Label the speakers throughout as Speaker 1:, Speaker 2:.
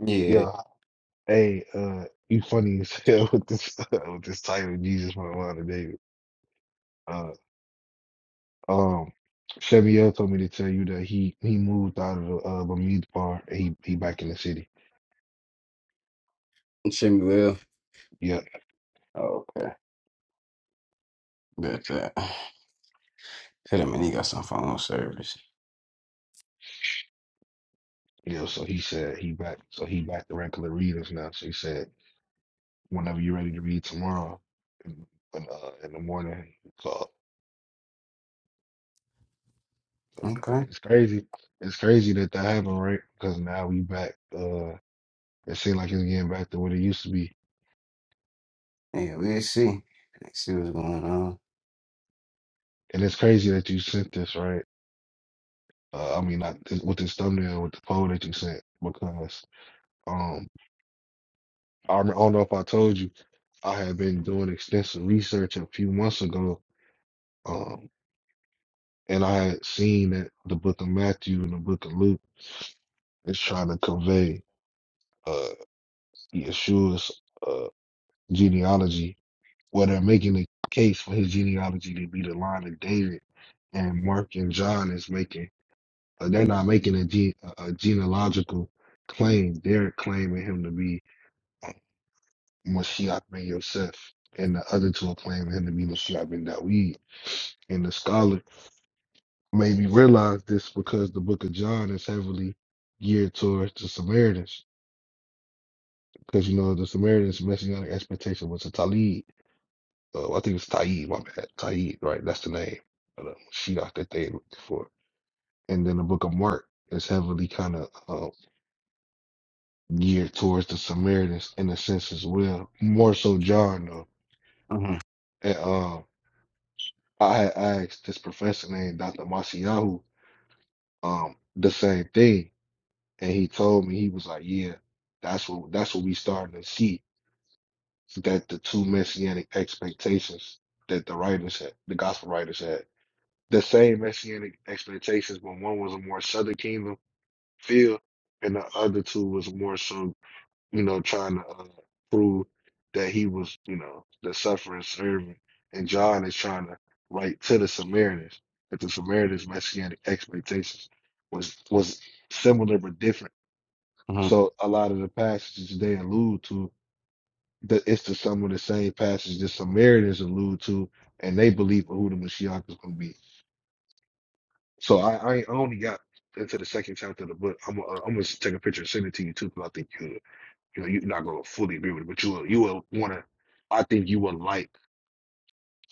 Speaker 1: Yeah,
Speaker 2: Yeah. Hey, uh, you funny as hell with this with this title, Jesus from the Line of David. Uh, um, Cheviel told me to tell you that he he moved out of the uh, Bermuda bar. And he he back in the city.
Speaker 1: Jimmy will.
Speaker 2: Yeah,
Speaker 1: Oh, okay, bet that. Hit him and he got some phone service.
Speaker 2: You know, so he said he back. So he back to regular readers now. So he said whenever you're ready to read tomorrow, in, in, uh, in the morning, call. So uh,
Speaker 1: Okay,
Speaker 2: it's crazy. It's crazy that that happened, right? Because now we back. Uh, it seems like it's getting back to what it used to be
Speaker 1: yeah, we'll see. Let's see what's going on.
Speaker 2: And it's crazy that you sent this, right? Uh, I mean, not this, with this thumbnail, with the poll that you sent, because um, I rem- I don't know if I told you, I had been doing extensive research a few months ago, um, and I had seen that the book of Matthew and the book of Luke is trying to convey uh, Yeshua's uh, genealogy, where they're making a case for his genealogy to be the line of David, and Mark and John is making Uh, they're not making a, ge- a genealogical claim. They're claiming him to be uh, Mashiach ben Yosef, and the other two are claiming him to be Mashiach ben Dawid. And the scholar made me realize this because the book of John is heavily geared towards the Samaritans. Because, you know, the Samaritans' messianic expectation was a Talib. Uh, I think it's Taib, my bad. Taib, right? That's the name of the Mashiach that they looked for. And then the book of Mark is heavily kind of geared towards the Samaritans in a sense as well. More so John though.
Speaker 1: Mm-hmm.
Speaker 2: And um I had asked this professor named Dr. Masiyahu um the same thing. And he told me he was like, Yeah, that's what that's what we starting to see. That the two messianic expectations that the writers had, the gospel writers had. The same messianic expectations, but one was a more southern kingdom feel and the other two was more so you know, trying to uh, prove that he was, you know, the suffering servant. And John is trying to write to the Samaritans that the Samaritans' messianic expectations was was similar but different.
Speaker 1: hmm
Speaker 2: So a lot of the passages they allude to, the, it's to some of the same passages the Samaritans allude to, and they believe who the Messiah is going to be. So I, I I only got into the second chapter of the book. I'm gonna, uh, I'm gonna take a picture and send it to you too, because I think you You know, you're not gonna fully agree with it, but you will, you will want to. I think you would like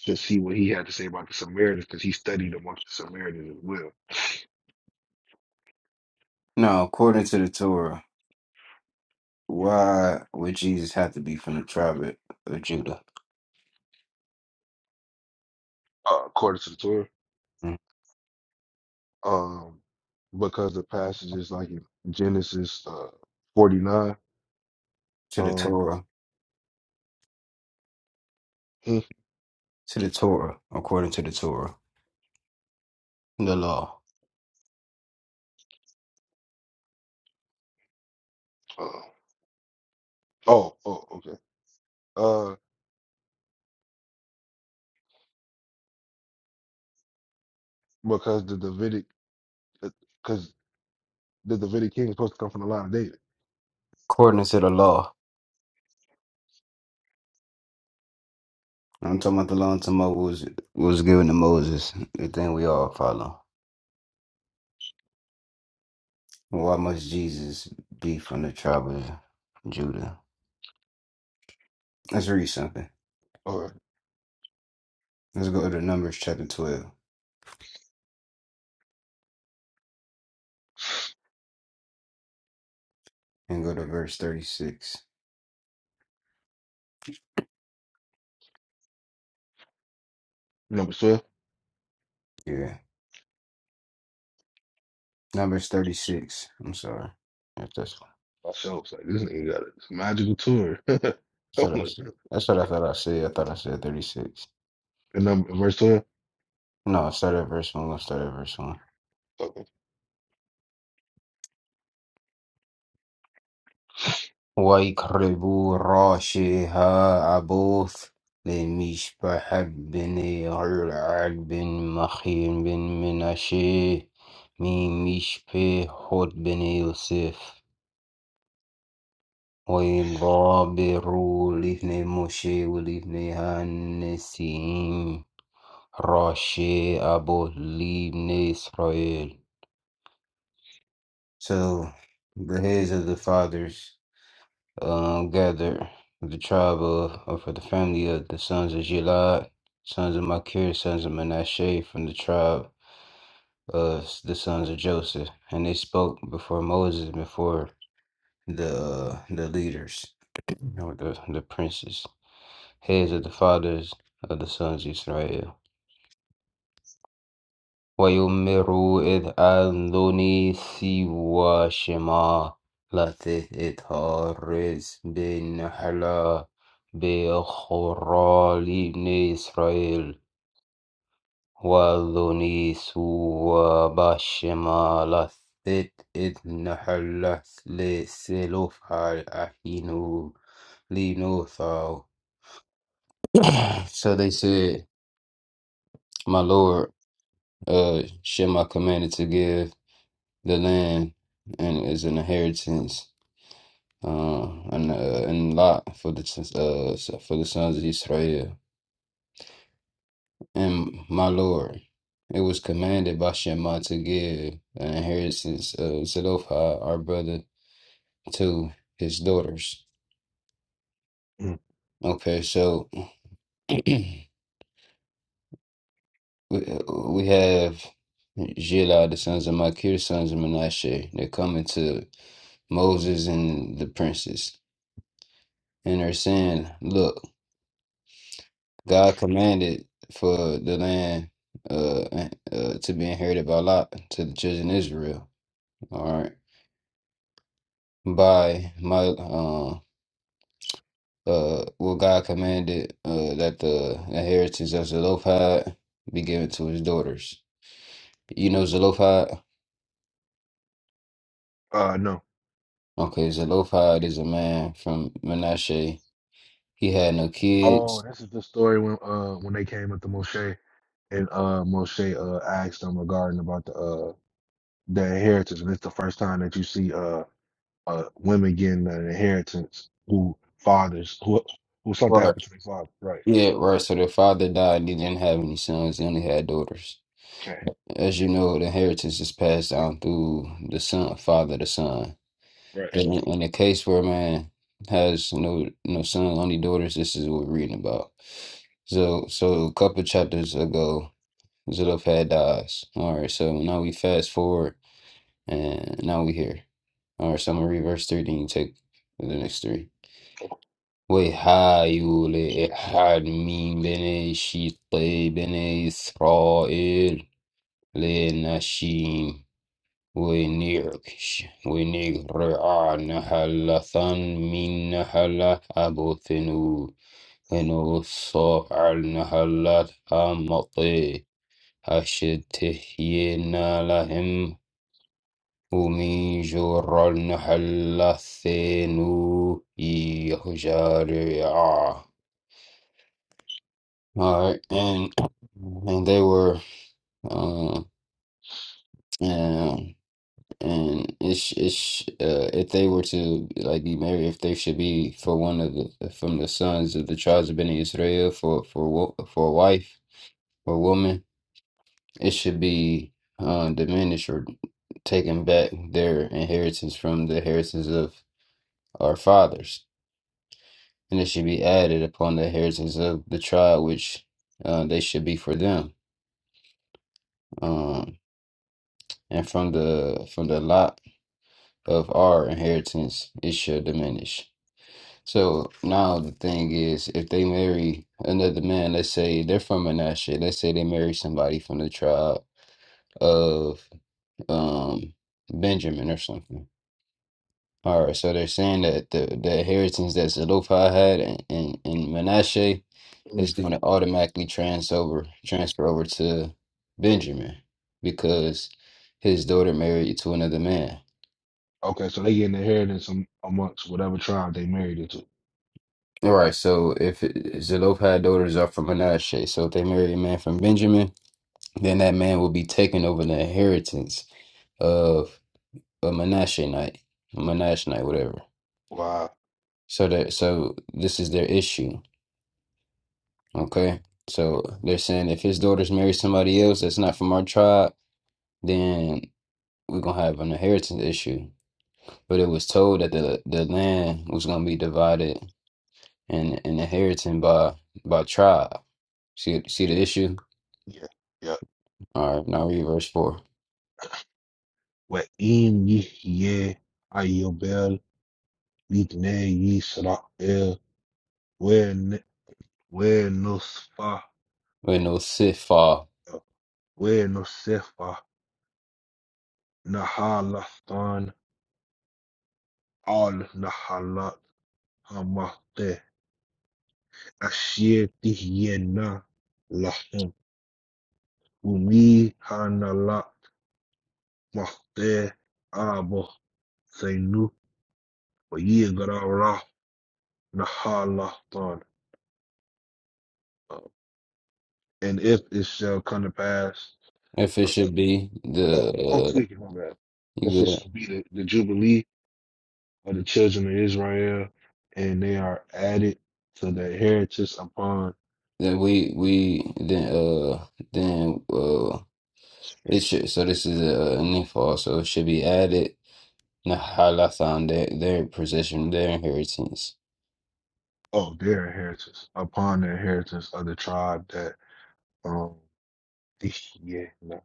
Speaker 2: to see what he had to say about the Samaritans because he studied amongst the Samaritans as well,
Speaker 1: Now, according to the Torah, why would Jesus have to be from the tribe of Judah?
Speaker 2: uh, according to the Torah.
Speaker 1: Mm.
Speaker 2: Um, because the passages like in Genesis uh, 49.
Speaker 1: To the
Speaker 2: Um,
Speaker 1: Torah,
Speaker 2: hmm,
Speaker 1: to the Torah, according to the Torah, the law,
Speaker 2: uh, oh, oh, okay. Uh, because the Davidic, because the Davidic king is supposed to come from the line of David,
Speaker 1: according to the law. I'm talking about the law to Mo was was given to Moses. The thing we all follow. Why must Jesus be from the tribe of Judah? Let's read something.
Speaker 2: or
Speaker 1: Let's go to Numbers chapter 12 and go to verse 36.
Speaker 2: number 12.
Speaker 1: Yeah. Numbers 36. I'm sorry. That's,
Speaker 2: Myself, like this nigga got a magical tour.
Speaker 1: that's
Speaker 2: I'm
Speaker 1: what I
Speaker 2: like,
Speaker 1: said. That's what I thought I said. I thought I said 36.
Speaker 2: and number verse 12.
Speaker 1: No, start at verse 1. Let's start at verse 1.
Speaker 2: Okay.
Speaker 1: وَيْقْرِبُوا رَاشِهَا أَبُوث لمشبح بن عرعر بن مخير بن مناشي من حد بن يوسف وإذ غابروا لفني موشي ولفني هانسين راشي أبو لبني So the heads of the fathers uh, gathered the tribe of, or for the family of the sons of Gilad, sons of Machir, sons of Manasseh, from the tribe of the sons of Joseph, and they spoke before Moses, before the the leaders, you know, the the princes. Here is the fathers of the sons of Israel. Why you mirror it? I don't see what shame I let it harass. Bin Nihala, be a choral Ibn Israel. Why don't you see what shame I let it Nihala? The silofah Akinu Ibn Othar. So they said, "My Lord." uh Shem I commanded to give the land and as an inheritance uh and uh, and lot for the sons- uh so- for the sons of Israel and my Lord it was commanded by Shema to give an inheritance of Zelophehad our brother to his daughters
Speaker 2: Mm.
Speaker 1: okay so we, we have Zillah, the sons of Makir, sons of Menashe, they're coming to Moses and the princes and are saying, "Look, God commanded for the land uh, uh to be inherited by Lot to the children of Israel." All right, by my um uh, well, God commanded uh that the inheritance of Zelophehad be given to his daughters. You know Zelophehad?
Speaker 2: Uh no.
Speaker 1: Okay, Zelophehad is a man from Manasseh. He had no
Speaker 2: Oh,
Speaker 1: kids.
Speaker 2: this is the story when uh when they came up to Moshe and uh Moshe uh asked them regarding about the uh the inheritance and it's the first time that you see uh uh women getting an inheritance who fathers who who something
Speaker 1: Right.
Speaker 2: happened to their father. Right.
Speaker 1: Yeah, right. So their father died and he didn't have any sons. He only had daughters.
Speaker 2: Okay.
Speaker 1: As you know, the inheritance is passed down through the son, father to son.
Speaker 2: Right.
Speaker 1: But in, in a case where a man has no no son, only daughters, this is what we're reading about. So, so a couple chapters ago, Zelophehad dies. All right, so now we fast forward, and now we here. All right, so I'm gonna read verse three, then you take the next three. Wait, hi, you had me bene Shitley bene Israel. Winirkish, Winigreanahalathan Minahala Abothenu, Enoso Alnahalat Amate, Ashetihinalahim, Umijoralnahalathenu, Yahjaria. All right, and, and they were, uh, and and it's it's uh, if they were to like be married, if they should be for one of the from the sons of the tribes of Bnei Israel for for wo- for a wife or woman, it should be uh, diminished or taken back their inheritance from the inheritance of our fathers, and it should be added upon the inheritance of the tribe which uh, they should be for them. Um, and from the from the lot of our inheritance, it should diminish. So now the thing is, if they marry another man, let's say they're from Manasseh, let's say they marry somebody from the tribe of um Benjamin or something. All right, so they're saying that the, the inheritance that Zelophehad had in, in, in Manasseh
Speaker 2: Mm.
Speaker 1: is going to automatically trans over, transfer over to Benjamin because his daughter married to another man.
Speaker 2: Okay, so they get an inheritance am- amongst whatever tribe they married into.
Speaker 1: All right, so if it- Zelophehad daughters are from Manasseh, so if they marry a man from Benjamin, Then that man will be taking over the inheritance of a Menasheite, a Menasheite, whatever.
Speaker 2: Wow.
Speaker 1: So that so this is their issue. Okay. So they're saying if his daughters marry somebody else that's not from our tribe, then we're gonna have an inheritance issue. But it was told that the the land was gonna be divided and and inherited by by tribe. See see the issue?
Speaker 2: Yeah. Yeah.
Speaker 1: All right, now read verse four.
Speaker 2: Well, in Yeh Ayobel, Yitne Yisrael, ونصفة
Speaker 1: When no sifah,
Speaker 2: ونصفة نحلتان على نحلات همته أشيتهينا لهم ومي هنالات مخته أبو سينو ويغرا نحلتان. And if it shall come to pass,
Speaker 1: if it
Speaker 2: uh,
Speaker 1: should be
Speaker 2: uh,
Speaker 1: the
Speaker 2: I'm
Speaker 1: uh,
Speaker 2: tweaking on that. Let's
Speaker 1: you good.
Speaker 2: just be the, the Jubilee. of the children of Israel, and they are added to their heritage upon
Speaker 1: That we we then uh then uh it should so this is a, a nifal so it should be added nahalathan their their possession their inheritance
Speaker 2: oh their heritage upon their heritage of the tribe that um yeah no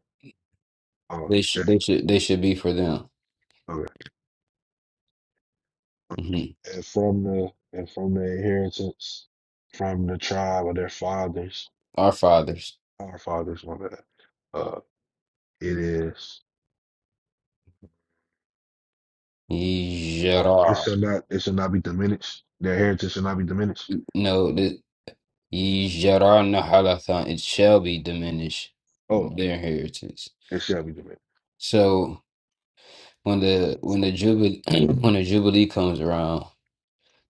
Speaker 2: oh
Speaker 1: they sh
Speaker 2: yeah,
Speaker 1: they should they should be for them
Speaker 2: okay
Speaker 1: hmm
Speaker 2: and from the and from their inheritance from the tribe of their fathers
Speaker 1: our fathers
Speaker 2: uh, our fathers my bad uh it is oh it
Speaker 1: yijara
Speaker 2: shall not it shall not be diminished their heritage shall not be diminished
Speaker 1: no the Yizhar nahalathan it shall be diminished
Speaker 2: oh
Speaker 1: their inheritance
Speaker 2: it shall be diminished
Speaker 1: so when the when the jubilee when the jubilee comes around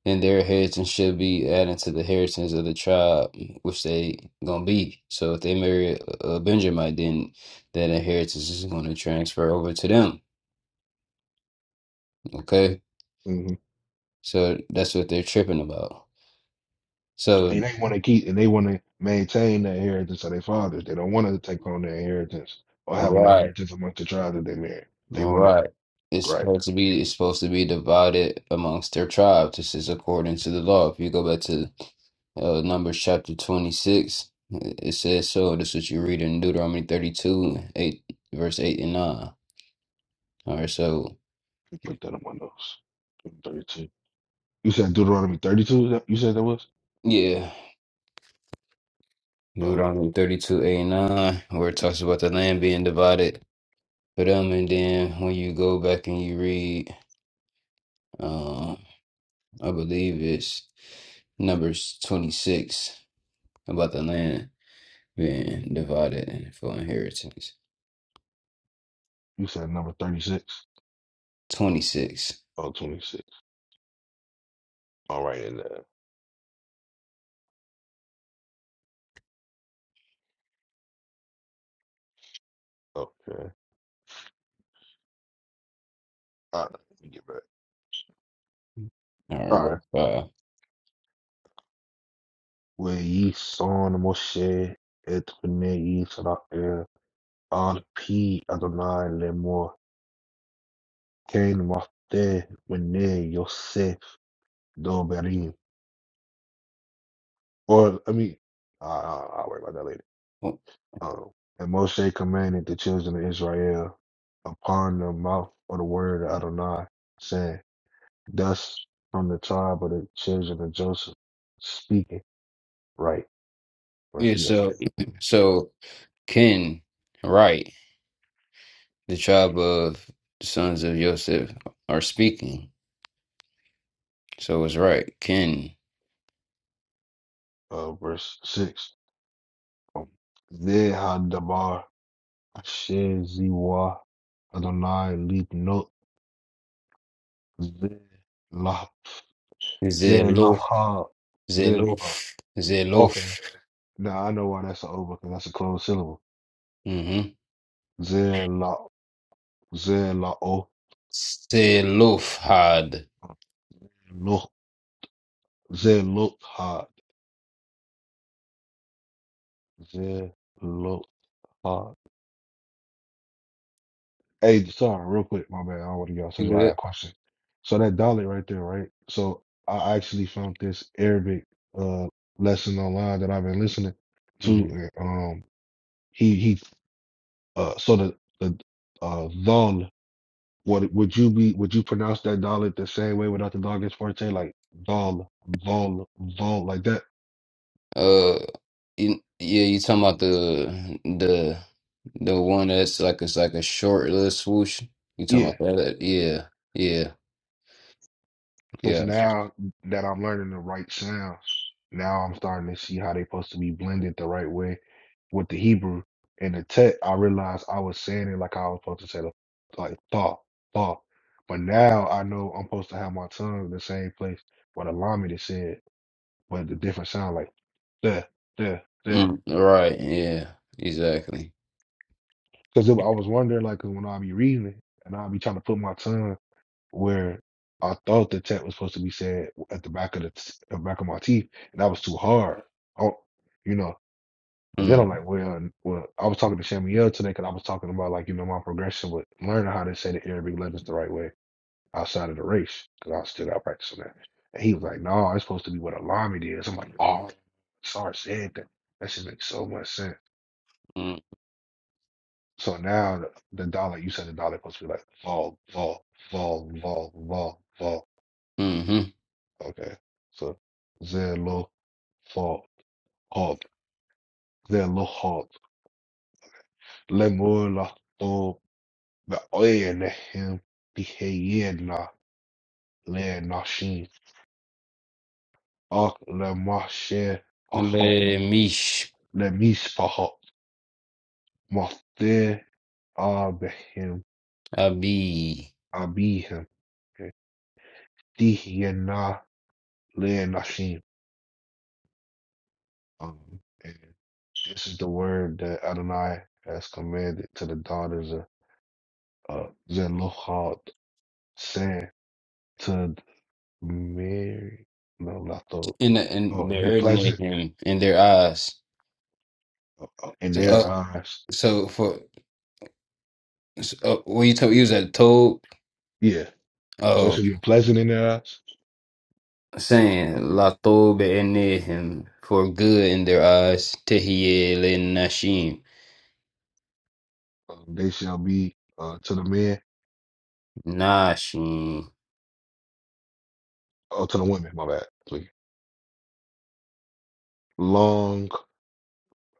Speaker 1: and their inheritance shall be added to the inheritance of the tribe which they gonna be. So if they marry a a Benjamite, then that inheritance is gonna transfer over to them. Okay,
Speaker 2: Mm-hmm.
Speaker 1: so that's what they're tripping about.
Speaker 2: and
Speaker 1: So
Speaker 2: they want to keep and they want to maintain the inheritance of their fathers. They don't want to take on the inheritance or have an
Speaker 1: right,
Speaker 2: inheritance amongst the tribe that they married. They want to
Speaker 1: right. It's
Speaker 2: right.
Speaker 1: supposed to be it's supposed to be divided amongst their tribe. This is according to the law. If you go back to uh, Numbers chapter twenty six, it says so. This is what you read in Deuteronomy thirty two, eight verse eight and nine. All right, so.
Speaker 2: You put that among those thirty-two. You said Deuteronomy thirty-two. is that- You said that was.
Speaker 1: Yeah,
Speaker 2: Uh,
Speaker 1: Deuteronomy 32, 8 and 9, where it talks about the land being divided for them. And then when you go back and you read, um, I believe it's Numbers 26 about the land being divided and for inheritance.
Speaker 2: you said number thirty-six.
Speaker 1: 26.
Speaker 2: Oh, twenty-six. All right, and uh, okay. All right, let me get back.
Speaker 1: All right,
Speaker 2: All right.
Speaker 1: verse 5.
Speaker 2: Where ye son Moshe et bnei Israel al pi Adonai lemor Cain Marte Don Or I mean, I, I, I'll worry about that later.
Speaker 1: Well,
Speaker 2: Um, and Moshe commanded the children of Israel upon the mouth of the word of Adonai, saying, "Thus from the tribe of the children of Joseph, speaking right." Verse
Speaker 1: Yeah,
Speaker 2: yes,
Speaker 1: so, so Ken, right, the tribe of the sons of Joseph are speaking. So it's right. Ken
Speaker 2: uh, verse six. Um, They had asher ziwa Adonai lead not lah
Speaker 1: is
Speaker 2: ze
Speaker 1: it
Speaker 2: laha ze.
Speaker 1: Zeluf. Zeluf.
Speaker 2: Now I know why that's an O because that's a closed syllable.
Speaker 1: Mm-hmm.
Speaker 2: Zelot, zelot,
Speaker 1: Zelufhad.
Speaker 2: look, zelot, hard, zelot. hard. Hey, sorry, real quick, my bad. I don't want to get off
Speaker 1: You
Speaker 2: subject. but I got
Speaker 1: good?
Speaker 2: a question. So that Dalit right there, right? So I actually found this Arabic uh lesson online that I've been listening to.
Speaker 1: Mm-hmm.
Speaker 2: and, um, he he. Uh, so the the uh dhal Would would you be would you pronounce that dollar the same way without the dogged forte? Like vol, vol, vol, like that?
Speaker 1: Uh, you, yeah, you talking about the the the one that's like it's like a short little swoosh. You talking
Speaker 2: Yeah.
Speaker 1: about that? Yeah, yeah,
Speaker 2: Because
Speaker 1: yeah.
Speaker 2: now that I'm learning the right sounds, now I'm starting to see how they're supposed to be blended the right way with the Hebrew and the text. I realized I was saying it like I was supposed to say the like fa, fa. But now I know I'm supposed to have my tongue in the same place where the Lamed is said, but the different sound like the, the, the.
Speaker 1: Mm, right. Yeah. Exactly.
Speaker 2: Because I was wondering, like, 'cause when I'll be reading it, and I'll be trying to put my tongue where I thought the text was supposed to be said at the back of the, t- the back of my teeth, and that was too hard. Oh, you know. And then
Speaker 1: Mm,
Speaker 2: I'm like, well, n- well, I was talking to Samuel today because I was talking about like, you know, my progression with learning how to say the Arabic letters the right way outside of the race because I was still out practicing that. And he was like, no, it's supposed to be what Alami is. I'm like, oh, sorry, said that. That should make so much sense.
Speaker 1: mm,
Speaker 2: So now the the dollar, you said the dollar supposed to be like vol, vol, vol, vol, vol, vol.
Speaker 1: mm-hmm.
Speaker 2: Okay. So zero, vol, hob, zero, hob, lemula, oh, the oil, him, behayena, le nashin, ak, le mashe, pahot,
Speaker 1: Mish
Speaker 2: le mis pahot, mafte, abehim,
Speaker 1: abi
Speaker 2: abihim, dihena, le nashin. Um, and this is the word that Adonai has commanded to the daughters of uh, Zelophehad, saying to Mary, no, not the,
Speaker 1: in the, in
Speaker 2: oh, it'd be
Speaker 1: they're ordinary
Speaker 2: pleasant
Speaker 1: him in their eyes.
Speaker 2: oh, in their
Speaker 1: Uh,
Speaker 2: eyes.
Speaker 1: so for Uh, what you told you was at told
Speaker 2: Yeah, so it
Speaker 1: oh
Speaker 2: should be pleasant in their eyes.
Speaker 1: saying La Tobe him for good in their eyes Tehiyel and Nashim
Speaker 2: Um, they shall be uh, to the men,
Speaker 1: Nashim
Speaker 2: oh, to the women, my bad, please. Long,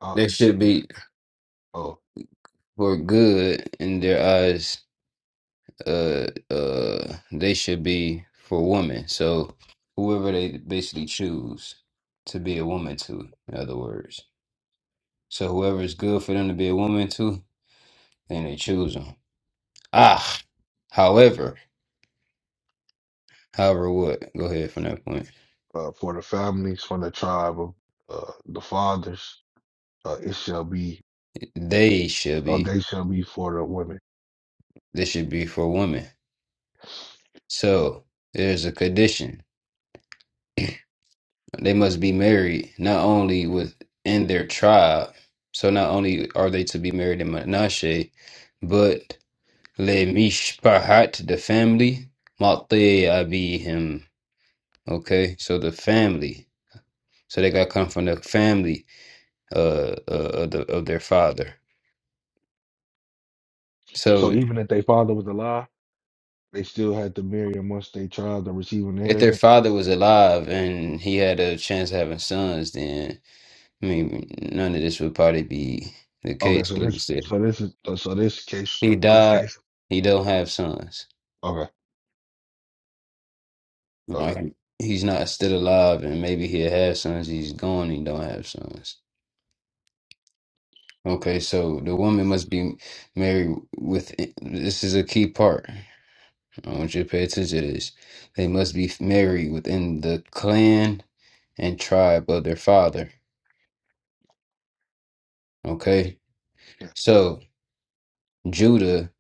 Speaker 2: uh,
Speaker 1: they should
Speaker 2: yeah,
Speaker 1: be
Speaker 2: oh,
Speaker 1: for good in their eyes uh uh they should be for women so whoever they basically choose to be a woman to in other words so whoever is good for them to be a woman to then they choose them ah however however what go ahead from that point
Speaker 2: uh, for the families from the tribe of uh, the fathers, uh, it shall be,
Speaker 1: They should
Speaker 2: oh,
Speaker 1: be.
Speaker 2: they shall be for the women
Speaker 1: This should be for women. So there's a condition. They must be married not only within their tribe. So not only are they to be married in Menashe, but le mishpahat, the family, matei abihim. Okay, so the family. So they got to come from the family uh, uh, of, the, of their father. So
Speaker 2: So even if their father was alive, they still had to marry amongst their child to receive an
Speaker 1: if their
Speaker 2: inheritance.
Speaker 1: father was alive and he had a chance of having sons, then I mean, none of this would probably be the
Speaker 2: Okay,
Speaker 1: case.
Speaker 2: so
Speaker 1: Like you
Speaker 2: this,
Speaker 1: said,
Speaker 2: so this is, uh, so this case,
Speaker 1: He
Speaker 2: this
Speaker 1: died.
Speaker 2: case.
Speaker 1: He don't have sons.
Speaker 2: Okay,
Speaker 1: All
Speaker 2: okay,
Speaker 1: right. He's not still alive, and maybe he'll have sons. He's gone. He don't have sons. Okay, so the woman must be married with. This is a key part. I want you to pay attention to this. They must be married within the clan and tribe of their father. Okay,
Speaker 2: yeah,
Speaker 1: so Judah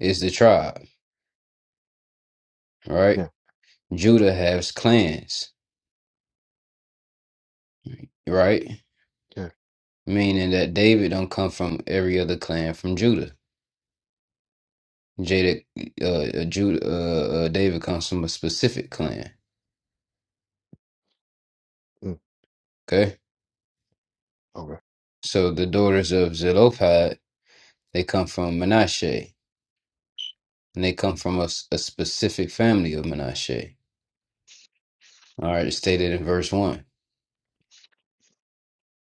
Speaker 1: is the tribe, right?
Speaker 2: yeah,
Speaker 1: Judah has clans, right?
Speaker 2: yeah,
Speaker 1: meaning that David don't come from every other clan from Judah. Jada, uh, uh, Judah, uh, uh, David comes from a specific clan.
Speaker 2: mm,
Speaker 1: Okay,
Speaker 2: okay,
Speaker 1: so the daughters of Zelophehad they come from Manasseh, and they come from a, s- a specific family of Manasseh. All right, it's stated in verse one.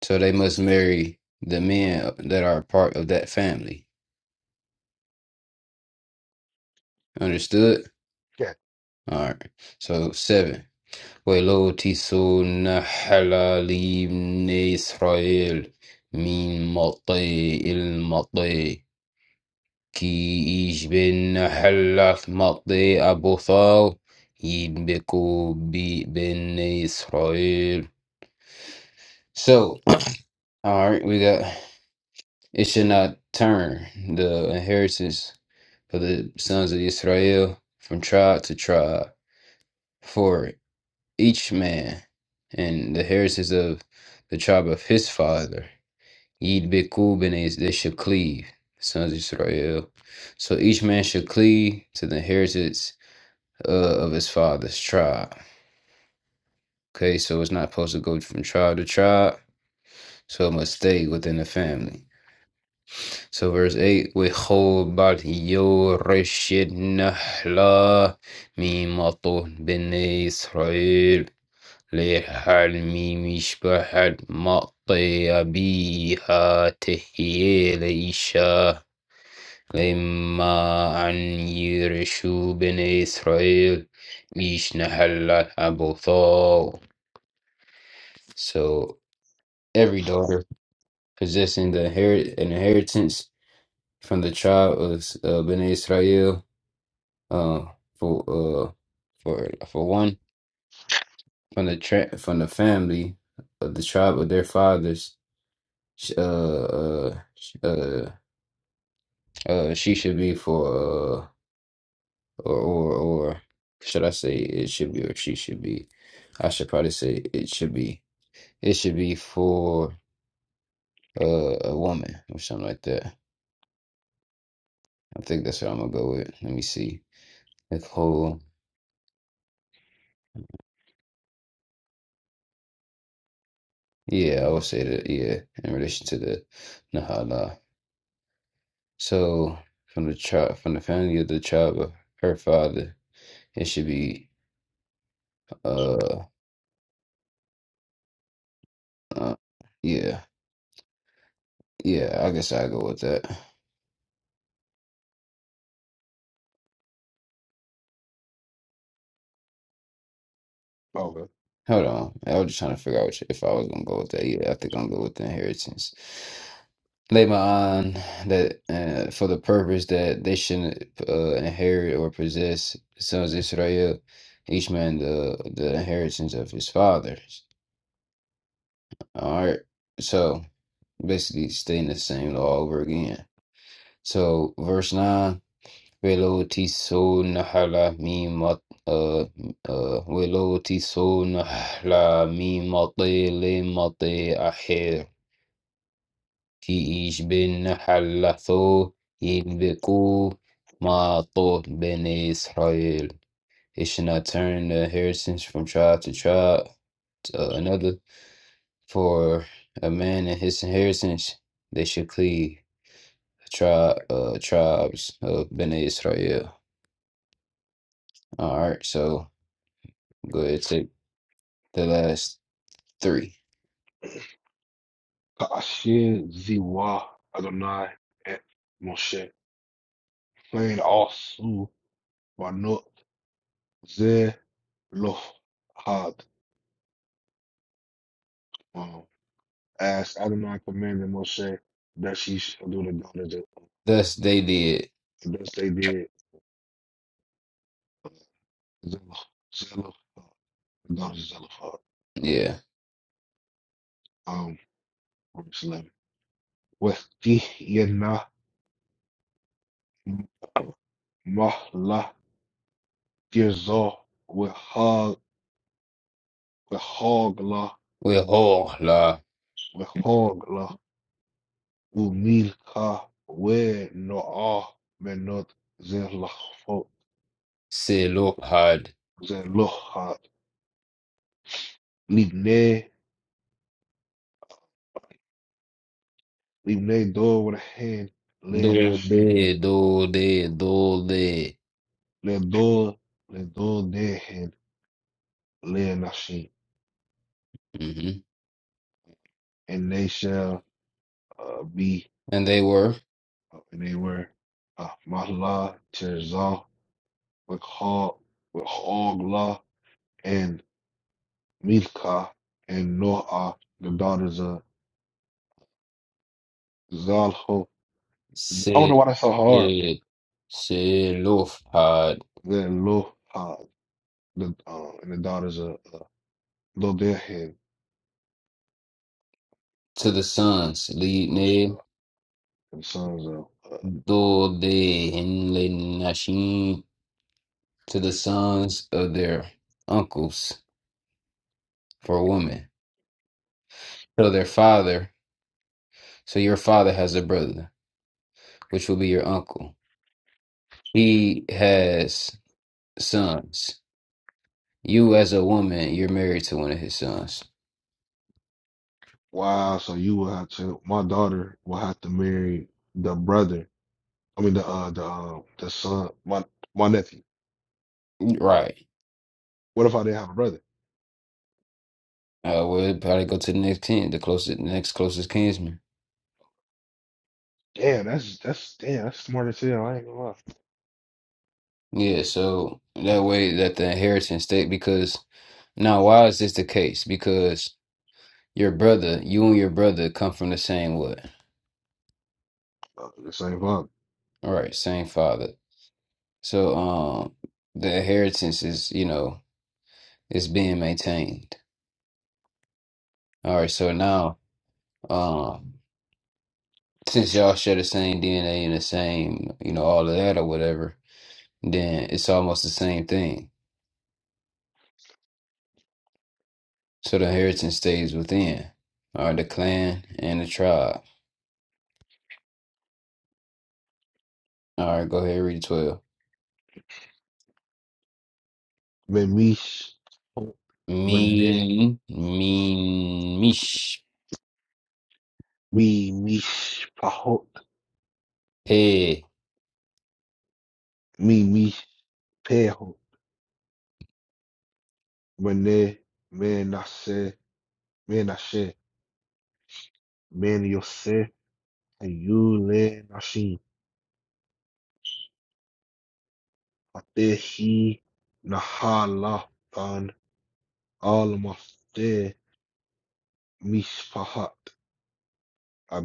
Speaker 1: So they must marry the men that are part of that family. Understood?
Speaker 2: yeah,
Speaker 1: All right. So seven. ولو تسوا نحل لبني إسرائيل من مطي المطي كي يجبن نحل مطي أبو ثاو يدبكوا ببني إسرائيل So, all right, we got it should not turn the inheritance for the sons of Israel from tribe to tribe. four. each man and the heritage of the tribe of his father. Yid Bikku Benes, they should cleave, sons of Israel. So each man should cleave to the heritage uh, of his father's tribe. Okay, so it's not supposed to go from tribe to tribe, so it must stay within the family. So verse 8, وَخَوْبَتْ يُرِشِدْ نَحْلَا مِمَطُ بِنِي إِسْرَائِيلَ للحلم مشبحة مطي بيها تهيي لإيشا لما أن يرشوا بني إسرائيل إيش نحلت أبوثو So every daughter possessing the inherit an inheritance from the tribe of uh, Bnei Israel, uh, for uh, for for one from the tra- from the family of the tribe of their fathers sh- uh, uh, sh- uh, uh, she should be for, uh, or, or, or should I say it should be or she should be? I should probably say it should be. It should be for uh, a woman or something like that. I think that's what I'm gonna go with. Let me see. If whole, yeah, I would say that. Yeah, in relation to the Nahala. So from the tribe, from the family of the tribe of her father, it should be uh, uh yeah. Yeah, I guess I'll go with that.
Speaker 2: okay.
Speaker 1: Hold on. I was just trying to figure out which, if I was gonna go with that. Yeah, I think I'm gonna go with the inheritance. Labor on that uh, for the purpose that they shouldn't uh, inherit or possess sons of Israel, each man the the inheritance of his fathers. All right. So basically, staying the same law over again. So verse nine. Velo nahala mi uh uh velo tiso nahala le mote aher ki ish bin nahala tho yidbeku ma ben Israel. It should not turn the inheritance from tribe to tribe to another. For a man and his inheritance, they should cleave tri uh tribes of ben Israel. All right, so go ahead, take. The last three.
Speaker 2: Ka'ashir ziwa Adonai et Moshe plain also banot ze lo had. Um, as Adonai commanded Moshe that she should do the daughters,
Speaker 1: Thus they did.
Speaker 2: just they did. uh, Zelophehad. Not zelaphat,
Speaker 1: Yeah.
Speaker 2: um, with theena mahla gizor, with ha, with haqla,
Speaker 1: Wehor la
Speaker 2: with haqla, umilka, we noah, we not zelaphat,
Speaker 1: Selohad.
Speaker 2: zelaphat, leave ne, leave ne, do with a hand, le nashim,
Speaker 1: Dode, dode, dode.
Speaker 2: le do, le do, ne hand, le nashim,
Speaker 1: hmm
Speaker 2: and they shall uh, be.
Speaker 1: And they were
Speaker 2: and they were uh, Mahla, Tirzah, Michal, Michogla, and Milcah, and Noah, the daughters of Zalho. I don't
Speaker 1: Se
Speaker 2: know why that's so hard.
Speaker 1: e, Se- Selohad
Speaker 2: Then Loha, the uh, and the daughters of uh, Lodehan,
Speaker 1: to the sons. Lead
Speaker 2: and sons of uh,
Speaker 1: Dode and Lenashim to the sons of their uncles for women. So their father, so your father has a brother, which will be your uncle. He has sons. You, as a woman, you're married to one of his sons.
Speaker 2: Wow. So you will have to. My daughter will have to marry the brother. I mean the uh, the uh, the son. My my nephew.
Speaker 1: Right.
Speaker 2: What if I didn't have a brother?
Speaker 1: Uh, well, it'd probably go to the next kin, the closest, the next closest kinsman.
Speaker 2: Damn, that's that's damn, that's smart as hell. I ain't gonna lie.
Speaker 1: Yeah, so that way that the inheritance stay because now why is this the case? Because your brother, you and your brother come from the same what?
Speaker 2: Uh, This ain't fuck.
Speaker 1: All right, same father. So um the inheritance is, you know, is being maintained. All right, so now um. since y'all share the same DNA and the same, you know, all of that or whatever, then it's almost the same thing. So the inheritance stays within. All right, the clan and the tribe. All right, go ahead, read 12.
Speaker 2: When we sh- when they-
Speaker 1: Mean, mean, mish,
Speaker 2: we we sh- pahot
Speaker 1: pe.
Speaker 2: me we pehot when they man I say man I say man you say and you le I she I te he na hala tan all my te mis pahat I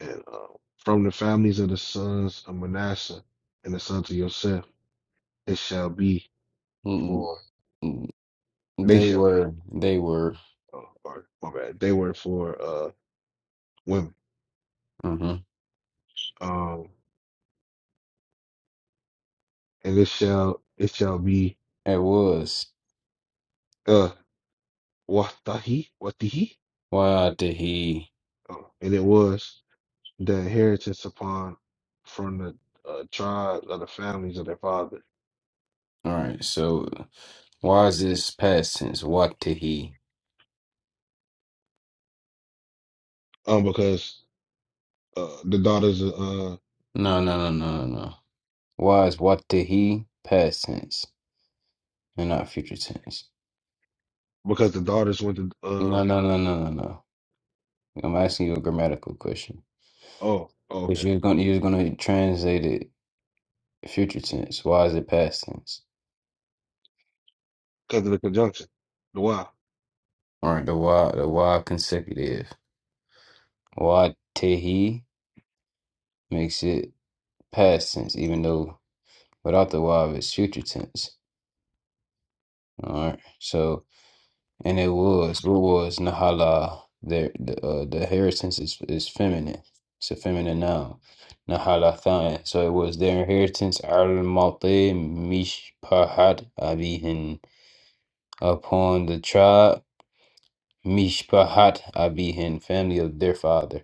Speaker 2: and uh, from the families of the sons of Manasseh and the sons of Yosef, it shall be
Speaker 1: Mm,
Speaker 2: for
Speaker 1: mm,
Speaker 2: they
Speaker 1: They
Speaker 2: shall be.
Speaker 1: were, they were.
Speaker 2: Oh, pardon, my bad. They were for uh women.
Speaker 1: hmm
Speaker 2: Um, and it shall it shall be
Speaker 1: It was.
Speaker 2: uh watahi watihi.
Speaker 1: Why did he?
Speaker 2: Oh, and it was the inheritance upon from the uh, tribes of the families of their father.
Speaker 1: All right, so why is this past tense? What did he?
Speaker 2: Um, because uh the daughters uh
Speaker 1: No, no, no, no, no, no. was what did he past tense and not future tense.
Speaker 2: because the daughters went to uh
Speaker 1: No, no, no, no, no, no. I'm asking you a grammatical question.
Speaker 2: oh, oh
Speaker 1: Because
Speaker 2: okay
Speaker 1: you're going to you're going to translate it future tense. Why is it past tense?
Speaker 2: because of the conjunction.
Speaker 1: All right, the why the why consecutive. Why did makes it past tense, even though without the why it's future tense. All right, so. And it was, what was Nahala? There, the uh, the inheritance is is feminine. It's a feminine noun. Nahala Than. So it was their inheritance. Al Malte Mishpahat Abihin upon the tribe Mishpahat Abihin, family of their father.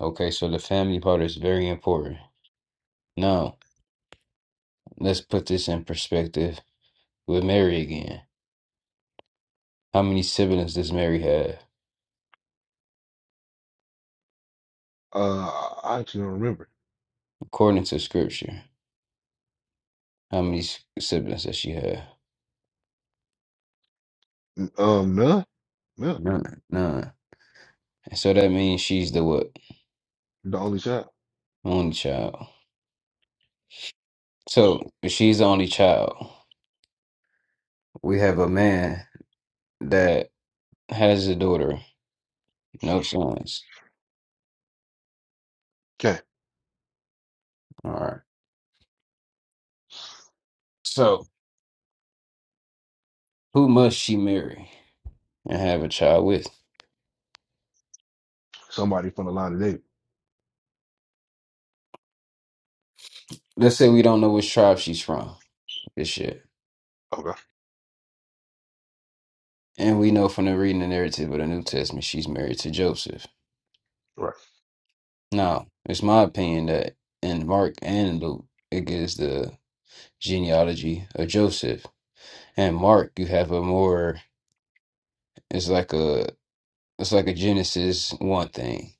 Speaker 1: Okay, so the family part is very important. Now let's put this in perspective with Mary again. How many siblings does Mary have
Speaker 2: Uh, I actually don't remember.
Speaker 1: according to Scripture? How many s- siblings does she have?
Speaker 2: Um, none, none.
Speaker 1: None, none. So that means she's the what?
Speaker 2: The only child.
Speaker 1: Only child. So if she's the only child, we have a man that has a daughter, no sons.
Speaker 2: Okay,
Speaker 1: All right. So who must she marry and have a child with?
Speaker 2: somebody from the line of David.
Speaker 1: Let's say we don't know which tribe she's from. This shit.
Speaker 2: Okay,
Speaker 1: And we know from the reading the narrative of the New Testament she's married to Joseph.
Speaker 2: right,
Speaker 1: Now, it's my opinion that in Mark and Luke, it gives the genealogy of Joseph. And Mark, you have a more It's like a it's like a Genesis one thing,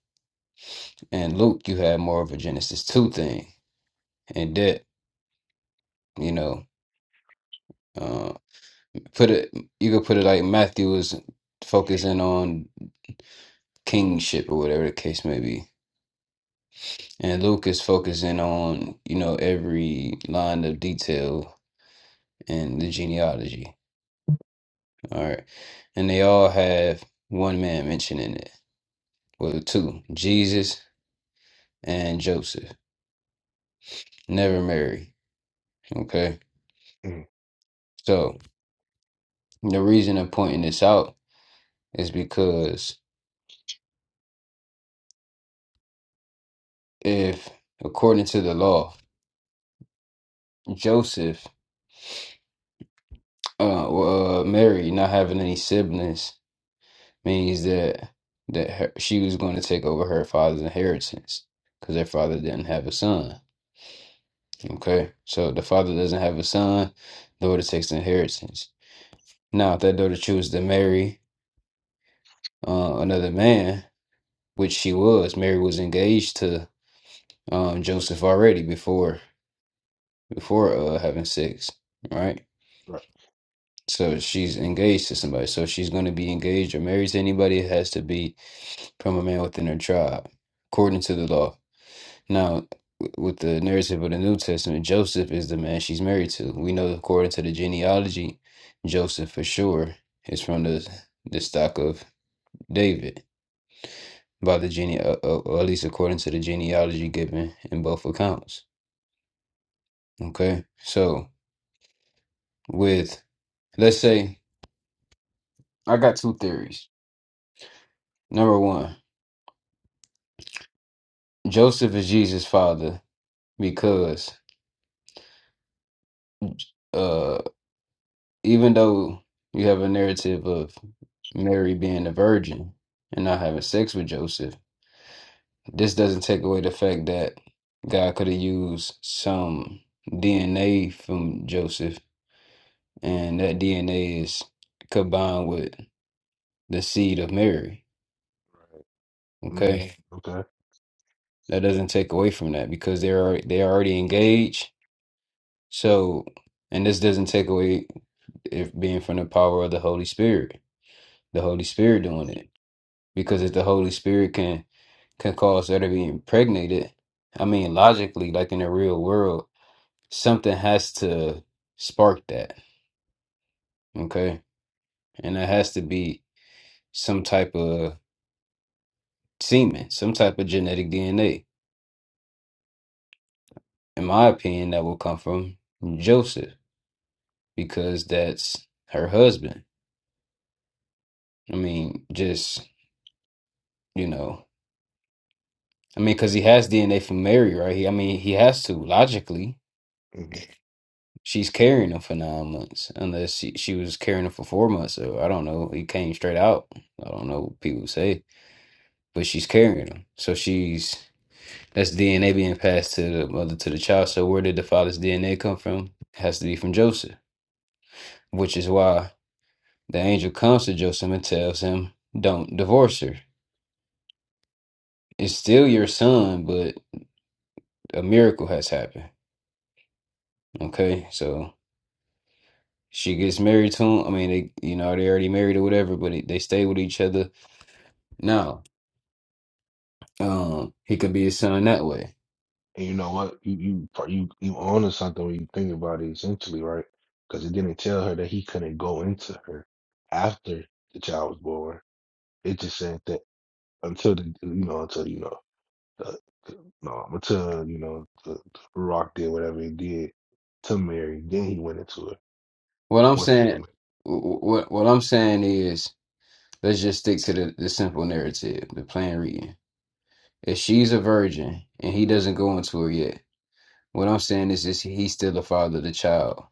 Speaker 1: and Luke you have more of a Genesis two thing, and that you know, uh, put it you could put it like Matthew is focusing on kingship or whatever the case may be, and Luke is focusing on you know every line of detail in the genealogy. All right, and they all have one man mentioned in it, well two, Jesus and Joseph, never Mary. Okay.
Speaker 2: mm,
Speaker 1: so. The reason I'm pointing this out is because if, according to the law, Joseph, uh, well, uh, Mary not having any siblings means that that her, she was going to take over her father's inheritance because her father didn't have a son. Okay, so the father doesn't have a son, daughter takes the inheritance. Now, if that daughter chooses to marry uh, another man, which she was, Mary was engaged to um, Joseph already before before uh having sex, right?
Speaker 2: right,
Speaker 1: So she's engaged to somebody. So if she's going to be engaged or married to anybody, it has to be from a man within her tribe, according to the law. Now, w- with the narrative of the New Testament, Joseph is the man she's married to. We know, according to the genealogy, Joseph for sure is from the the stock of David by the gene, uh, uh, or at least according to the genealogy given in both accounts. Okay, so with let's say I got two theories Number one, Joseph is Jesus' father because uh, even though you have a narrative of Mary being a virgin and not having sex with Joseph, this doesn't take away the fact that God could have used some DNA from Joseph, and that DNA is combined with the seed of Mary.
Speaker 2: mm,
Speaker 1: Okay,
Speaker 2: okay.
Speaker 1: that doesn't take away from that because they're alre- they're already engaged. So, and this doesn't take away. if being from the power of the Holy Spirit, the Holy Spirit doing it. Because if the Holy Spirit can can cause her to be impregnated, I mean logically, like in the real world, something has to spark that. Okay. And that has to be some type of semen, some type of genetic DNA. In my opinion, that will come from Joseph because that's her husband. I mean, just, you know, I mean, because he has DNA from Mary, right? He, I mean, he has to logically.
Speaker 2: hmm
Speaker 1: she's carrying him for nine months, unless she, she was carrying him for four months. So I don't know. He came straight out. I don't know what people say, but she's carrying him. So she's that's DNA being passed to the mother to the child. So where did the father's DNA come from? has to be from Joseph, which is why the angel comes to Joseph and tells him, "Don't divorce her. It's still your son, but a miracle has happened." Okay, so. She gets married to him. I mean, they, you know, they already married or whatever, but they they stay with each other. No. um he could be his son that way.
Speaker 2: And you know what? You you pro- you you onto something when you think about it, essentially, right? Because it didn't tell her that he couldn't go into her after the child was born. It just said that until the you know until you know the, no until you know the, the Rock did whatever he did to Mary, then he went into it.
Speaker 1: What I'm
Speaker 2: Once they
Speaker 1: saying,
Speaker 2: were
Speaker 1: what what I'm saying is, let's just stick to the, the simple narrative, the plain reading. If she's a virgin and he doesn't go into her yet, what I'm saying is, is he's still the father of the child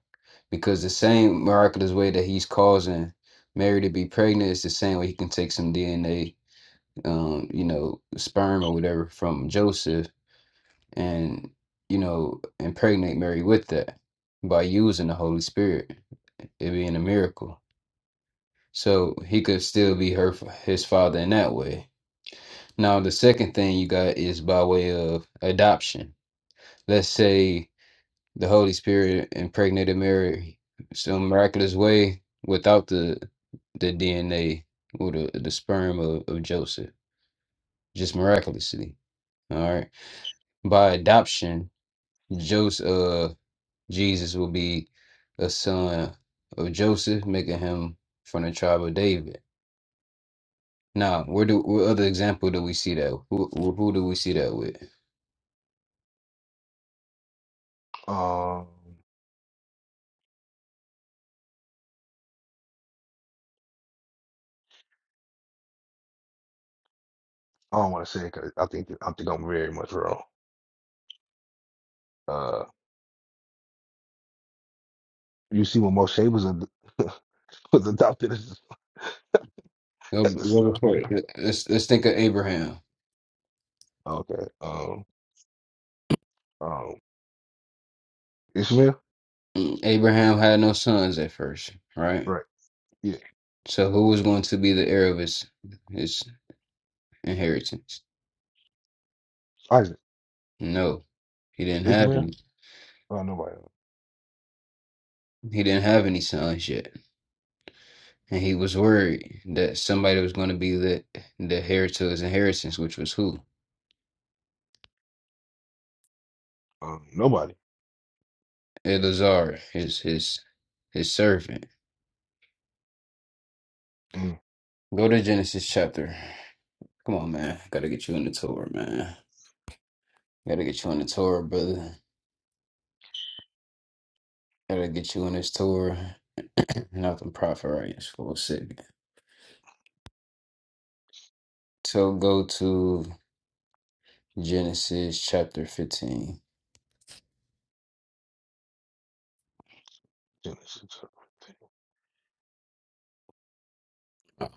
Speaker 1: because the same miraculous way that he's causing Mary to be pregnant is the same way he can take some DNA, um, you know, sperm or whatever from Joseph and you know impregnate Mary with that by using the Holy Spirit. it being a miracle. So he could still be her his father in that way. Now the second thing you got is by way of adoption. Let's say the Holy Spirit impregnated Mary some miraculous way without the the DNA or the, the sperm of, of Joseph, just miraculously. All right. By adoption, Joseph uh, Jesus will be a son of Joseph, making him from the tribe of David. Nah, where do what other example do we see that? Who who who do we see that with?
Speaker 2: Um, I don't want to say because I think I think I'm very much wrong. Uh, you see, when Moshe was ad was adopted as,
Speaker 1: Go-
Speaker 2: as the
Speaker 1: go
Speaker 2: son of
Speaker 1: before
Speaker 2: Pharaoh.
Speaker 1: it. Let's let's think of Abraham.
Speaker 2: Okay. Um. Um. Ishmael.
Speaker 1: Mm, Abraham had no sons at first, right?
Speaker 2: Right. Yeah.
Speaker 1: So who was going to be the heir of his his inheritance?
Speaker 2: Isaac.
Speaker 1: No, he didn't have
Speaker 2: Ishmael.
Speaker 1: any.
Speaker 2: Oh, nobody.
Speaker 1: He didn't have any sons yet, and he was worried that somebody was going to be the the heir to his inheritance, which was who?
Speaker 2: Um. Nobody.
Speaker 1: Eleazar, his his his servant.
Speaker 2: Mm.
Speaker 1: Go to Genesis chapter. Come on, man. Gotta get you in the tour, man. Gotta get you in the tour, brother. Gotta get you in this tour. Nothing profit right for a second. So go to Genesis chapter 15.
Speaker 2: Genesis.
Speaker 1: Oh,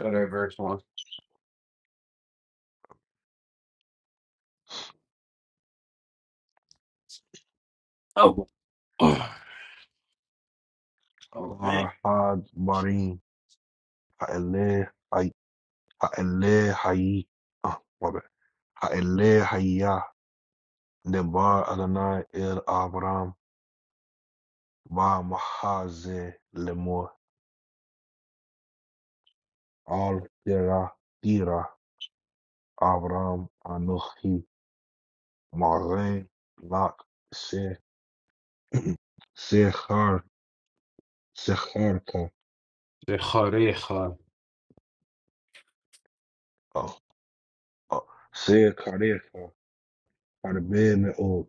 Speaker 1: Start at verse 1. Oh. Oh, man.
Speaker 2: Farhad Barim. Ha'eleh Hay. Ha'eleh Hayi. Oh, my bad. Ha'eleh Hayya. Debar Adonai El Abram. Ba Mahaze Lemor. Al-Kira, Kira, Avram, Anochi, Marin, Lak, Se, Sechar, Secharka,
Speaker 1: Zecharecha.
Speaker 2: oh, oh, Secharecha, by the man oh,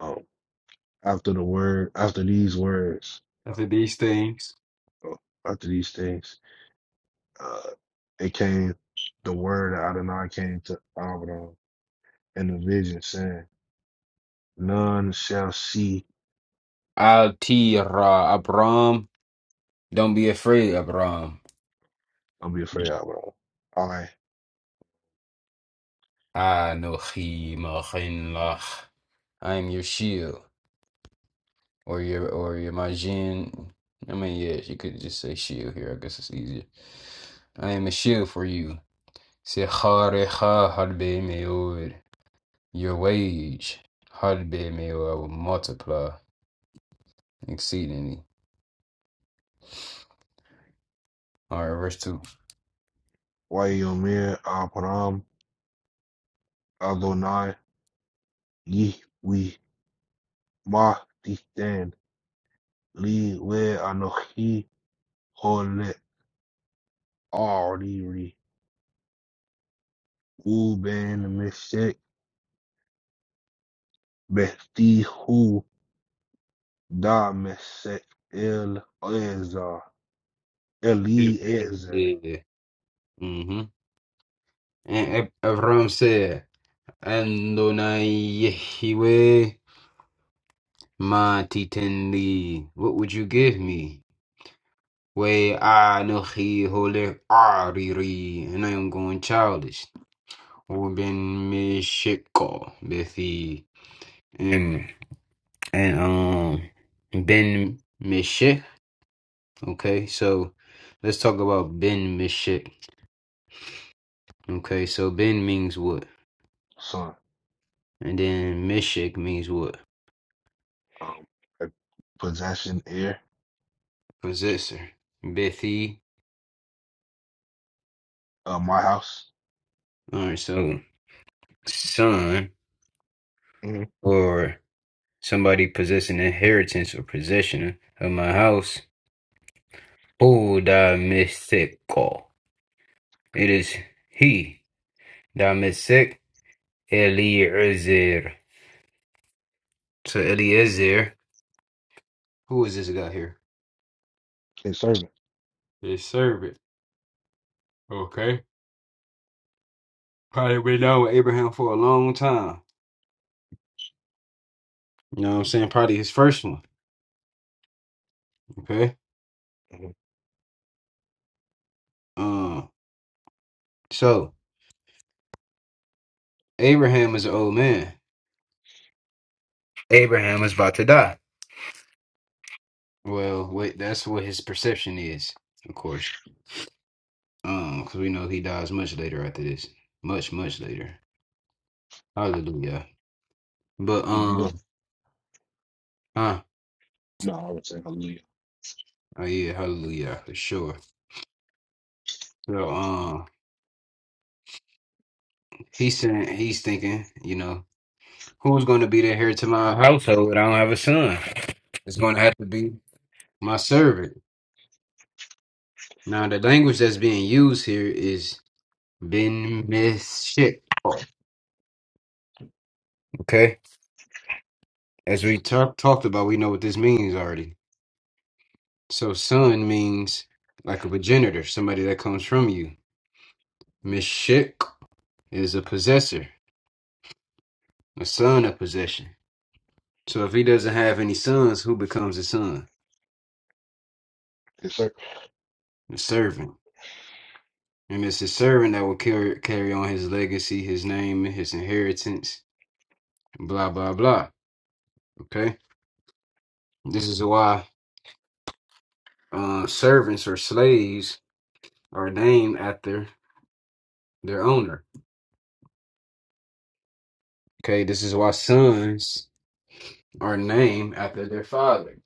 Speaker 2: oh, after the word, after these words,
Speaker 1: After these things.
Speaker 2: oh, after these things, uh, it came, the word of Adonai came to Avram in the vision saying, none shall see,
Speaker 1: Al Tira Abram. Don't be afraid, Abram.
Speaker 2: don't be afraid, Avram. I,
Speaker 1: Anochi Machinlach. I am your shield. or your or your Majin. I mean, yeah, you could just say shield here. I guess it's easier. I am a shield for you. Say Hareha Harbe Meod. Your wage Harbe Meod. I will multiply exceedingly. All right, verse two.
Speaker 2: Wayomir, Avram, Adonai, Ye we ma distan li we anochi hole ariri uben mesek besti hu da mesek el ezar eli ezer
Speaker 1: Yeah. Mm-hmm. And Ab- Abram said, "Andonai Yehiwe ma titenli. What would you give me? Way Anohi Hole Ariri, and I am going childish. Ruben Meshiko Bethi and and um Ben Meshik. Okay, so let's talk about Ben Meshik. Okay, so Ben means what?
Speaker 2: son
Speaker 1: And then Meshik means what?
Speaker 2: um a possession heir
Speaker 1: Possessor. Bethi.
Speaker 2: of my house
Speaker 1: Alright, so son
Speaker 2: mm-hmm.
Speaker 1: or somebody possessing inheritance or possession of my house Who thou mystical. It is he, thou mystic Eliezer. So Eliezer, who is this guy here?
Speaker 2: his servant
Speaker 1: His servant. Okay. Probably been down with Abraham for a long time. You know what I'm saying? Probably his first one. Okay.
Speaker 2: mm-hmm.
Speaker 1: Um. So Abraham is an old man. Abraham is about to die. Well, wait, that's what his perception is, of course. Um, because we know he dies much later after this. Much, much later. Hallelujah. But um.
Speaker 2: hallelujah
Speaker 1: Huh?
Speaker 2: no I would say hallelujah
Speaker 1: Oh yeah, hallelujah, for sure. So um he's saying he's thinking, you know, who's gonna be the heir to my household? I don't have a son. It's gonna have to be my servant. Now the language that's being used here is ben meshik. Okay. As we talk, talked about, we know what this means already. So son means like a progenitor, somebody that comes from you. Meshik is a possessor, a son of possession. So if he doesn't have any sons, who becomes his son?
Speaker 2: his servant
Speaker 1: The servant. And it's his servant that will carry, carry on his legacy, his name, and his inheritance, blah, blah, blah. Okay? This is why uh, servants or slaves are named after their owner. Okay? This is why sons are named after their father.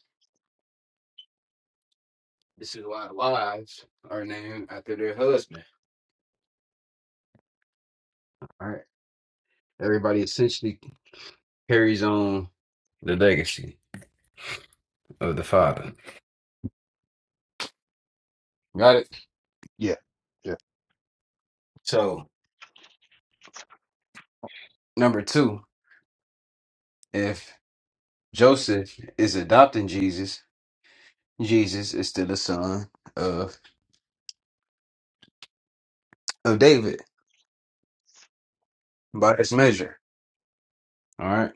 Speaker 1: This is why wives are named after their husband. All right? Everybody essentially carries on the legacy of the father. Got it?
Speaker 2: yeah yeah
Speaker 1: So Number two, if Joseph is adopting Jesus, Jesus is still a son of of David by his measure. All right.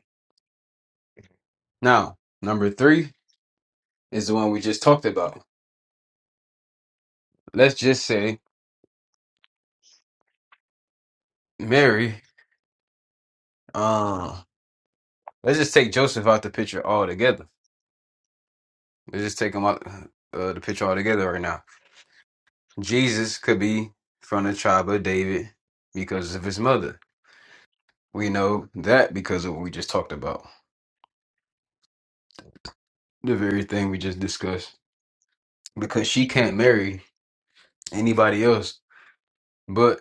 Speaker 1: Now, number three is the one we just talked about. Let's just say Mary. Uh, let's just take Joseph out the picture altogether. Let's just take him out uh, the picture altogether right now. Jesus could be from the tribe of David because of his mother. We know that because of what we just talked about, the very thing we just discussed. because she can't marry anybody else but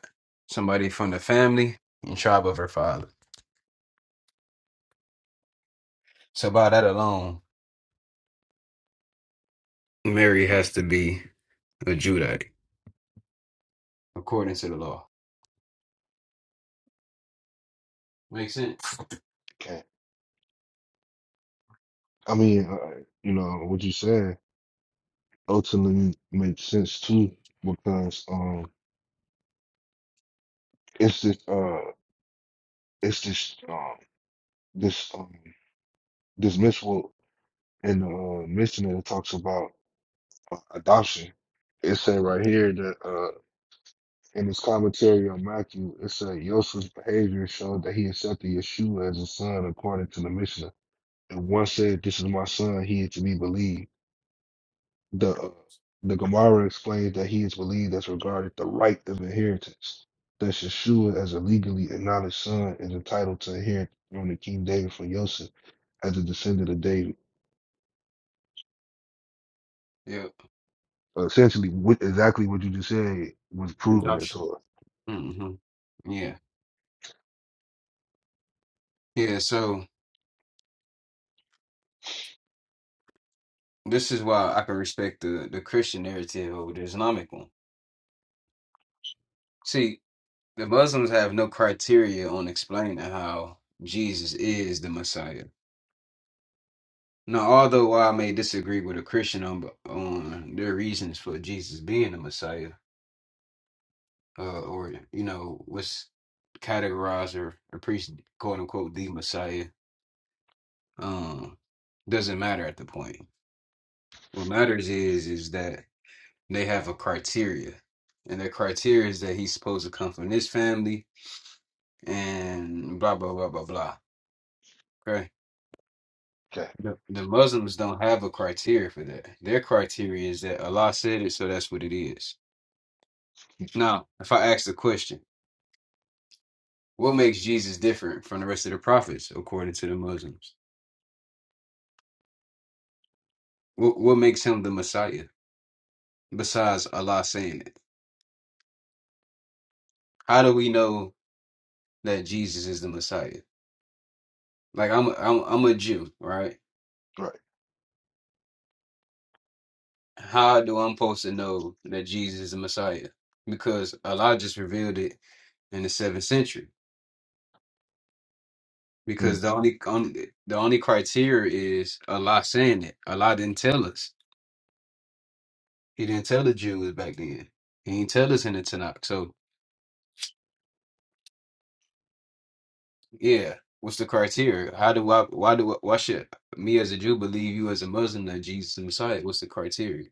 Speaker 1: somebody from the family and tribe of her father. So by that alone, Mary has to be a Judite according to the law. Make sense?
Speaker 2: okay I mean uh, you know what you said ultimately makes sense too because um it's this uh it's this um this um this misquote in the uh, mission that talks about uh, adoption. It said right here that uh in his commentary on Matthew, it said Joseph's behavior showed that he accepted Yeshua as a son according to the Mishnah. And one said, "This is my son; he is to be believed." The the Gemara explains that he is believed as regarded the right of inheritance. That Yeshua, as a legally acknowledged son, is entitled to inherit from the King David from Yosef as a descendant of David.
Speaker 1: Yep.
Speaker 2: So essentially, what, exactly what you just said was proven in
Speaker 1: Adoption.
Speaker 2: Torah.
Speaker 1: hmm Yeah. Yeah. So this is why I can respect the the Christian narrative over the Islamic one. See, the Muslims have no criteria on explaining how Jesus is the Messiah Now, although well, I may disagree with a Christian on on their reasons for Jesus being the Messiah, uh, or you know, what's categorized or, or quote unquote the Messiah, um, doesn't matter at the point. What matters is is that they have a criteria, and their criteria is that he's supposed to come from this family, and blah blah blah blah blah. Okay.
Speaker 2: Okay,
Speaker 1: The the Muslims don't have a criteria for that. Their criteria is that Allah said it, so that's what it is. Now, if I ask the question, what makes Jesus different from the rest of the prophets according to the Muslims? What, what makes him the Messiah besides Allah saying it? How do we know that Jesus is the Messiah? Like I'm, a, I'm, I'm a Jew, right?
Speaker 2: right.
Speaker 1: How do I'm supposed to know that Jesus is the Messiah? Because Allah just revealed it in the seventh century. Because
Speaker 2: Mm.
Speaker 1: the only, only the only criteria is Allah saying it. Allah didn't tell us. He didn't tell the Jews back then. He didn't tell us in the Tanakh. So Yeah. What's the criteria? How do I, why do, why should me as a Jew believe you as a Muslim that Jesus is Messiah? What's the criteria?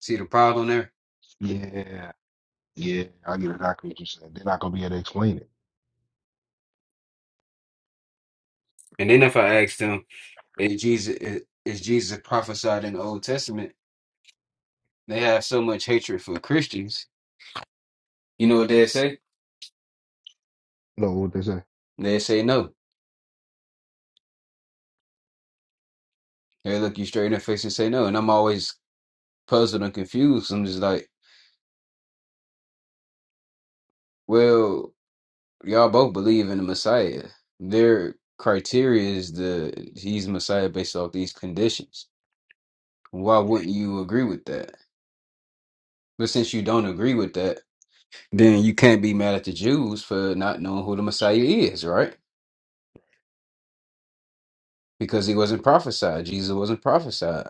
Speaker 1: See the problem there?
Speaker 2: Yeah, yeah, I get exactly what you said. They're not gonna be able to explain it.
Speaker 1: And then if I ask them, is Jesus, is, is Jesus prophesied in the Old Testament? They have so much hatred for Christians. You know what they say?
Speaker 2: No, what they say?
Speaker 1: They say no. They look you straight in the face and say no. And I'm always puzzled and confused. I'm just like, well, y'all both believe in the Messiah. Their criteria is the he's Messiah based off these conditions. Why wouldn't you agree with that? But since you don't agree with that, then you can't be mad at the Jews for not knowing who the Messiah is, right? Because he wasn't prophesied. Jesus wasn't prophesied.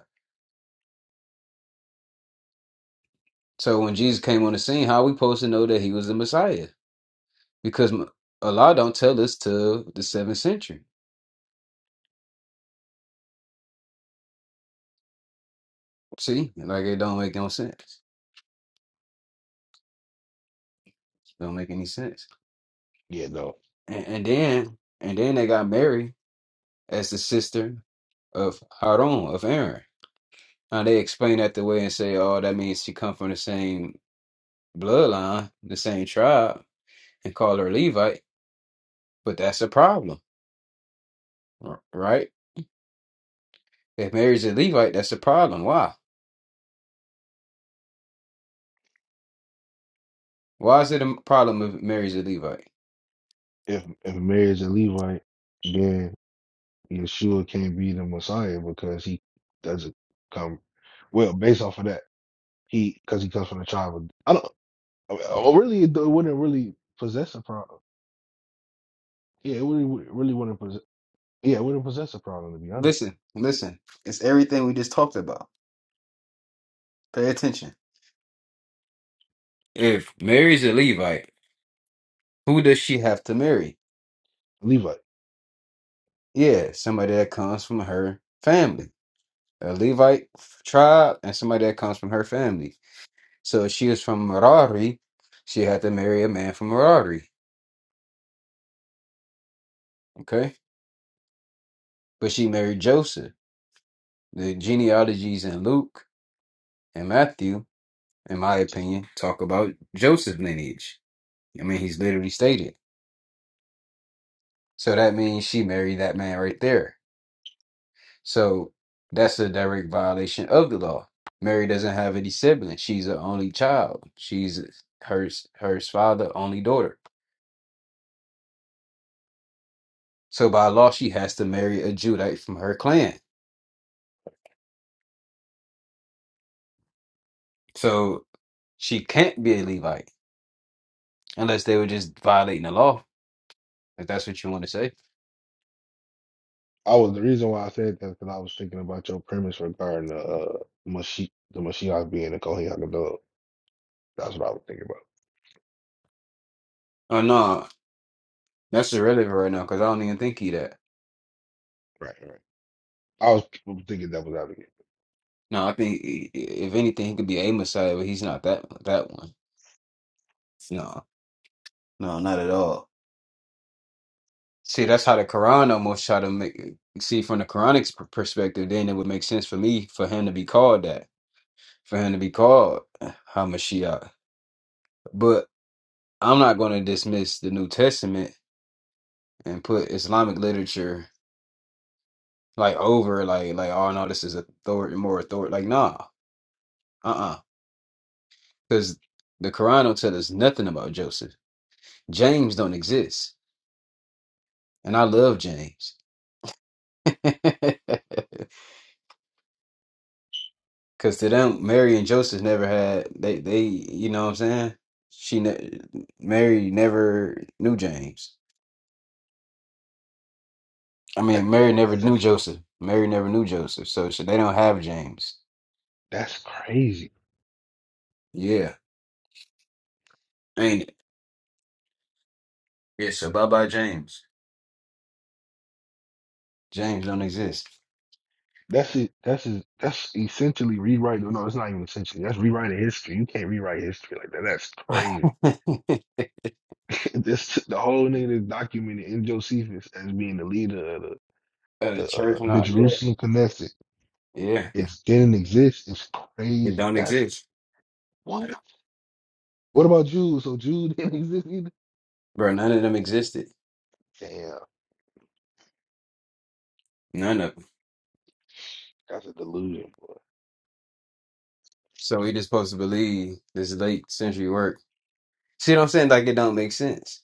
Speaker 1: So when Jesus came on the scene, how are we supposed to know that he was the Messiah? Because m- Allah don't tell us till the seventh century. See, like it don't make no sense. Don't make any sense.
Speaker 2: Yeah, no.
Speaker 1: And, and then, and then they got Mary as the sister of Harun of Aaron. Now they explain that the way and say, "Oh, that means she come from the same." bloodline, the same tribe, and call her Levite, but that's a problem, r- right? If Mary's a Levite, that's a problem. Why? Why is it a problem if Mary's a Levite?
Speaker 2: If if Mary is a Levite, then Yeshua can't be the Messiah because he doesn't come. Well, based off of that, he because he comes from the tribe. Of, I don't. I mean, oh, really, it wouldn't really possess a problem. Yeah, it really, wouldn't- really wouldn't possess. Yeah, it wouldn't possess a problem to be honest.
Speaker 1: Listen, listen. It's everything we just talked about. Pay attention. If Mary's a Levite, who does she have to marry?
Speaker 2: Levite.
Speaker 1: Yeah, somebody that comes from her family, a Levite f- tribe, and somebody that comes from her family. So if she is from Merari, she had to marry a man from Merari, okay? But she married Joseph. The genealogies in Luke and Matthew, in my opinion, talk about Joseph's lineage. I mean, he's literally stated. So that means she married that man right there. So that's a direct violation of the law. Mary doesn't have any siblings. She's an only child. She's her her father only daughter. So by law, she has to marry a Judite from her clan. So she can't be a Levite unless they were just violating the law. If that's what you want to say.
Speaker 2: I was the reason why I said that because I was thinking about your premise regarding the uh, Mashi, the Mashiach being the Kohen Hakadosh. That's what I was thinking about.
Speaker 1: Oh no. That's irrelevant right now because I don't even think he that.
Speaker 2: Right, right. I was thinking that was out of it.
Speaker 1: No, I think i- i- if anything, he could be a Messiah, but he's not that that one. No, no, not at all. See, that's how the Quran almost try to make see from the Quranic p- perspective. Then it would make sense for me for him to be called that, for him to be called uh, Hamashiach. But I'm not going to dismiss the New Testament and put Islamic literature like over like like oh no, this is authority more authority. Like nah, uh uh, because the Quran don't tell us nothing about Joseph. James don't exist. And I love James. Cause to them, Mary and Joseph never had they they you know what I'm saying? She ne- Mary never knew James. I mean, Mary never
Speaker 2: That's
Speaker 1: knew Joseph. Mary never knew Joseph, so, so they don't have James.
Speaker 2: that's crazy.
Speaker 1: Yeah, ain't it? Yeah, so bye bye James. James don't exist.
Speaker 2: That's it. That's it. That's essentially rewriting. No, it's not even essentially. That's rewriting history. You can't rewrite history like that. That's crazy. This the whole thing is documented in Josephus as being the leader of the
Speaker 1: Uh, the
Speaker 2: the,
Speaker 1: church
Speaker 2: uh, the
Speaker 1: not yeah
Speaker 2: Jerusalem Knesset.
Speaker 1: yeah
Speaker 2: It didn't exist. It's
Speaker 1: it
Speaker 2: crazy.
Speaker 1: don't
Speaker 2: That's
Speaker 1: exist,
Speaker 2: what. What about Jews? So Jews didn't exist either.
Speaker 1: bro. None of them existed.
Speaker 2: Damn,
Speaker 1: None of them.
Speaker 2: that's a delusion, boy.
Speaker 1: So we just supposed to believe this late century work See what I'm saying? Like it don't make sense.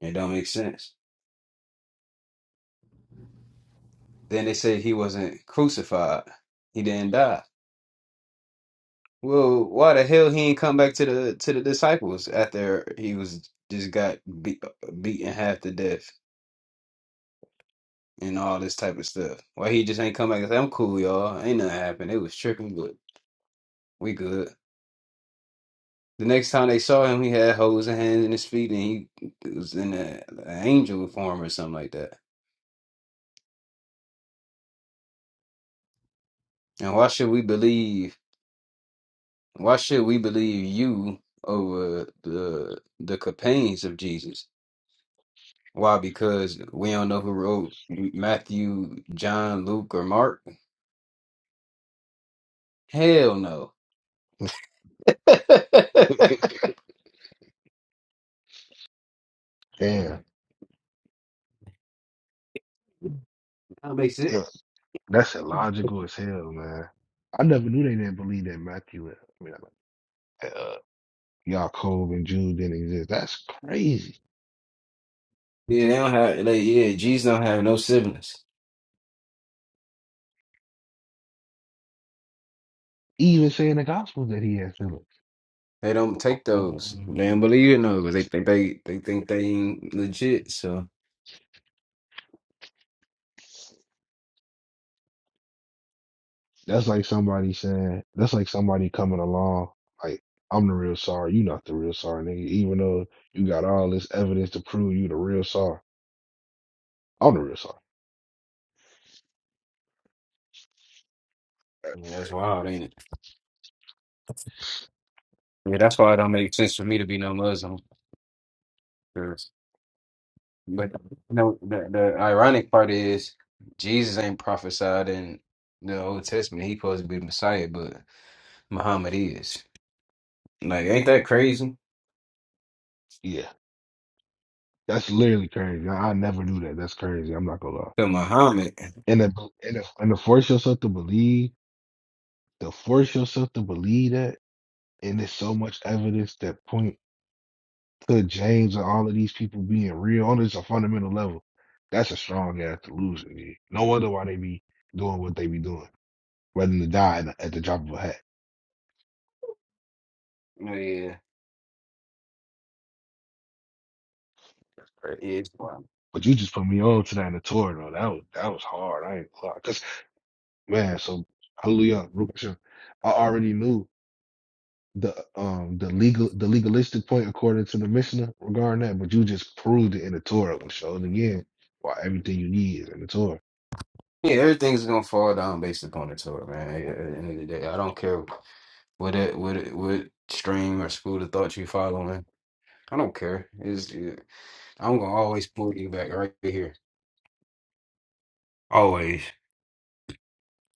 Speaker 1: It don't make sense. Then they say he wasn't crucified. He didn't die. Well, why the hell he ain't come back to the to the disciples after he was just got beat, beaten half to death and all this type of stuff? Why he just ain't come back and say, "I'm cool, y'all. Ain't nothing happened. It was tripping, but we good." The next time they saw him, he had holes and hands in his feet, and he was in a, an angel form or something like that. And why should we believe? Why should we believe you over the the companions of Jesus? Why? Because we don't know who wrote Matthew, John, Luke, or Mark. Hell no.
Speaker 2: Damn,
Speaker 1: That makes it.
Speaker 2: yeah, that's illogical as hell, man. I never knew they didn't believe that Matthew. I mean, Yaakov and Jude didn't exist. That's crazy.
Speaker 1: Yeah, they don't have. They, yeah, Jesus don't have no siblings.
Speaker 2: Even saying the gospel that he had feelings.
Speaker 1: They don't take
Speaker 2: Oh.
Speaker 1: those. They don't believe in those. They think they they think they ain't legit. So
Speaker 2: That's like somebody saying, that's like somebody coming along, like, I'm the real sorry. you not the real sorry, nigga. Even though you got all this evidence to prove you the real sorry. I'm the real sorry.
Speaker 1: yeah,
Speaker 2: That's
Speaker 1: that's
Speaker 2: crazy.
Speaker 1: wild, ain't it? Yeah, that's why it don't make sense for me to be no Muslim. But you know, the, the ironic part is Jesus ain't prophesied in the Old Testament. He supposed to be the Messiah, but Muhammad is. Like, ain't that crazy?
Speaker 2: Yeah. That's literally crazy. I, I never knew that. That's crazy. I'm not gonna lie.
Speaker 1: So Muhammad,
Speaker 2: And to, and to, and to force yourself to believe, to force yourself to believe that, and there's so much evidence that point. to James and all of these people being real on just a fundamental level, that's a strong ass delusion. Man. No wonder why they be doing what they be doing, rather than to die at at the drop of a hat.
Speaker 1: yeah,
Speaker 2: Right.
Speaker 1: is yeah,
Speaker 2: But you just put me on to that in the tour, though. That was that was hard. I ain't gonna lie. Cause man, so hallelujah, Rukasha, I already knew the um the legal the legalistic point according to the Mishnah regarding that, but you just proved it in the Torah and showed again why everything you need is in the Torah.
Speaker 1: everything's gonna fall down based upon the Torah, man. At at the end of the day, I don't care what it, what it, what stream or school of thought you following. I don't care. It's, yeah, I'm gonna always pull you back right here, always,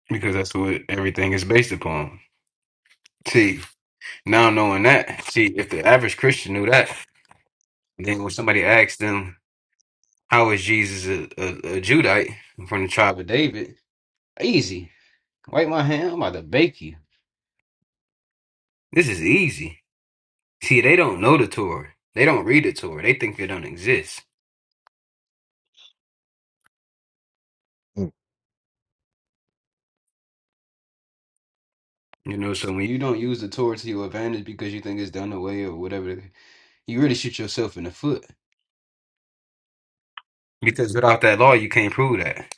Speaker 1: because that's what everything is based upon. See. Now knowing that, see, if the average Christian knew that, then when somebody asks them, "How is Jesus a, a, a Judite from the tribe of David?" Easy. Wipe my hand. I'm about to bake you. This is easy. See, they don't know the Torah. They don't read the Torah. They think it don't exist.
Speaker 2: Mm,
Speaker 1: You know, so when you don't use the Torah to your advantage because you think it's done away or whatever, you really shoot yourself in the foot. Because without that law, you can't prove that.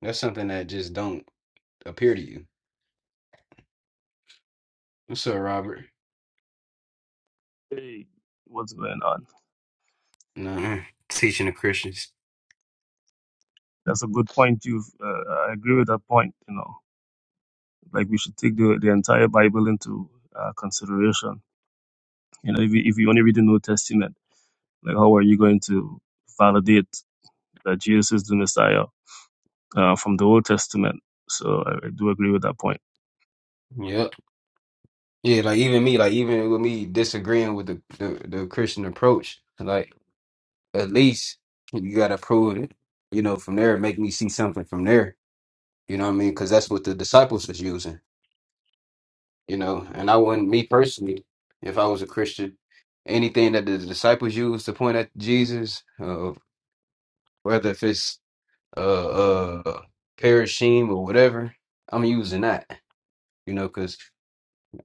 Speaker 1: That's something that just don't appear to you. What's up, Robert?
Speaker 3: Hey, what's going on?
Speaker 1: Nah, Mm. teaching the Christians.
Speaker 3: That's a good point. You've uh, I agree with that point. You know, like we should take the the entire Bible into uh, consideration. You know, if you, if you only read the New Testament, like how are you going to validate that Jesus is the Messiah uh, from the Old Testament? So I, I do agree with that point.
Speaker 1: Yep. Yeah, like even me, like even with me disagreeing with the the, the Christian approach, like at least you gotta prove it, you know, from there, make me see something from there. You know what I mean? Because that's what the disciples was using, you know. And I wouldn't, me personally, if I was a Christian, anything that the disciples used to point at Jesus, uh, whether if it's uh uh parashim or whatever, I'm using that, you know, because.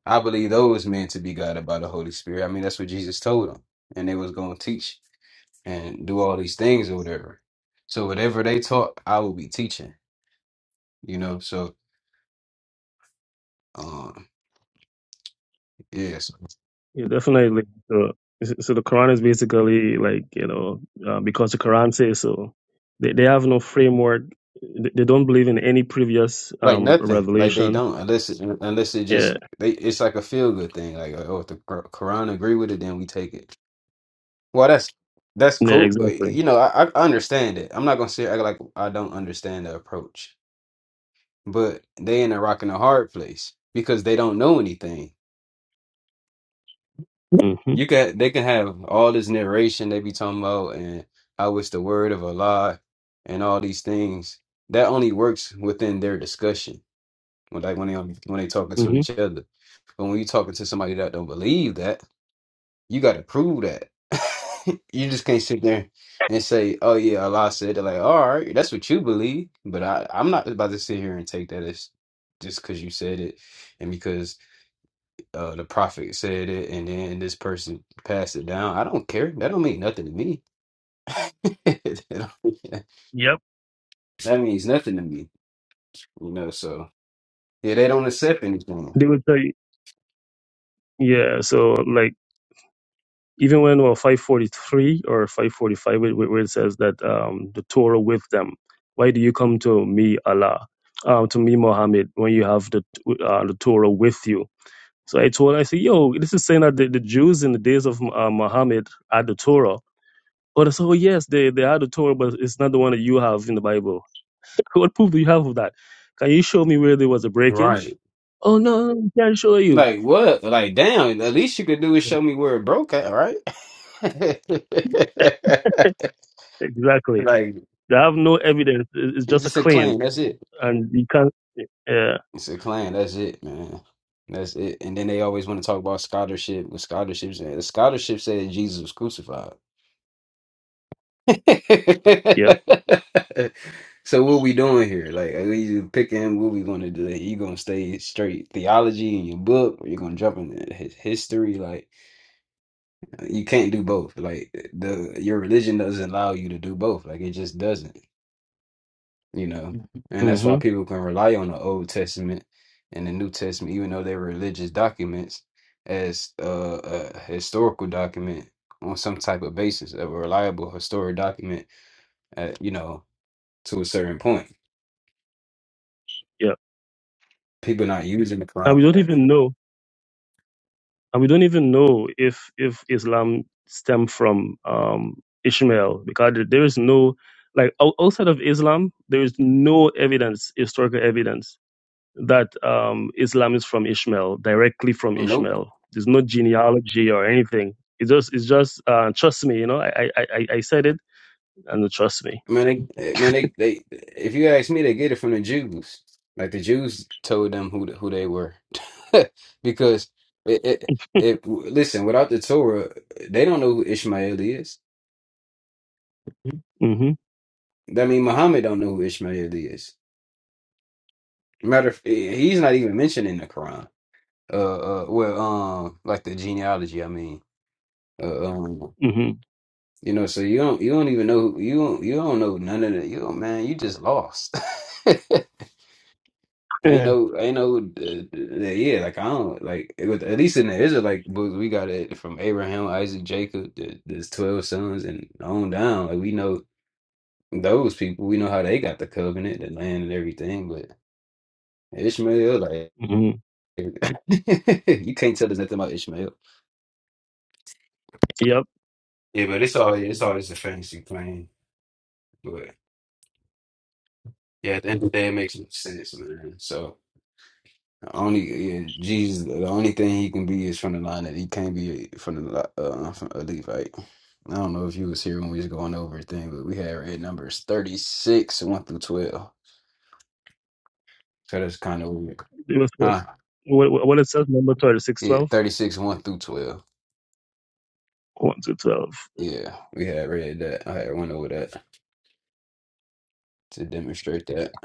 Speaker 1: I believe those men to be guided by the Holy Spirit. I mean, that's what Jesus told them, and they was going to teach and do all these things or whatever. So whatever they taught, I will be teaching. You know, so um, yes,
Speaker 3: Yeah, definitely. So, so the Quran is basically like you know uh, because the Quran says so. They they have no framework. They they don't believe in any previous
Speaker 1: like
Speaker 3: um,
Speaker 1: nothing, like they
Speaker 3: revelation
Speaker 1: don't unless it, unless it just they it's like a feel good thing. Like oh, if the Qur- Quran agree with it, then we take it. Well, that's that's
Speaker 3: Yeah,
Speaker 1: cool. Uh,
Speaker 3: exactly.
Speaker 1: You know, I, I understand it. I'm not gonna say act like I don't understand the approach, but they in a rock and a hard place because they don't know anything
Speaker 3: hmm
Speaker 1: You can they can have all this narration they be talking about and how it's the word of Allah and all these things. That only works within their discussion. When like when they on- when they talking to
Speaker 3: hmm
Speaker 1: each other. But when you talking to somebody that don't believe that, you gotta prove that. you just can't sit there and say, Oh yeah, Allah said that like, all right, that's what you believe. But I, I'm not about to sit here and take that as just because you said it and because uh, the prophet said it, and then this person passed it down. I don't care. That don't mean nothing to me. That don't-
Speaker 3: Yep.
Speaker 1: that means nothing to me, you know. So yeah, they don't accept anything,
Speaker 3: They would tell you, yeah. So like even when well, 543 or 545, where where it says that um, the Torah with them. Why do you come to me, Allah, uh, to me, Muhammad, when you have the uh, the Torah with you? So I told, I said, yo, this is saying that the, the Jews in the days of uh, Muhammad had the Torah. But so yes, they they had the Torah, but it's not the one that you have in the Bible. What proof do you have of that? Can you show me where there was a breakage?
Speaker 1: right?
Speaker 3: Oh no, no, we can't show you.
Speaker 1: Like what? Like damn. At least you could do is show me where it broke at, right?
Speaker 3: Exactly.
Speaker 1: like
Speaker 3: They have no evidence. It- It's
Speaker 1: it's
Speaker 3: just a
Speaker 1: just a
Speaker 3: claim,
Speaker 1: claim. That's it.
Speaker 3: and you can't. Yeah.
Speaker 1: It's a claim. That's it, man. That's it. And then they always want to talk about scholarship. The scholarship said the scholarship said Jesus was crucified.
Speaker 3: Yep.
Speaker 1: so what we doing here? Like, are you picking what we gonna do? Like, You gonna stay straight theology in your book, or you gonna jump into his history? Like, you can't do both. Like, the your religion doesn't allow you to do both. Like, it just doesn't. You know, and that's why
Speaker 3: hmm
Speaker 1: people can rely on the Old Testament and the New Testament, even though they're religious documents, as uh, a historical document on some type of basis, a reliable historic document. Uh, you know to a certain point.
Speaker 3: Yeah.
Speaker 1: People not using the
Speaker 3: And
Speaker 1: Quran
Speaker 3: we
Speaker 1: for
Speaker 3: don't
Speaker 1: that.
Speaker 3: even know. And we don't even know if if Islam stemmed from um, Ishmael because there there is no like ou- outside of Islam, there is no evidence, historical evidence that um, Islam is from Ishmael, directly from
Speaker 1: Nope.
Speaker 3: Ishmael. There's no genealogy or anything. It just, it's just, uh, trust me, you know, I, I, I, I said it and trust me.
Speaker 1: Man, they, man, they, they. If you ask me, they get it from the Jews. Like the Jews told them who who they were, because it, it, it. Listen, without the Torah, they don't know who Ishmael is.
Speaker 3: hmm
Speaker 1: I mean, Muhammad don't know who Ishmael is. Matter of, he's not even mentioned in the Quran. Uh, uh well, um, like the genealogy. I mean, uh, um.
Speaker 3: hmm
Speaker 1: You know, so you don't you don't even know who- you don't you don't know none of that. You don't, man, you just lost. Ain't
Speaker 2: mm,
Speaker 1: no ain't no uh, uh, yeah, like I don't like it was, at least in the Israelite books we got it from Abraham, Isaac, Jacob, the, there's twelve sons and on down. Like we know those people, we know how they got the covenant, the land and everything, but Ishmael, like
Speaker 3: hmm
Speaker 1: you can't tell us nothing about Ishmael.
Speaker 3: Yep.
Speaker 1: Yeah, but it's all it's always a fantasy claim. But yeah, at the end of the day it makes no sense, man. So The Only yeah, Jesus, the only thing he can be is from the line that he can't be from the li- uh, from a Levite. I don't know if you was here when we was going over everything, but we had read numbers thirty six one through twelve. So that's kind of weird,
Speaker 3: It was what,
Speaker 1: huh?
Speaker 3: what what it says, number 36,
Speaker 1: Yeah, thirty six one through twelve.
Speaker 3: twelve, one to 12.
Speaker 1: Yeah, we had read that. I had went over that to demonstrate that.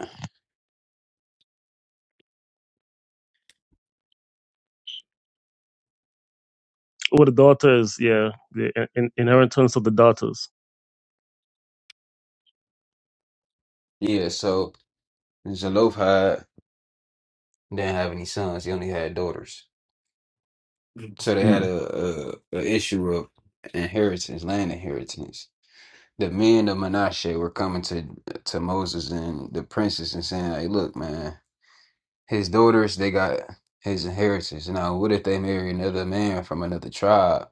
Speaker 3: Or the daughters, yeah, the in, inheritance of the daughters.
Speaker 1: Yeah, so Zelophehad didn't have any sons; he only had daughters. So they had
Speaker 3: Mm-hmm.
Speaker 1: a, a, a issue of inheritance, land inheritance. The men of Menashe were coming to to Moses and the princes and saying, "Hey, look, man, his daughters they got his inheritance. Now, what if they marry another man from another tribe,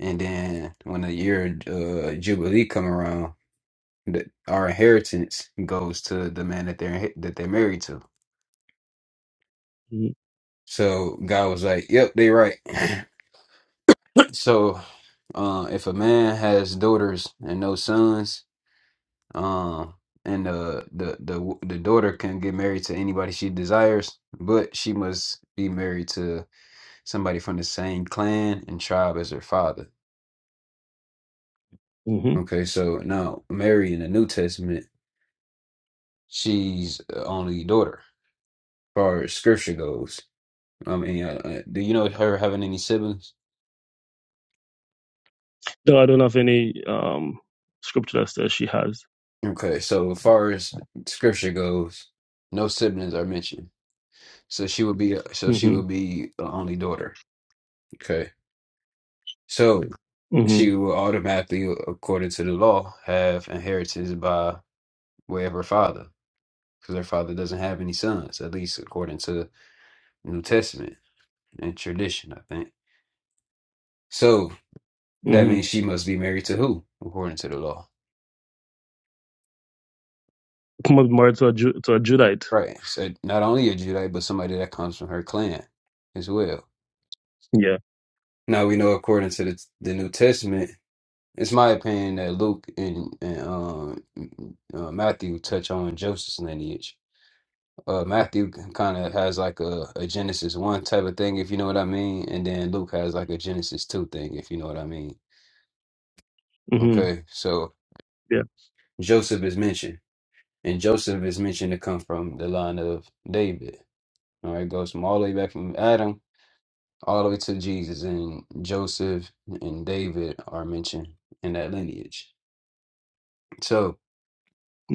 Speaker 1: and then when the year uh, jubilee come around, the, our inheritance goes to the man that they're that they're married to." So God was like, "Yep, they right." So, uh, if a man has daughters and no sons, um, and the the the the daughter can get married to anybody she desires, but she must be married to somebody from the same clan and tribe as her father.
Speaker 3: hmm
Speaker 1: Okay, so now Mary in the New Testament, she's the only daughter, as far as scripture goes. I mean, uh, uh, do you know her having any siblings?
Speaker 3: No, I don't have any um, scripture that says she has.
Speaker 1: Okay, so as far as scripture goes, no siblings are mentioned. So she would be so she
Speaker 3: hmm
Speaker 1: would be the only daughter. Okay. So
Speaker 3: hmm
Speaker 1: she will automatically, according to the law, have inheritance by way of her father, because her father doesn't have any sons, at least according to the New Testament and tradition, I think. So that
Speaker 3: hmm
Speaker 1: means she must be married to who, according to the law?
Speaker 3: Come up married to a, Ju- to a Judite.
Speaker 1: Right. So not only a Judite, but somebody that comes from her clan as well. Now we know according to the, the New Testament It's my opinion that Luke and, and um, uh, Matthew touch on Joseph's lineage. Uh, Matthew kind of has like a, a Genesis 1 type of thing, if you know what I mean. And then Luke has like a Genesis 2 thing, if you know what I mean.
Speaker 3: hmm
Speaker 1: Okay, so
Speaker 3: Yeah.
Speaker 1: Joseph is mentioned. And Joseph is mentioned to come from the line of David. All right, goes from all the way back from Adam all the way to Jesus. And Joseph and David are mentioned in that lineage. So.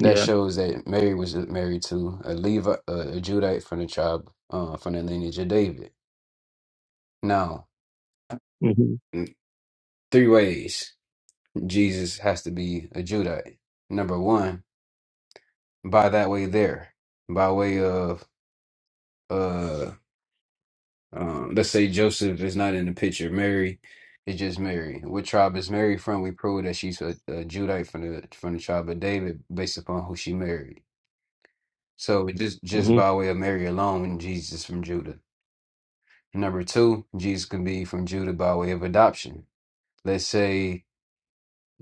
Speaker 1: that shows that Mary was married to a Levi, a, a Judite from the tribe, uh, from the lineage of David. Now,
Speaker 3: hmm
Speaker 1: in three ways Jesus has to be a Judite. Number one, by that way there, by way of uh, um, let's say Joseph is not in the picture. Mary is just Mary. What tribe is Mary from? We prove that she's a, a Judite from the from the tribe of David, based upon who she married. So just just
Speaker 3: hmm
Speaker 1: by way of Mary alone, Jesus is from Judah. Number two, Jesus can be from Judah by way of adoption. Let's say,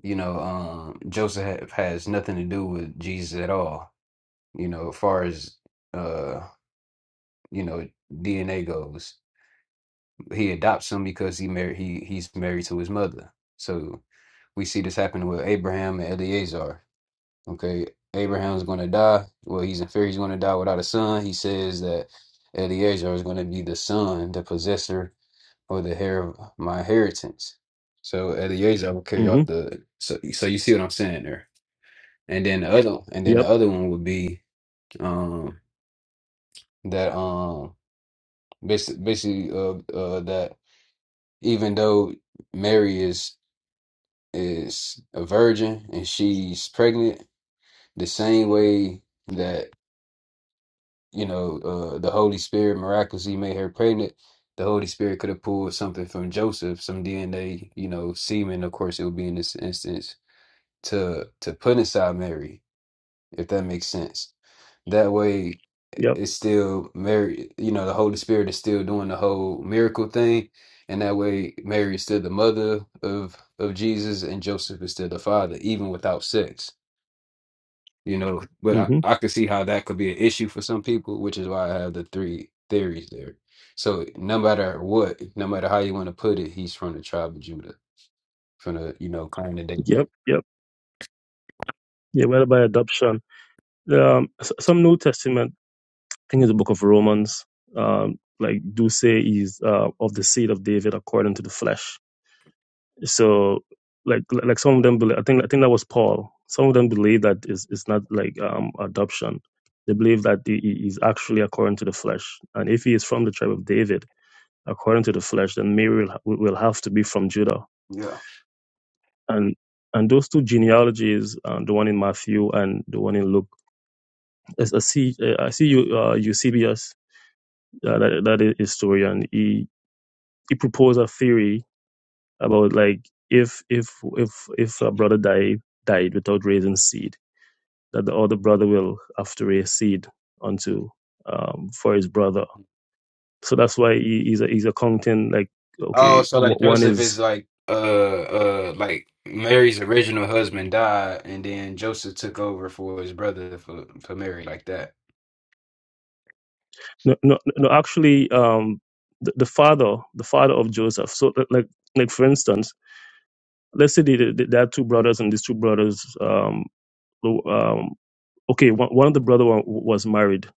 Speaker 1: you know, um, Joseph ha- has nothing to do with Jesus at all, you know, as far as, uh, you know, DNA goes. He adopts him because he married, he, he's married to his mother. So we see this happening with Abraham and Eleazar. Okay. Abraham's going to die. Well, he's in fear he's going to die without a son. He says that Eleazar is going to be the son, the possessor or the hair of my inheritance. So Eliezer will carry
Speaker 3: hmm
Speaker 1: out the so so you see what I'm saying there. And then the other and then
Speaker 3: Yep.
Speaker 1: the other one would be um that um basically, basically uh uh that even though Mary is is a virgin and she's pregnant, the same way that you know uh the Holy Spirit miraculously made her pregnant, the Holy Spirit could have pulled something from Joseph, some DNA, you know, semen. Of course, it would be in this instance to to put inside Mary, if that makes sense. That way,
Speaker 3: Yep.
Speaker 1: it's still Mary. You know, the Holy Spirit is still doing the whole miracle thing, and that way, Mary is still the mother of of Jesus, and Joseph is still the father, even without sex. You know, but I,
Speaker 3: hmm
Speaker 1: I could see how that could be an issue for some people, which is why I have the three theories there. So no matter what, no matter how you want to put it, he's from the tribe of Judah, from the you know clan of
Speaker 3: Yep.
Speaker 1: David.
Speaker 3: Yep. Yeah. Whether by adoption, um, s- some New Testament, I think it's the Book of Romans, um, like do say he's uh, of the seed of David according to the flesh. So, like, like some of them believe. I think I think that was Paul. Some of them believe that is it's not like um adoption. They believe that he he is actually according to the flesh, and if he is from the tribe of David according to the flesh, then Mary will, ha- will have to be from Judah and and those two genealogies, um, the one in Matthew and the one in Luke, as I see, uh, I see you, uh, Eusebius, uh, that that is historian. He he proposed a theory about like if if if if a brother died died without raising seed, that the other brother will have to raise seed unto um, for his brother. So that's why he, he's a, he's accounting like
Speaker 1: Oh,
Speaker 3: okay,
Speaker 1: so like
Speaker 3: wh- one
Speaker 1: Joseph
Speaker 3: is
Speaker 1: is like uh uh like Mary's original husband died, and then Joseph took over for his brother for for Mary like that.
Speaker 3: no, no, no actually um the, the father the father of joseph so li- like like for instance let's say they, they, there are two brothers and these two brothers um lo- um okay one, one of the brother wa- was married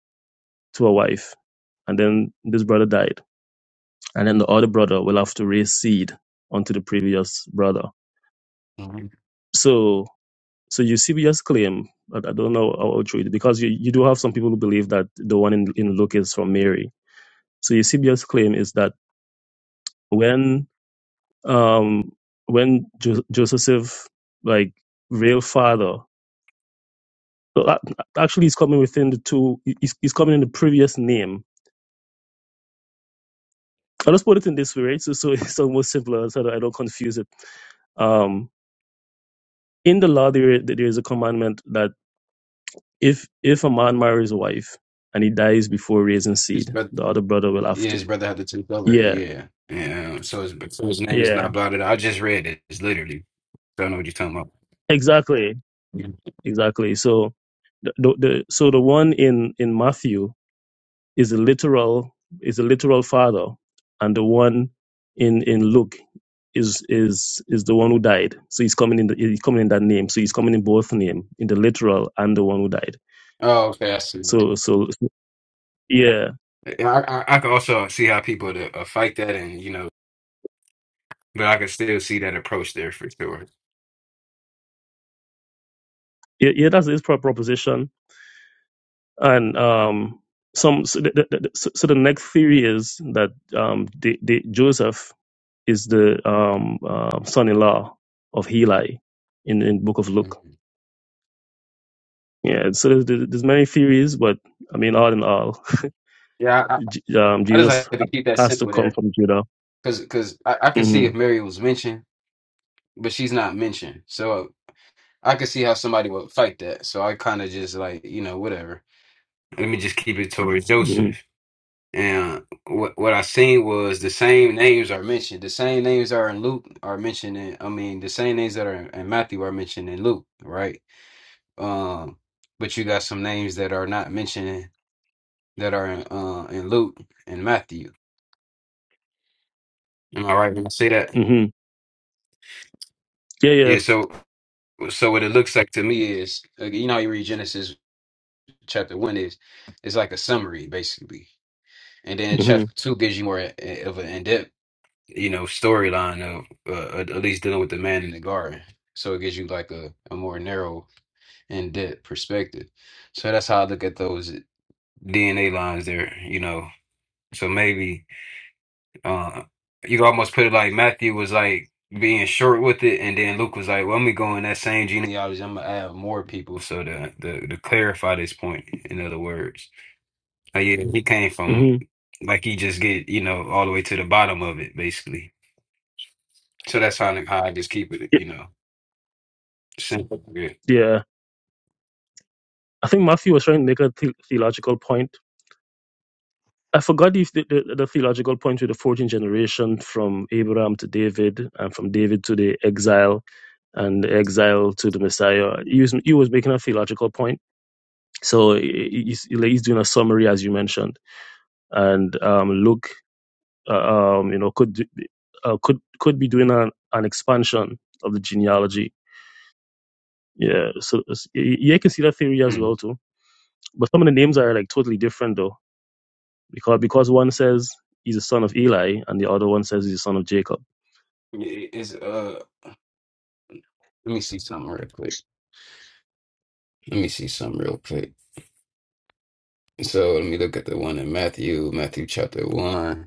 Speaker 3: to a wife and then this brother died and then the other brother will have to raise seed onto the previous brother
Speaker 1: Mhm.
Speaker 3: so so eusebius claim but i don't know how true it is, because you, you do have some people who believe that the one in, in luke is from mary so eusebius claim is that when um, when jo- Joseph, like real father, so that- actually he's coming within the two. he- He's, he's coming in the previous name. I'll just put it in this way, right? So, so it's almost simpler so that I don't confuse it. Um, in the law, there there is a commandment that if if a man marries a wife and he dies before raising
Speaker 1: His
Speaker 3: seed,
Speaker 1: brother,
Speaker 3: the other brother will have
Speaker 1: yeah,
Speaker 3: to.
Speaker 1: his brother had to take over.
Speaker 3: Yeah,
Speaker 1: Yeah, yeah. So his so his name is
Speaker 3: yeah,
Speaker 1: not blotted. out. I just read it. It's literally. So I know what you're talking about.
Speaker 3: exactly,
Speaker 1: Yeah.
Speaker 3: exactly. So the, the, the so the one in in Matthew is a literal is a literal father, and the one in in Luke is is is the one who died. So he's coming in the, he's coming in that name. So he's coming in both name, in the literal and the one who died.
Speaker 1: Oh, okay. I see.
Speaker 3: So so yeah
Speaker 1: I I, I can also see how people to, uh, fight that, and you know, but I can still see that approach there for sure.
Speaker 3: yeah, yeah that's his pro- proposition. And um some so the, the, the- so so the next theory is that um the, the Joseph is the um uh, son-in-law of Heli in in book of Luke.
Speaker 1: Mhm.
Speaker 3: Yeah, so there's, there's there's many theories, but I mean, all in all,
Speaker 1: Yeah, I,
Speaker 3: J- um,
Speaker 1: I just
Speaker 3: Jesus
Speaker 1: like to keep that
Speaker 3: has to
Speaker 1: simple there.
Speaker 3: come from Judah.
Speaker 1: Cause, cause I, I could see
Speaker 3: hmm
Speaker 1: if Mary was mentioned, but she's not mentioned. So I could see how somebody would fight that. So I kind of just like, you know, whatever. Let me just keep it towards
Speaker 3: hmm
Speaker 1: Joseph. And what what I seen was the same names are mentioned. The same names are in Luke are mentioned in, I mean, the same names that are in, in Matthew are mentioned in Luke, right? Um, but you got some names that are not mentioned that are in, uh, in Luke and Matthew. Am I right when I say that?
Speaker 3: hmm Yeah, yeah.
Speaker 1: Yeah. So So what it looks like to me is, like, you know, how you read Genesis chapter one is, it's like a summary basically, and then
Speaker 3: hmm
Speaker 1: chapter two gives you more i- of an in-depth, you know, storyline of uh, at at least dealing with the man in the garden. So it gives you like a, a more narrow, in-depth perspective. So that's how I look at those DNA lines there, you know. So maybe. Uh, you could almost put it like Matthew was like being short with it, and then Luke was like, "Well, let me go in that same genealogy. I'm gonna add more people." So to to, to clarify this point, in other words, like, yeah, he came from
Speaker 3: hmm
Speaker 1: like he just get you know all the way to the bottom of it, basically. So that's how how I just keep it,
Speaker 3: Yeah.
Speaker 1: you know, simple. Yeah.
Speaker 3: yeah. I think Matthew was trying to make a the- theological point. I forgot the, the, the the theological point with the 14th generation from Abraham to David and from David to the exile and the exile to the Messiah. He was, he was making a theological point. So he- he's, like, he's doing a summary, as you mentioned and um, Luke uh, um, you know, could uh, could could be doing an, an expansion of the genealogy. Yeah, so it's- y- yeah, you can see that theory as well
Speaker 1: Mm.
Speaker 3: too. But some of the names are like totally different though, because because one says he's a son of Eli, and the other one says he's a son of Jacob.
Speaker 1: It- It's uh. Let me see something real quick. Let me see something real quick. So let me look at the one in Matthew, Matthew chapter one.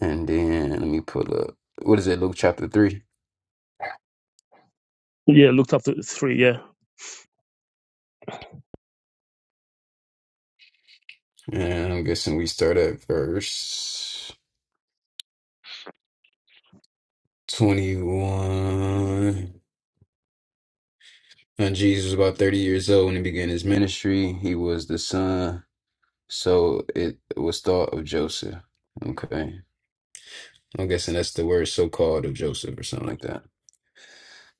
Speaker 1: And then let me pull up. What is it? Luke chapter 3.
Speaker 3: Yeah, Luke chapter three. Yeah,
Speaker 1: And I'm guessing we start at verse 21. And Jesus was about 30 years old when he began his ministry. He was the son, so it was thought of Joseph. Okay. I'm guessing that's the word so called of Joseph or something like that.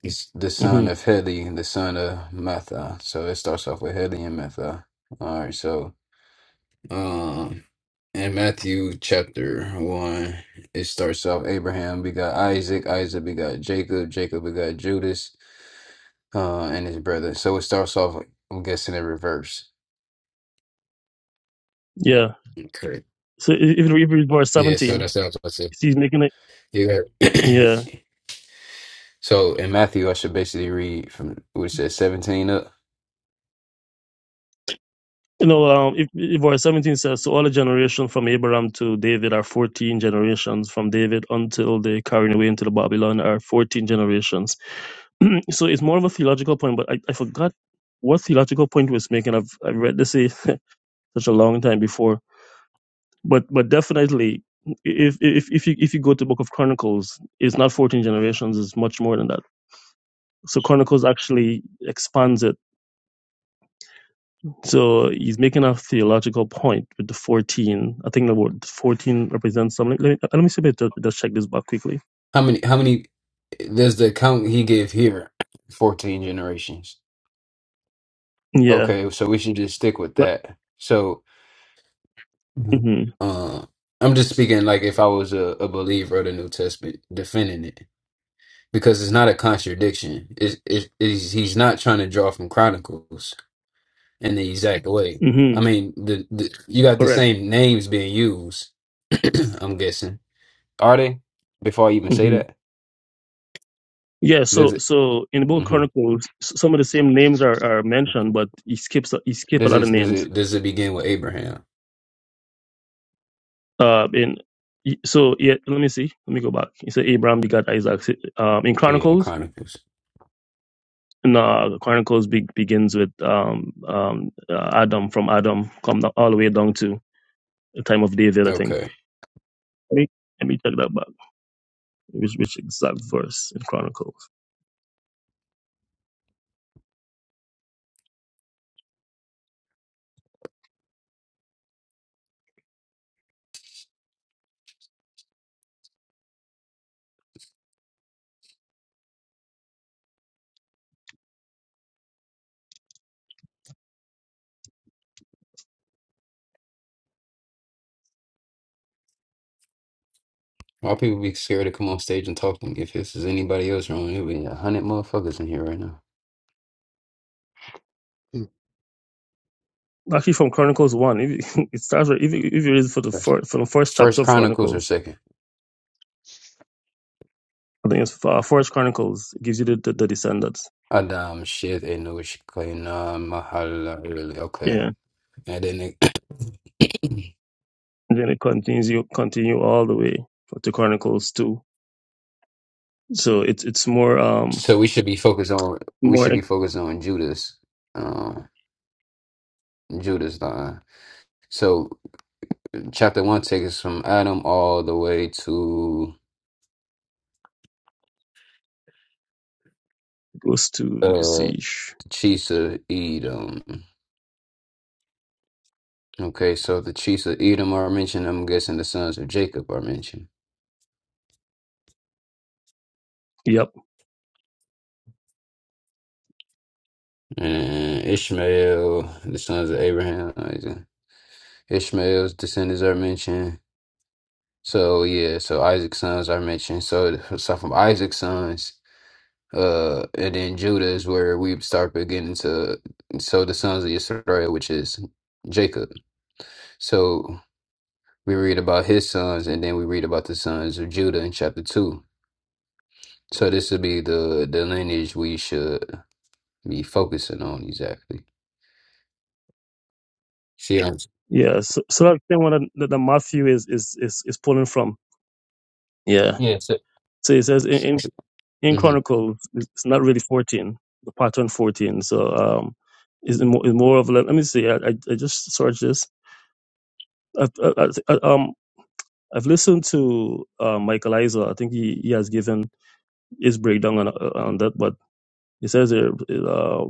Speaker 1: He's the son
Speaker 3: hmm
Speaker 1: of Heli, the son of Metha. So it starts off with Heli and Metha. All right. so. Um, in Matthew chapter 1, it starts off Abraham begot Isaac, Isaac begot Jacob, Jacob begot Judas, uh, and his brother. So it starts off, I'm guessing, in reverse.
Speaker 3: yeah.
Speaker 1: Okay.
Speaker 3: So i- if you read verse
Speaker 1: Yeah, so
Speaker 3: seventeen,
Speaker 1: that sounds what I said.
Speaker 3: he's making it.
Speaker 1: You got
Speaker 3: Yeah,
Speaker 1: So in Matthew, I should basically read from what it says 17 up.
Speaker 3: You know, um, if, if verse 17 says, So all the generation from Abraham to David are 14 generations. From David until they carried away into the Babylon are 14 generations. so it's more of a theological point, but I, I forgot what theological point was making. I've, I've read this a, such a long time before. But but definitely, if, if, if, you, if you go to the book of Chronicles, it's not 14 generations, it's much more than that. So Chronicles actually expands it So he's making a theological point with the 14. I think the word 14 represents something. Let me, uh, let me see if I just, just check this back quickly.
Speaker 1: How many, how many does the count he give here? 14 generations.
Speaker 3: Yeah.
Speaker 1: Okay, so we should just stick with
Speaker 3: But,
Speaker 1: that. So. Mhm.
Speaker 3: hmm
Speaker 1: Uh, I'm just speaking like if I was a, a believer of the New Testament, defending it because it's not a contradiction. It, it, it's, he's not trying to draw from Chronicles in the exact way.
Speaker 3: hmm
Speaker 1: I mean, the, the you got the
Speaker 3: correct.
Speaker 1: same names being used. I'm guessing are they? Before I even say
Speaker 3: hmm
Speaker 1: that,
Speaker 3: Yeah. So,
Speaker 1: does it?
Speaker 3: so in the book of
Speaker 1: hmm
Speaker 3: Chronicles, s- some of the same names are, are mentioned, but he skips, he skip a
Speaker 1: Does
Speaker 3: lot of
Speaker 1: it? Does
Speaker 3: names.
Speaker 1: it? Does it begin with Abraham?
Speaker 3: Uh, in, so yeah, let me see. Let me go back. He said Abraham begot Isaac. Um, in
Speaker 1: Yeah, in
Speaker 3: Chronicles,
Speaker 1: Chronicles.
Speaker 3: no, Chronicles be, begins with um, um, uh, Adam from Adam, come all the way down to time of David, I think.
Speaker 1: Okay.
Speaker 3: Let me, let me check that back. Which, which exact verse in Chronicles?
Speaker 1: Why people be scared to come on stage and talk to me? If this is anybody else wrong, it'll be a hundred motherfuckers in here right now.
Speaker 2: mm.
Speaker 3: Actually, from Chronicles 1. If you, it starts, with- if you, if you read for the first, from the first chapter
Speaker 1: First
Speaker 3: of
Speaker 1: Chronicles or
Speaker 3: Chronicles,
Speaker 1: second?
Speaker 3: I think it's uh, First Chronicles, it gives you the, the, the descendants.
Speaker 1: Adam Sheth Enosh Kaina Mahalalel. really?
Speaker 3: Yeah.
Speaker 1: Okay, and then it,
Speaker 3: And then it continues, you continue all the way to Chronicles 2. So it's, it's more, um,
Speaker 1: so we should be focused on we
Speaker 3: more,
Speaker 1: should be
Speaker 3: it
Speaker 1: focused on Judas, um, Judas line. So chapter one takes us from Adam all the way to
Speaker 3: goes to, let me
Speaker 1: uh
Speaker 3: see.
Speaker 1: chiefs of Edom. Okay, so the chiefs of Edom are mentioned. I'm guessing the sons of Jacob are mentioned,
Speaker 3: Yep.
Speaker 1: and Ishmael, the sons of Abraham, Isaac. Ishmael's descendants are mentioned. So yeah, so Isaac's sons are mentioned. So so from Isaac's sons, uh, and then Judah is where we start beginning to so the sons of Israel, which is Jacob. So we read about his sons, and then we read about the sons of Judah in chapter two. So this would be the the lineage we should be focusing on exactly. See, yeah,
Speaker 3: Yeah. So, so that's the thing, one that, that Matthew is, is, is, is pulling from. Yeah.
Speaker 1: yes.
Speaker 3: So it says, in, in in Chronicles, it's not really 14, the pattern 14. So um, is more, it's more of like, let me see, I, I, I just searched this. I've, I, I, um, I've listened to uh, Michael Eisner. I think he, he has given his breakdown on, uh, on that, but he says here, uh,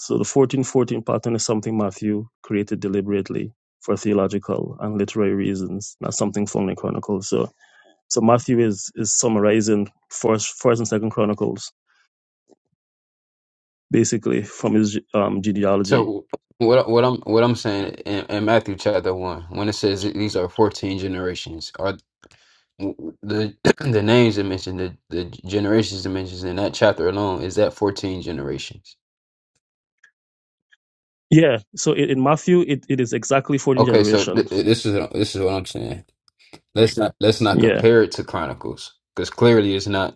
Speaker 3: so the 14 14 pattern is something Matthew created deliberately for theological and literary reasons, not something found in Chronicles. So so Matthew is is summarizing first first and second Chronicles basically from his um, genealogy.
Speaker 1: So what what I'm what I'm saying in, in Matthew chapter one, when it says that these are fourteen generations, are the the names it mentioned, the the generations it mentions in that chapter alone, is that fourteen generations?
Speaker 3: Yeah. So in, in Matthew, it, it is exactly 14
Speaker 1: Okay, so th-
Speaker 3: generations.
Speaker 1: this is this is what I'm saying. Let's not let's not
Speaker 3: Yeah.
Speaker 1: compare it to Chronicles because clearly it's not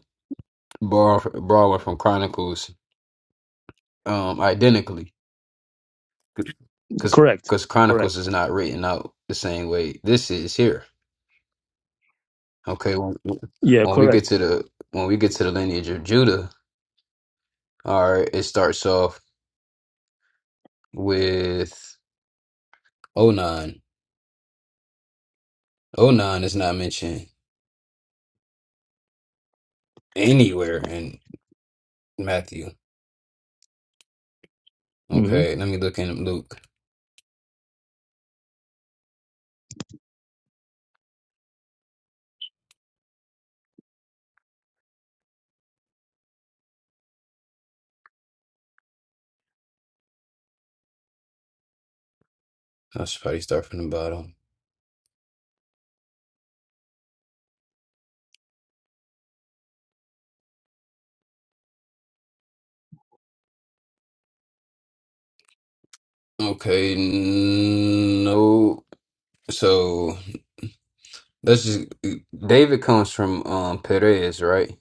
Speaker 1: borrowing borrowing from Chronicles um identically because
Speaker 3: Correct.
Speaker 1: because
Speaker 3: Correct.
Speaker 1: Chronicles is not written out the same way this is here. Okay, when,
Speaker 3: Yeah.
Speaker 1: when we
Speaker 3: Correct.
Speaker 1: get to the when we get to the lineage of Judah, all right, it starts off with Onan. Onan is not mentioned anywhere in Matthew.
Speaker 3: hmm
Speaker 1: Okay, let me look in Luke. I should probably start from the bottom. Okay, n- no. So let's just David comes from um Perez, right?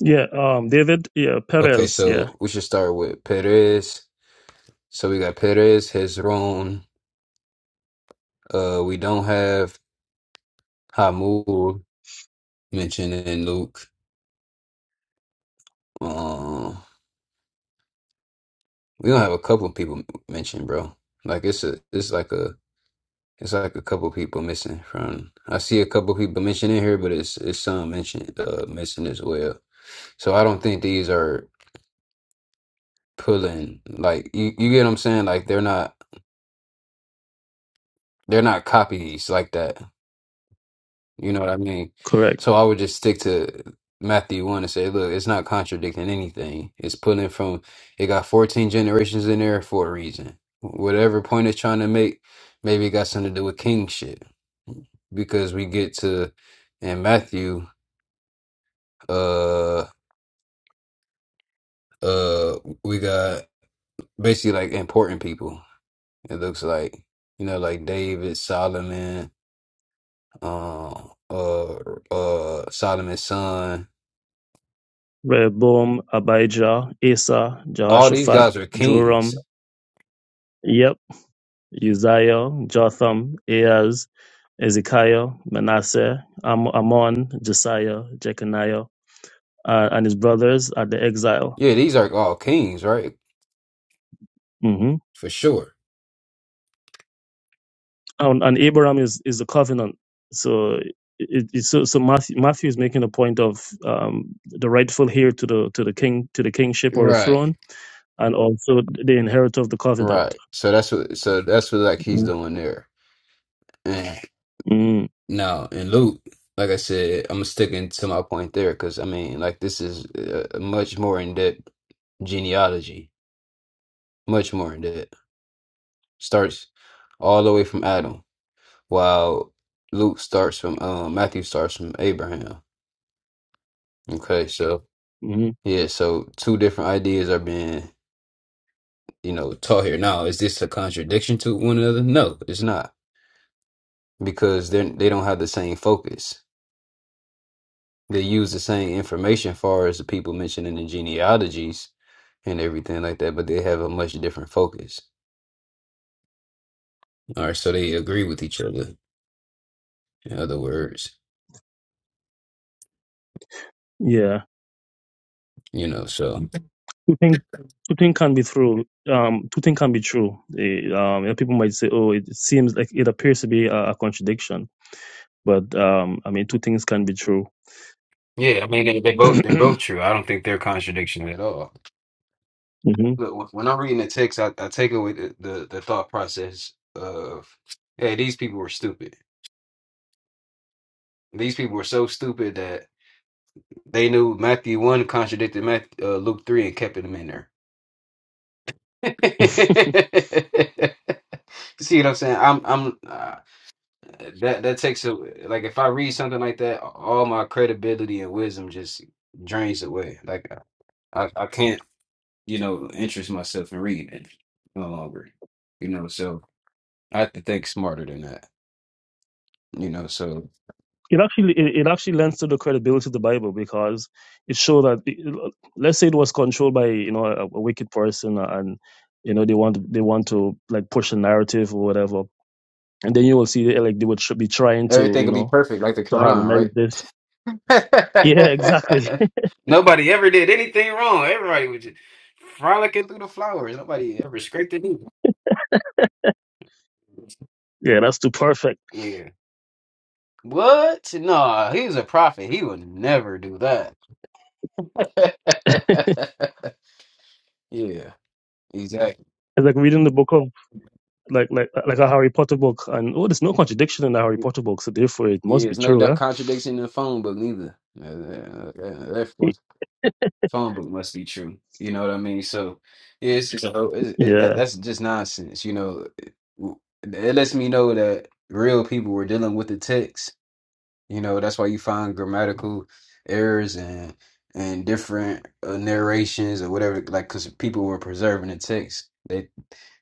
Speaker 3: Yeah. Um, David. Yeah.
Speaker 1: Okay,
Speaker 3: Perez. Yeah.
Speaker 1: so we should start with Perez. So we got Perez, Hezron. Uh, we don't have. Hamul mentioned in Luke. Um, we don't have a couple people mentioned, bro. Like it's a, it's like a, it's like a couple people missing from. I see a couple people mentioned in here, but it's it's some mentioned uh, missing as well. So I don't think these are pulling like you, you get what I'm saying. Like they're not they're not copies like that. You know what I mean?
Speaker 3: Correct.
Speaker 1: So I would just stick to Matthew 1 and say, look, it's not contradicting anything. It's pulling from, it got 14 generations in there for a reason. Whatever point it's trying to make, maybe it got something to do with kingship. Because we get to, in Matthew, uh, uh, we got basically like important people. It looks like, you know, like David, Solomon, um, uh, uh, Solomon's son.
Speaker 3: Rehoboam, Abijah, Asa,
Speaker 1: All these
Speaker 3: Jehoshaphat,
Speaker 1: guys are kings
Speaker 3: Joram. Yep. Uzziah, Jotham, Ahaz, Ezekiah, Manasseh, Am- Ammon, Josiah, Jeconiah, uh, and his brothers at the exile.
Speaker 1: Yeah, these are all kings, right?
Speaker 3: Mm-hmm.
Speaker 1: for sure.
Speaker 3: and, and Abraham is is the covenant. So it, it, so so Matthew, Matthew is making a point of um, the rightful heir to the to the king to the kingship or the
Speaker 1: Right.
Speaker 3: throne, and also the inheritor of the covenant.
Speaker 1: Right. So that's what so that's what like he's doing there. And
Speaker 3: mm
Speaker 1: now in Luke, like I said, I'm sticking to my point there because I mean, like this is a a much more in depth genealogy, much more in depth. Starts all the way from Adam, while Luke starts from um Matthew starts from Abraham. Okay, so
Speaker 3: mm
Speaker 1: yeah, so two different ideas are being you know taught here. Now, is this a contradiction to one another? No, it's not because they they don't have the same focus. They use the same information far as the people mentioned in the genealogies and everything like that, but they have a much different focus. All right, so they agree with each other. In other words,
Speaker 3: Yeah,
Speaker 1: you know, so
Speaker 3: two things two things can be true. Um, two things can be true. Eh, um, you know, people might say, "Oh, it seems like it appears to be a, a contradiction," but um, I mean, two things can be true.
Speaker 1: yeah, I mean they, they both they're both true. I don't think they're contradiction at all.
Speaker 3: hmm
Speaker 1: Look, when when I'm reading the text, I, I take away the, the the thought process of hey, these people were stupid. These people were so stupid that they knew Matthew one contradicted Matthew, uh, Luke three and kept them in there. See what I'm saying? I'm I'm uh, that that takes a like if I read something like that, all my credibility and wisdom just drains away. Like I I can't you know interest myself in reading it no longer. You know, so I have to think smarter than that. You know, so
Speaker 3: it actually it, it actually lends to the credibility of the Bible because it shows that it- let's say it was controlled by you know a, a wicked person and you know they want they want to like push a narrative or whatever and then you will see eh, like they would tr- be trying to
Speaker 1: everything
Speaker 3: you
Speaker 1: will be
Speaker 3: know
Speaker 1: perfect like the
Speaker 3: to
Speaker 1: Quran,
Speaker 3: harmonize
Speaker 1: right?
Speaker 3: this yeah exactly
Speaker 1: Nobody ever did anything wrong. Everybody was just frolicking through the flowers. Nobody ever scraped it.
Speaker 3: yeah that's too perfect
Speaker 1: What? No, he's a prophet. He would never do that. yeah, exactly.
Speaker 3: it's like reading the book of like like like a Harry Potter book and oh there's no contradiction in the Harry Potter book so therefore it
Speaker 1: Yeah,
Speaker 3: must be
Speaker 1: There's no
Speaker 3: true
Speaker 1: that
Speaker 3: eh?
Speaker 1: contradiction in the phone book neither. Uh, uh, uh, uh, That phone phone book must be true. You know what I mean? So yeah, it's just a whole- it's- it,
Speaker 3: yeah
Speaker 1: that, that's just nonsense. You know, it, it lets me know that real people were dealing with the text You know, that's why you find grammatical errors and and different uh, narrations or whatever, like because people were preserving the text. They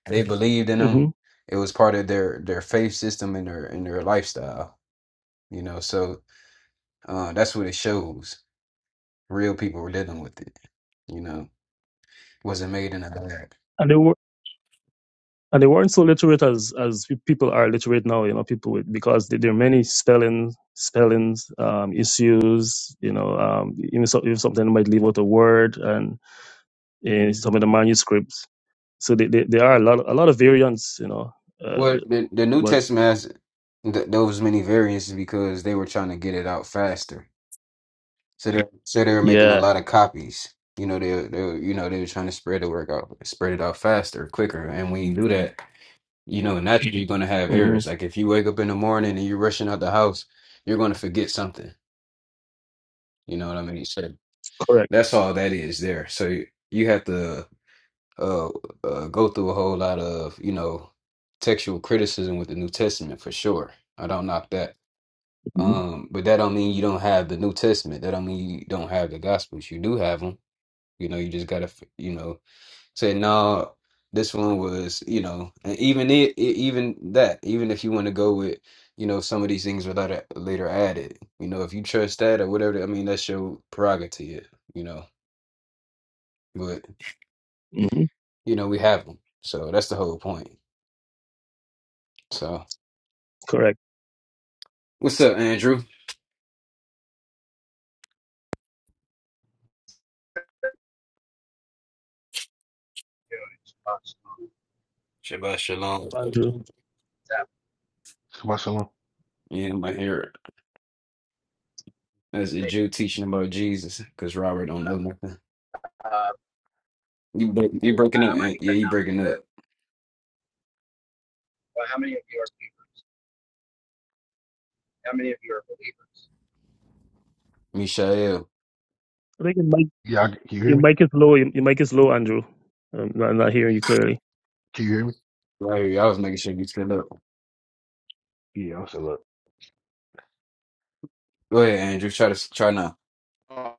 Speaker 1: they believed in
Speaker 3: hmm
Speaker 1: them. It was part of their their faith system and their and their lifestyle. You know, so uh, that's what it shows. Real people were dealing with it. You know, wasn't made in a lab.
Speaker 3: And they were. and they weren't so literate as as people are literate now. You know, people with, because there there are many spelling spellings um, issues. You know, um, even so, if something might leave out a word and in some of the manuscripts. So they, they, there are a lot a lot of variants. You know, uh,
Speaker 1: Well, the the New
Speaker 3: but
Speaker 1: Testament has th those many variants because they were trying to get it out faster So they so they were making a
Speaker 3: yeah,
Speaker 1: lot of copies. You know, they they you know they were trying to spread the work out, spread it out faster, quicker. And when you do that, you know naturally you're gonna have
Speaker 3: hmm
Speaker 1: errors. Like if you wake up in the morning and you're rushing out the house, you're gonna forget something. You know what I mean? So
Speaker 3: correct,
Speaker 1: that's all that is there. So you, you have to uh, uh go through a whole lot of you know textual criticism with the New Testament for sure. I don't knock that.
Speaker 3: mm-hmm.
Speaker 1: Um, but that don't mean you don't have the New Testament. That don't mean you don't have the Gospels. You do have them You know, you just gotta, you know, say no. This one was, you know, and even it, it, even that, even if you want to go with, you know, some of these things without later later added, you know, if you trust that or whatever, I mean, that's your prerogative, you know. But
Speaker 3: hmm
Speaker 1: you know, we have them, so that's the whole point. So,
Speaker 3: correct,
Speaker 1: what's up, Andrew?
Speaker 4: you know, it's possible.
Speaker 1: Shabbat shalom.
Speaker 3: Andrew.
Speaker 2: Shabbat shalom.
Speaker 1: Yeah, I'm here as a Jew teaching about Jesus, because Robert don't know nothing.
Speaker 4: Uh,
Speaker 1: You break, you
Speaker 4: I,
Speaker 1: breaking up?
Speaker 4: might be
Speaker 1: Aunt. Yeah,
Speaker 4: cutting
Speaker 1: you
Speaker 4: out
Speaker 1: breaking
Speaker 4: a bit,
Speaker 1: up,
Speaker 4: but how many of you are people? How many of you are believers?
Speaker 1: Mishael.
Speaker 3: I think your mic
Speaker 2: Yeah, I, can you hear
Speaker 3: your
Speaker 2: me?
Speaker 3: mic is low. Your, your mic is low, Andrew. I'm not, I'm not hearing you clearly.
Speaker 2: Can you hear me?
Speaker 1: Right, I was making sure you stood up.
Speaker 2: Yeah, I'm still up.
Speaker 1: Go ahead, Andrew. Try to try now.
Speaker 4: Uh,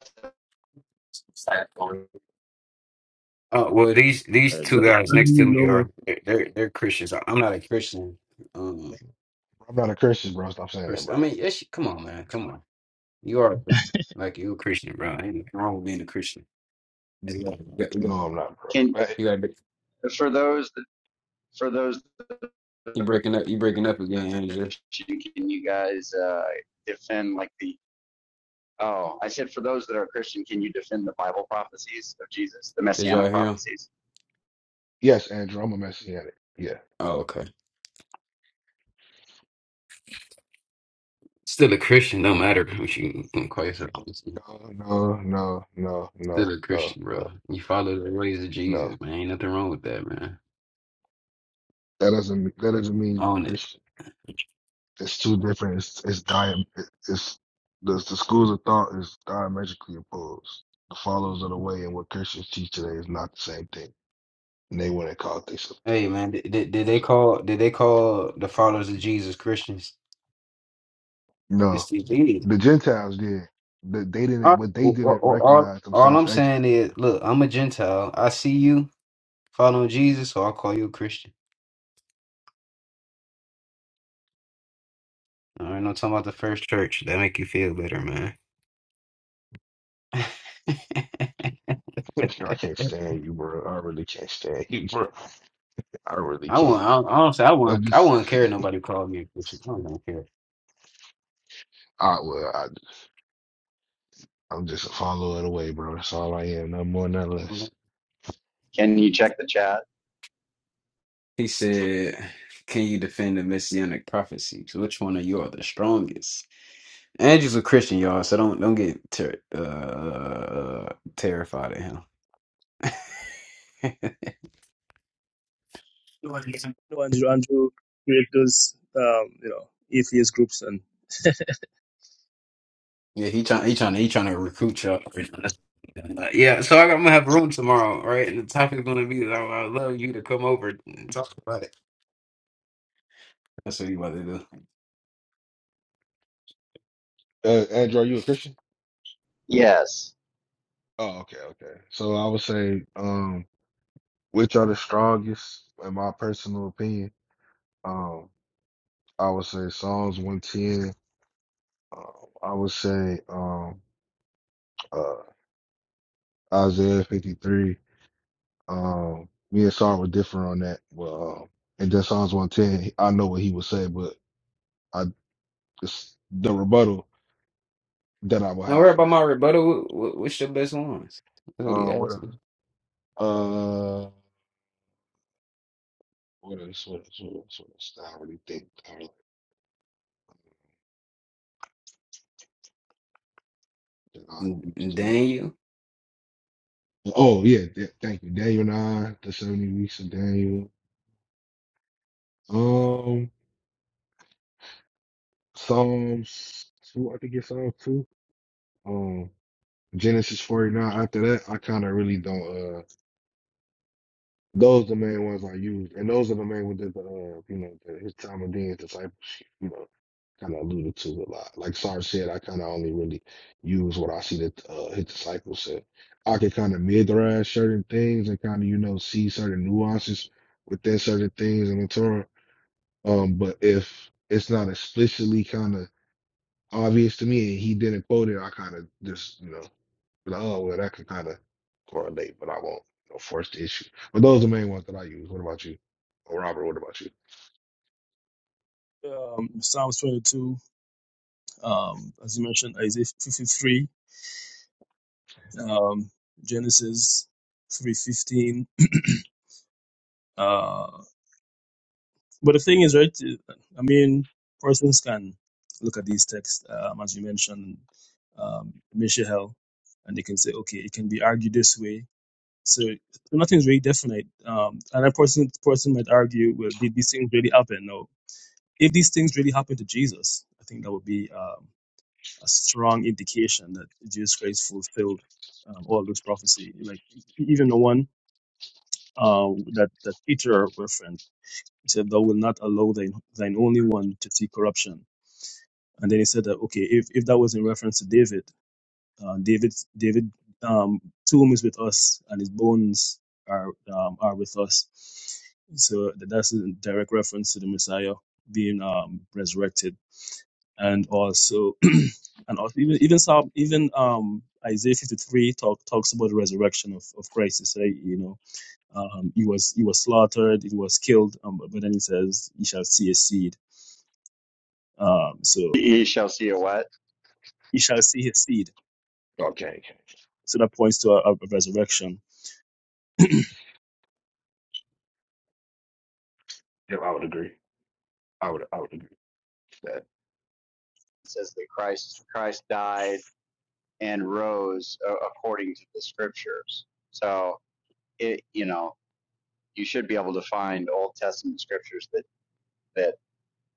Speaker 1: Uh, well, these
Speaker 3: Uh,
Speaker 1: these two
Speaker 3: Andrew,
Speaker 1: guys next to
Speaker 3: you
Speaker 1: me
Speaker 3: know me.
Speaker 1: are they're they're, they're Christians. I- I'm not a Christian um
Speaker 2: I'm not a Christian, bro. Stop saying that,
Speaker 1: person.
Speaker 2: bro.
Speaker 1: I mean, it's, come on, man, come on. You are a Christian. Like you're a Christian, bro. Ain't nothing wrong with being a Christian. You got
Speaker 2: No, I'm not, bro.
Speaker 4: Can
Speaker 2: But
Speaker 1: you got-
Speaker 4: for those that for those
Speaker 1: you breaking up. You breaking up again, Andrew.
Speaker 4: Christian, can you guys uh, defend like the oh I said for those that are Christian, can you defend the Bible prophecies of Jesus, the
Speaker 1: Did y'all
Speaker 4: messianic
Speaker 1: hear him?
Speaker 4: prophecies?
Speaker 2: yes, Andrew, I'm a Messianic. Yeah.
Speaker 1: Oh, okay. Still a Christian, no matter what you can call yourself. Still
Speaker 2: No, no, no, no, no,
Speaker 1: a
Speaker 2: no,
Speaker 1: Christian, bro. You follow the ways of
Speaker 2: no.
Speaker 1: Jesus, man. Ain't nothing wrong with that, man.
Speaker 2: That doesn't that doesn't mean you're a
Speaker 1: Own it.
Speaker 2: Christian. It's too different. It's it's diam. It's the the schools of thought is diametrically opposed. The followers of the way and what Christians teach today is not the same thing, and they wouldn't call it themselves that.
Speaker 1: Hey man, did, did did they
Speaker 2: So
Speaker 1: call did they call the followers of Jesus Christians? It's
Speaker 2: no,
Speaker 1: the elite.
Speaker 2: the Gentiles did. The, they
Speaker 1: All,
Speaker 2: didn't.
Speaker 1: right,
Speaker 2: but they
Speaker 1: well, well,
Speaker 2: didn't
Speaker 1: well, all,
Speaker 2: recognize
Speaker 1: all
Speaker 2: themselves
Speaker 1: I'm
Speaker 2: as that.
Speaker 1: saying is, look, I'm a Gentile. I see you following Jesus, so I'll call you a Christian. All right, I'm talking about the first church. That make you feel better, man.
Speaker 2: I can't stand you, bro. I really can't stand you, bro. I really
Speaker 1: I
Speaker 2: can't.
Speaker 1: want I, honestly, I
Speaker 2: I'm
Speaker 1: want I
Speaker 2: just,
Speaker 1: wouldn't care if nobody called me a Christian. I don't care.
Speaker 2: I well, I, I'm just a follower of the way, bro. That's all I am, no more, no less.
Speaker 4: Can you check the chat?
Speaker 1: He said, Can you defend the messianic prophecies? Which one of you are the strongest? Andrew's a Christian, y'all, so don't don't get ter- uh, terrified at him.
Speaker 3: know, Andrew, Andrew created those, um, you know, atheist groups and
Speaker 1: yeah, he trying he trying he trying to recruit y'all. Yeah, so I am gonna have room tomorrow, right? And the topic's gonna be that I I would love you to come over and talk about it. That's what you about to do.
Speaker 2: Uh, Andrew, are you a Christian?
Speaker 4: Yes,
Speaker 2: Oh, okay, okay. So I would say, um, which are the strongest, in my personal opinion? Um, I would say Psalms 110. Um, I would say, um, uh, Isaiah 53. Um, me and Saul were different on that, Well, um, and then Psalms 110, I know what he would say, but. I. It's the rebuttal that I will
Speaker 1: Now,
Speaker 2: have
Speaker 1: worry
Speaker 2: for
Speaker 1: about my
Speaker 2: that.
Speaker 1: rebuttal. Wh- wh- What's your best ones? That's what he
Speaker 2: Uh, what
Speaker 1: asked
Speaker 2: else? Uh, what else? What else? What else? What else? I really think I like that I
Speaker 1: me.
Speaker 2: used the most.
Speaker 1: Daniel.
Speaker 2: Oh yeah, th- thank you, Daniel nine, the seventy weeks of Daniel. Um, Psalms two, I think it's Psalms two. Um, Genesis forty nine. After that, I kind of really don't. Uh, those the main ones I use, and those are the main ones that the uh, you know, the, his time of being discipleship. kind of alluded to a lot. Like Sarge said, I kind of only really use what I see that uh, hit the disciples said. I can kind of midrash certain things and kind of, you know, see certain nuances within certain things in the Torah. Um, but if it's not explicitly kind of obvious to me and he didn't quote it, I kind of just, you know, be like, oh, well, that could kind of correlate, but I won't, you know, force the issue. But those are the main ones that I use. What about you? Oh, Robert, what about you?
Speaker 3: um, Psalms 22, um, as you mentioned, Isaiah 53, um, Genesis 3.15. Uh, but the thing is, right, I mean, persons can look at these texts, um, as you mentioned, um, Mishael, and they can say, okay, it can be argued this way. So nothing's really definite. Um, and a person, person might argue, well, did these things really happen? No, If these things really happened to Jesus, I think that would be um, a strong indication that Jesus Christ fulfilled um, all those prophecy. Like even the one uh, that that Peter referenced, he said, "Thou will not allow thine thine only one to see corruption." And then he said that okay, if if that was in reference to David, uh, David David um, tomb is with us, and his bones are um, are with us. So that's a direct reference to the Messiah being um, resurrected and also and also even even some even um Isaiah 53 talk, talks about the resurrection of, of Christ. It's like, you know, um, he was he was slaughtered, he was killed, um, but, but then he says, "You shall see his seed." Um, so
Speaker 4: ye shall see a what
Speaker 3: you shall see his seed.
Speaker 2: Okay, Okay,
Speaker 3: So that points to a, a resurrection.
Speaker 2: yeah, I would agree. I would, I would agree with that.
Speaker 4: it says that Christ Christ died and rose uh, according to the scriptures. So it you know you should be able to find Old Testament scriptures that that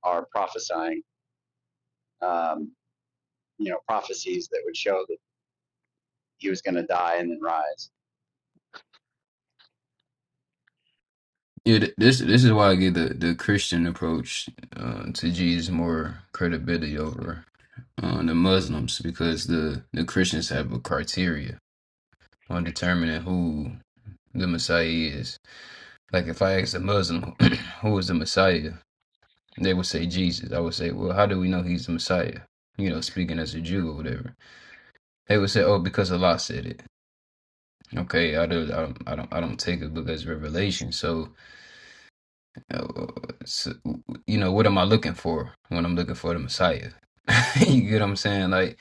Speaker 4: are prophesying, um, you know, prophecies that would show that he was going to die and then rise.
Speaker 1: Yeah, th- this this is why I give the, the Christian approach uh, to Jesus more credibility over uh, the Muslims because the, the Christians have a criteria on determining who the Messiah is. Like if I ask a Muslim who is the Messiah, they would say Jesus. I would say, well, how do we know he's the Messiah? You know, speaking as a Jew or whatever. They would say, oh, because Allah said it. Okay, I don't, I don't, I don't, I don't take it because revelation. So Uh, so, you know, what am I looking for when I'm looking for the Messiah? you get what I'm saying? Like,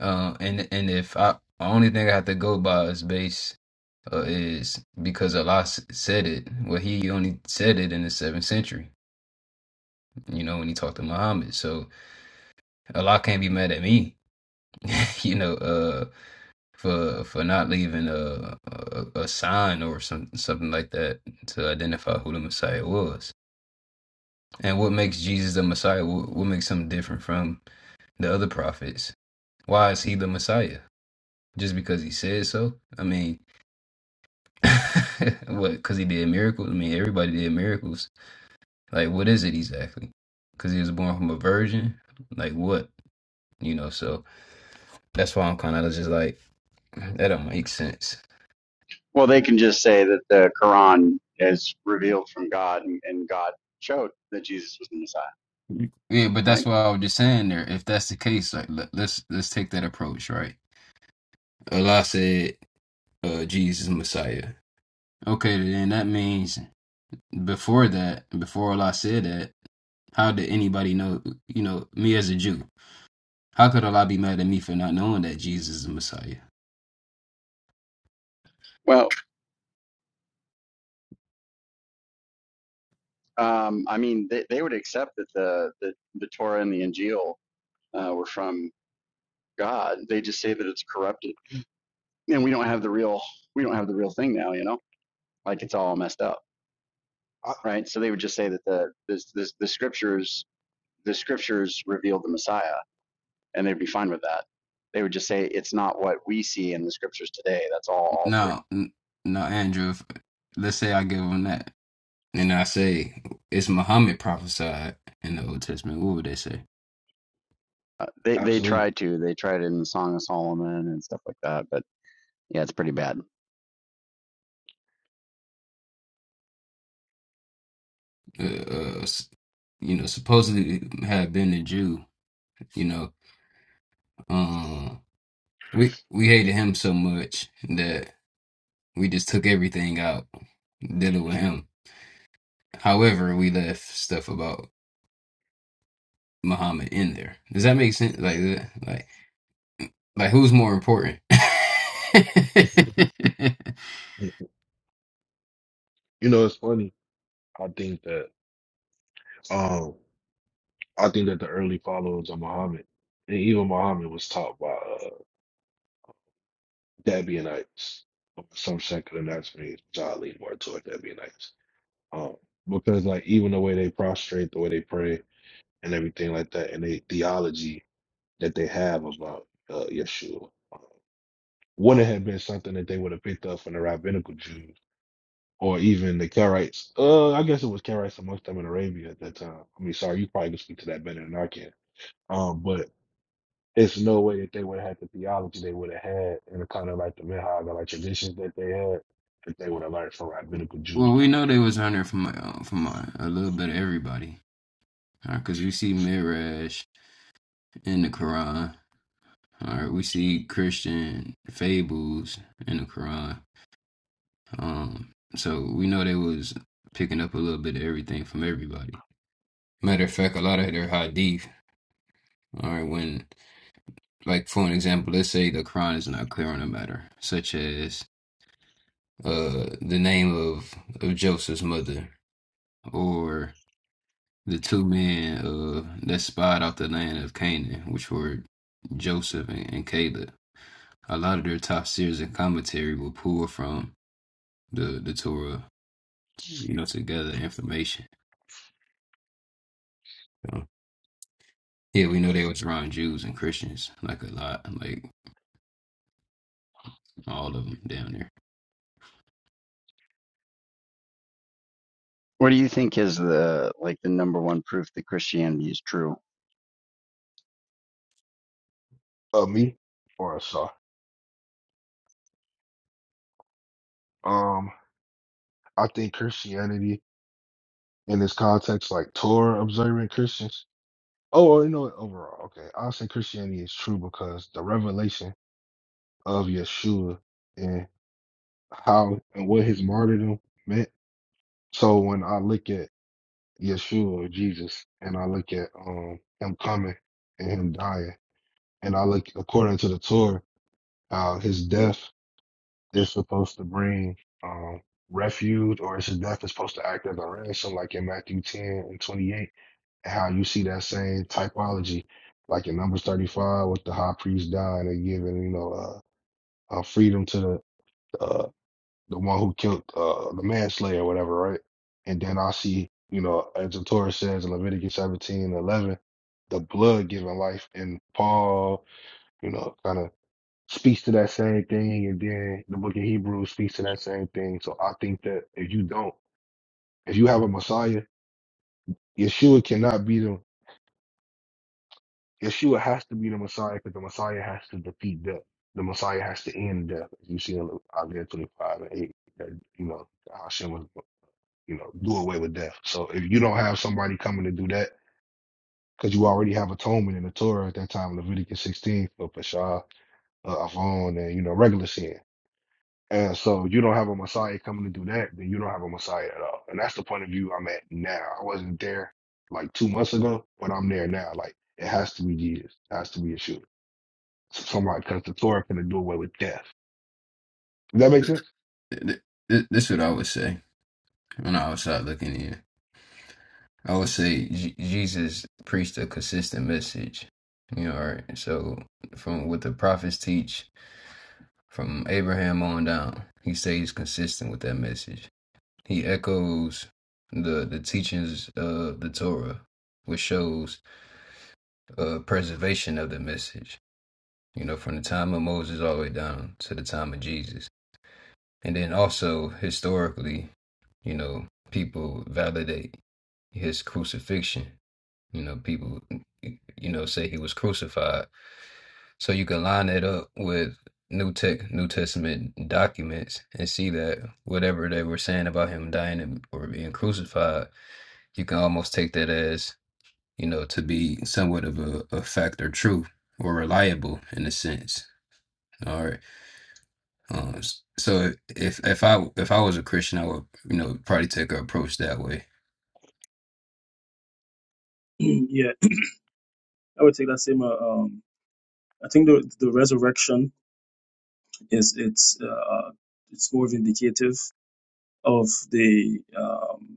Speaker 1: uh, and and if I the only thing I have to go by is base uh, is because Allah s- said it. Well, He only said it in the seventh century. You know, when He talked to Muhammad, so Allah can't be mad at me. you know, uh, for for not leaving a a, a sign or some something like that to identify who the Messiah was. And what makes Jesus the Messiah? What, what makes him different from? the other prophets. Why is he the Messiah? Just because he said so? I mean, what? Because he did miracles? I mean, everybody did miracles. Like, what is it exactly? Because he was born from a virgin? Like, what? You know, so that's why I'm kind of just like, that don't make sense.
Speaker 4: Well, they can just say that the Quran is revealed from God, and, and God showed that Jesus was the Messiah,
Speaker 1: Yeah, but
Speaker 4: right?
Speaker 1: that's why I was just saying there. If that's the case, like let, let's let's take that approach, right? Allah said, uh, "Jesus Messiah." Okay, then that means Before that, before Allah said that, how did anybody know? You know, me as a Jew, how could Allah be mad at me for not knowing that Jesus is the Messiah?
Speaker 4: Well, um, I mean, they, they would accept that the, the the Torah and the Injil uh, were from God. They just say that it's corrupted, and we don't have the real we don't have the real thing now, you know, like it's all messed up. right? So they would just say that the the, the, the scriptures the scriptures reveal the Messiah, and they'd be fine with that. They would just say it's not what we see in the scriptures today. That's all altered.
Speaker 1: Now, now, Andrew, if, let's say I give them that, and I say it's Muhammad prophesied in the Old Testament. What would they say?
Speaker 4: Uh, they they
Speaker 2: Absolutely.
Speaker 4: tried to they tried it in the Song of Solomon and stuff like that, but yeah, it's pretty bad.
Speaker 1: Uh, uh, you know, supposedly had been a Jew. You know, um, we we hated him so much that we just took everything out dealing with him However, we left stuff about Muhammad in there. Does that make sense? Like, uh, like, like, who's more important?
Speaker 2: You know, it's funny. I think that um I think that the early followers of Muhammad and even Muhammad was taught by uh Dabianites. Some secular Nazarenes, which I lean more toward Dabianites. Um because like even the way they prostrate, the way they pray and everything like that, and the theology that they have about uh Yeshua uh, wouldn't have been something that they would have picked up from the rabbinical Jews or even the Karaites. Uh, I guess it was Karaites amongst them in Arabia at that time. I mean, sorry, you probably can speak to that better than I can. Um, but it's no way that they would have had the theology they would have had and the kind of like the minhag or like traditions that they had that they would have learned from rabbinical Jews
Speaker 1: well, we know
Speaker 2: directly.
Speaker 1: they was under from uh, from uh, a little bit of everybody, because right, you see Mirage in the Quran. All right, we see Christian fables in the Quran. Um, so we know they was picking up a little bit of everything from everybody. Matter of fact, a lot of their hadith. All right, when like for an example, let's say the Quran is not clear on a matter, such as uh the name of of Joseph's mother, or the two men uh that spied out the land of Canaan, which were Joseph and, and Caleb. A lot of their tafsirs and commentary will pull from the the Torah, you know, to gather information. So, yeah, we know they was around Jews and Christians, like a lot, like all of them down there.
Speaker 4: What do you think is the like the number one proof that Christianity is true?
Speaker 2: Uh, me or a sorry. Um, I think Christianity in this context, like Torah observant Christians. Oh, or you know, what, overall, okay. I'll say Christianity is true because the revelation of Yeshua how and what his martyrdom meant. So when I look at Yeshua or Jesus and I look at um him coming and him dying, and I look according to the Torah, how his death is supposed to bring um refuge or his death is supposed to act as a ransom, like in Matthew 10 and 28, and how you see that same typology, like in Numbers 35 with the high priest dying and giving, you know, uh, uh freedom to the uh, the one who killed uh, the manslayer or whatever, right? And then I see, you know, as the Torah says in Leviticus 17 11, the blood giving life. And Paul, you know, kind of speaks to that same thing. And then the book of Hebrews speaks to that same thing. So I think that if you don't, if you have a Messiah, Yeshua cannot be the, Yeshua has to be the Messiah because the Messiah has to defeat death. The Messiah has to end death. You see in Isaiah 25 and 8, that, you know, Hashem was you know, do away with death. So if you don't have somebody coming to do that, because you already have atonement in the Torah at that time, Leviticus 16 for Pesha, uh, Avon, and you know, regular sin. And so you don't have a Messiah coming to do that, then you don't have a Messiah at all. And that's the point of view I'm at now. I wasn't there like two months ago, but I'm there now. Like it has to be Jesus, it has to be Yeshua. Somebody, because the Torah can do away with death. Does that make sense?
Speaker 1: Th- th- This is what I would say when I was out looking in. I would say J- Jesus preached a consistent message. You know, right? so from what the prophets teach from Abraham on down, he stays consistent with that message. He echoes the the teachings of the Torah, which shows uh, preservation of the message. You know, from the time of Moses all the way down to the time of Jesus, and then also historically, you know, people validate his crucifixion You know, people, you know, say he was crucified. So you can line it up with New Tech, New Testament documents and see that whatever they were saying about him dying and, or being crucified, you can almost take that as, you know, to be somewhat of a, a fact or truth or reliable in a sense. All right. Um, s- so if if I if I was a Christian, I would, you know, probably take an approach that way.
Speaker 3: Mm, yeah, I would take that same. Uh, um, I think the the resurrection is it's uh, it's more vindicative of the um,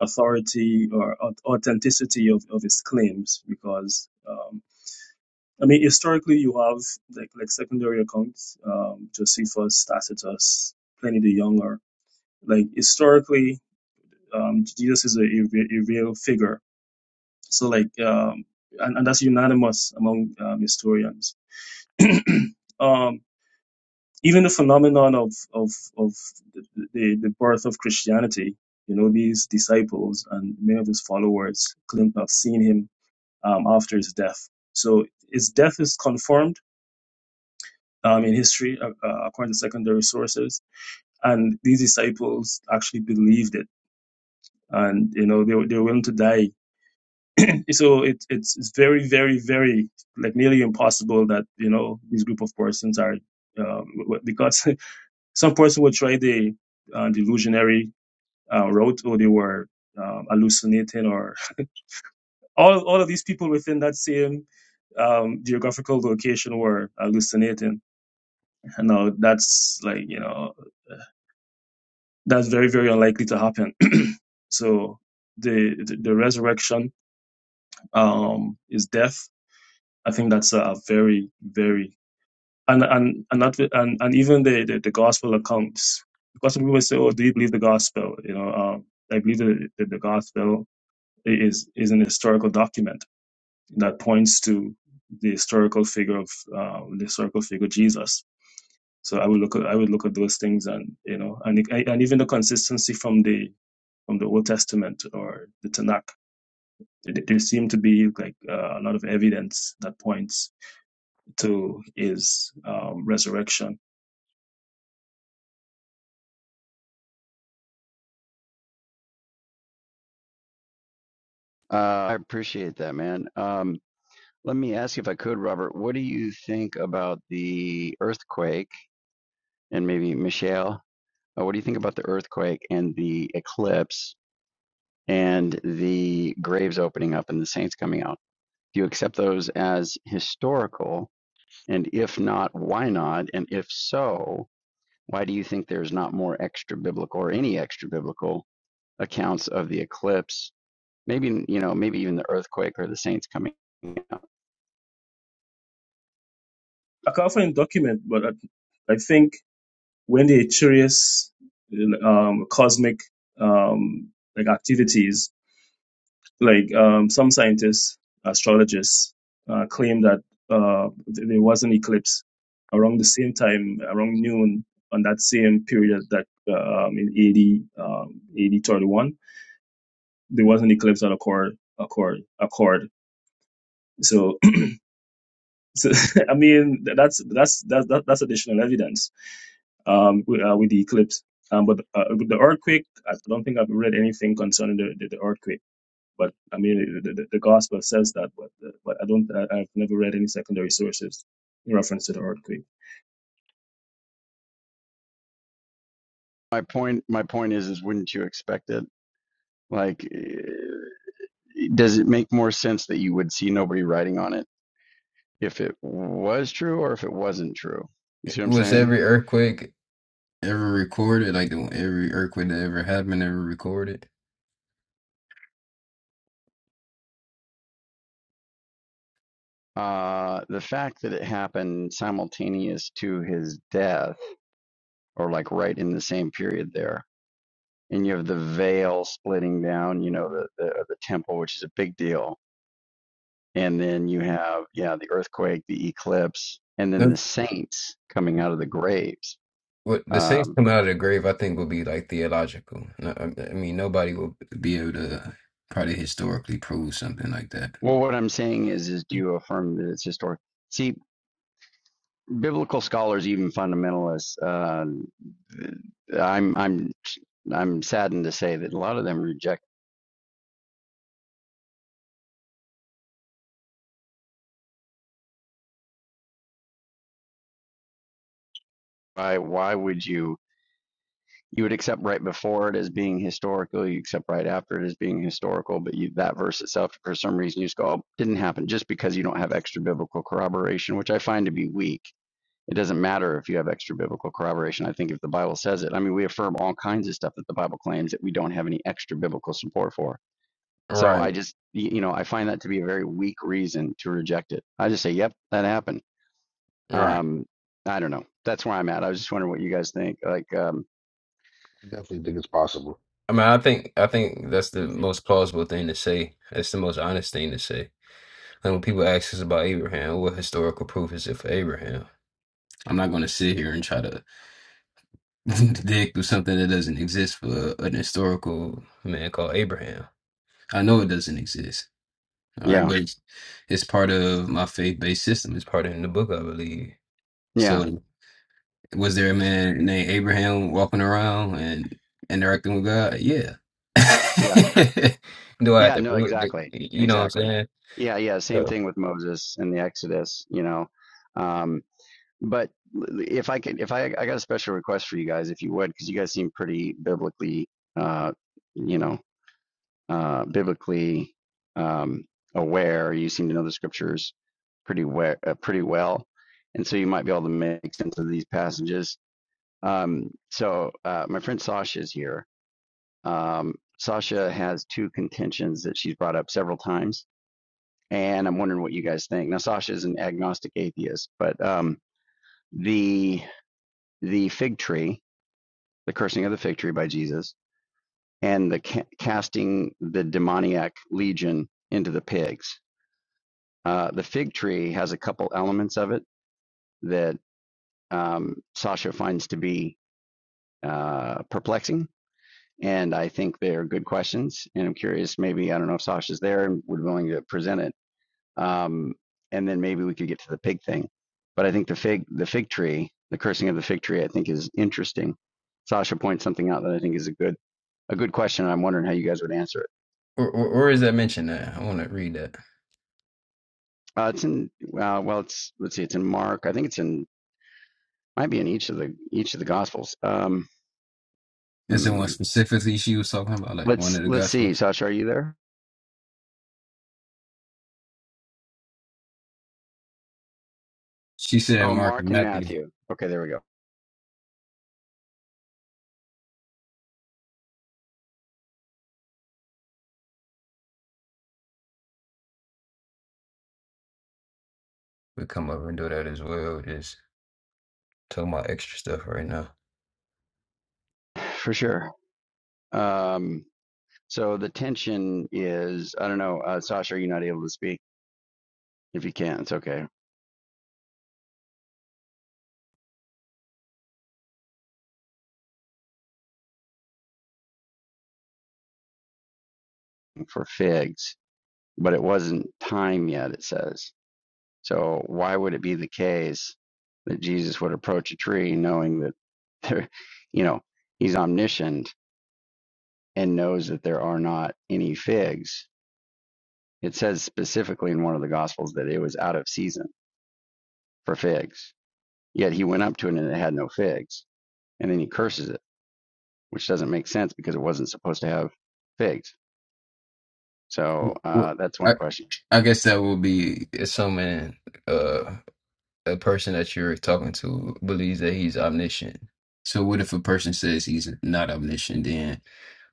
Speaker 3: authority or au- authenticity of, of his claims because um, I mean historically you have like like secondary accounts um, Josephus Tacitus Pliny the Younger like historically um, Jesus is a, a, re- a real figure so like um, and, and that's unanimous among um, historians um, even the phenomenon of of of the, the, the birth of Christianity you know these disciples and many of his followers claim to have seen him um, after his death. So his death is confirmed um, in history, uh, uh, according to secondary sources, and these disciples actually believed it, and you know they were they were willing to die. so it, it's it's very very very like nearly impossible that you know this group of persons are um, because some person would try the uh, delusionary uh, route or they were um, hallucinating or all all of these people within that same um, geographical location were hallucinating No, that's like you know that's very very unlikely to happen. so the the, the resurrection um, is death. I think that's a very very and and and not and, and even the, the the gospel accounts because some people say, oh, do you believe the gospel? You know, um, I believe that the, the gospel is is an historical document that points to the historical figure of uh, the historical figure Jesus. So I would look at I would look at those things and you know and and even the consistency from the from the Old Testament or the Tanakh. There there seem to be like uh, a lot of evidence that points to his um, resurrection.
Speaker 4: Uh, I appreciate that, man. Um, let me ask you if I could, Robert. What do you think about the earthquake and maybe Michelle? Uh, what do you think about the earthquake and the eclipse and the graves opening up and the saints coming out? Do you accept those as historical? And if not, why not? And if so, why do you think there's not more extra biblical or any extra biblical accounts of the eclipse? Maybe you know, maybe even the earthquake or the saints coming out.
Speaker 3: I can't find document, but I, I think when the Echirius um, cosmic um, like activities, like um, some scientists, astrologists, uh, claim that uh, th- there was an eclipse around the same time, around noon, on that same period that uh, um, in AD um, AD 31 there was an eclipse on Accord, Accord, Accord. So, so I mean, that's that's that's that, that's additional evidence um, with, uh, with the eclipse. Um, but uh, with the earthquake, I don't think I've read anything concerning the, the, the earthquake. But I mean, the, the, the gospel says that, but uh, but I don't. I, I've never read any secondary sources in reference to the earthquake.
Speaker 4: My point, my point is, is wouldn't you expect it? Like, eh, does it make more sense that you would see nobody writing on it? if it was true or if it wasn't true. You see what I'm
Speaker 1: Was
Speaker 4: saying?
Speaker 1: every earthquake ever recorded, like the every earthquake that ever happened, ever recorded.
Speaker 4: Uh, the fact that it happened simultaneous to his death, or like right in the same period there, and you have the veil splitting down, you know, the the, the temple, which is a big deal, and then you have yeah the earthquake, the eclipse, and then
Speaker 1: The,
Speaker 4: the saints coming out of the graves.
Speaker 1: what the saints
Speaker 4: Um,
Speaker 1: come out of the grave, I think, will be like theological. No, I I mean, nobody will be able to probably historically prove something like that.
Speaker 4: well, what I'm saying is, is do you affirm that it's historic? See, biblical scholars, even fundamentalists, uh, I'm I'm I'm saddened to say that a lot of them reject. Why why would you you would accept right before it as being historical, you accept right after it as being historical, but you, that verse itself, for some reason, you just go, oh, didn't happen, just because you don't have extra biblical corroboration, which I find to be weak. It doesn't matter if you have extra biblical corroboration. I think if the Bible says it, I mean, we affirm all kinds of stuff that the Bible claims that we don't have any extra biblical support for So I
Speaker 1: Right,
Speaker 4: just, you know, I find that to be a very weak reason to reject it. I just say, yep, that happened.
Speaker 1: right.
Speaker 4: Um, I don't know. That's where I'm at. I was just wondering what you guys think. Like, um,
Speaker 2: I definitely think it's possible.
Speaker 1: I mean, I think I think that's the most plausible thing to say. That's the most honest thing to say. Like when people ask us about Abraham, what historical proof is it for Abraham? I'm not going to sit here and try to dig through something that doesn't exist for an historical man called Abraham. I know it doesn't exist. All right,
Speaker 4: yeah,
Speaker 1: but it's, it's part of my faith-based system. It's part of in the book, I believe.
Speaker 4: yeah,
Speaker 1: So, was there a man named Abraham walking around and interacting with God? Yeah.
Speaker 4: yeah,
Speaker 1: Do I have
Speaker 4: yeah.
Speaker 1: to
Speaker 4: No,
Speaker 1: prove it?
Speaker 4: exactly,
Speaker 1: You know what I'm
Speaker 4: exactly.
Speaker 1: saying?
Speaker 4: Yeah, yeah. Same
Speaker 1: So,
Speaker 4: thing with Moses and the Exodus. You know, um, but if I could, if I, I got a special request for you guys, if you would, because you guys seem pretty biblically, uh, you know. uh, biblically um, aware. You seem to know the scriptures pretty well, uh, pretty well, and so you might be able to make sense of these passages. Um, so uh, my friend Sasha is here. Um, Sasha has two contentions that she's brought up several times, and I'm wondering what you guys think. Now Sasha is an agnostic atheist, but um, the the fig tree, the cursing of the fig tree by Jesus, and the ca- casting the demoniac legion into the pigs Uh, the fig tree has a couple elements of it that um, Sasha finds to be uh, perplexing, and I think they are good questions. And I'm curious, maybe I don't know if Sasha's there and would be willing to present it, um, and then maybe we could get to the pig thing. But I think the fig, the fig tree, the cursing of the fig tree, I think is interesting. Sasha points something out that I think is a good a good question, and I'm wondering how you guys would answer it.
Speaker 1: where, where where is that mentioned at? I want to read that.
Speaker 4: Uh, it's in uh, well, it's let's see, it's in Mark. I think it's in might be in each of the each of the Gospels. Um,
Speaker 1: Is it one
Speaker 4: Hmm.
Speaker 1: specifically she was talking about, like one
Speaker 4: Let's
Speaker 1: of the
Speaker 4: let's see.
Speaker 1: gospels?
Speaker 4: Sasha, are you there?
Speaker 1: She said
Speaker 4: Oh,
Speaker 1: Mark and
Speaker 4: Mark and
Speaker 1: Matthew
Speaker 4: Matthew. Okay, there we go.
Speaker 1: would come over and do that as well. Just talking about extra stuff right now.
Speaker 4: For sure. Um, so the tension is I don't know. Uh, Sasha, are you not able to speak? If you can, it's okay for figs. But it wasn't time yet. It says. So why would it be the case that Jesus would approach a tree knowing that there, you know, he's omniscient and knows that there are not any figs? It says specifically in one of the gospels that it was out of season. for figs. Yet he went up to it and it had no figs. And then he curses it, which doesn't make sense because it wasn't supposed to have figs. So
Speaker 1: Well,
Speaker 4: uh, that's one question.
Speaker 1: I guess that would be assuming uh, a person that you're talking to believes that he's omniscient. So what if a person says he's not omniscient? Then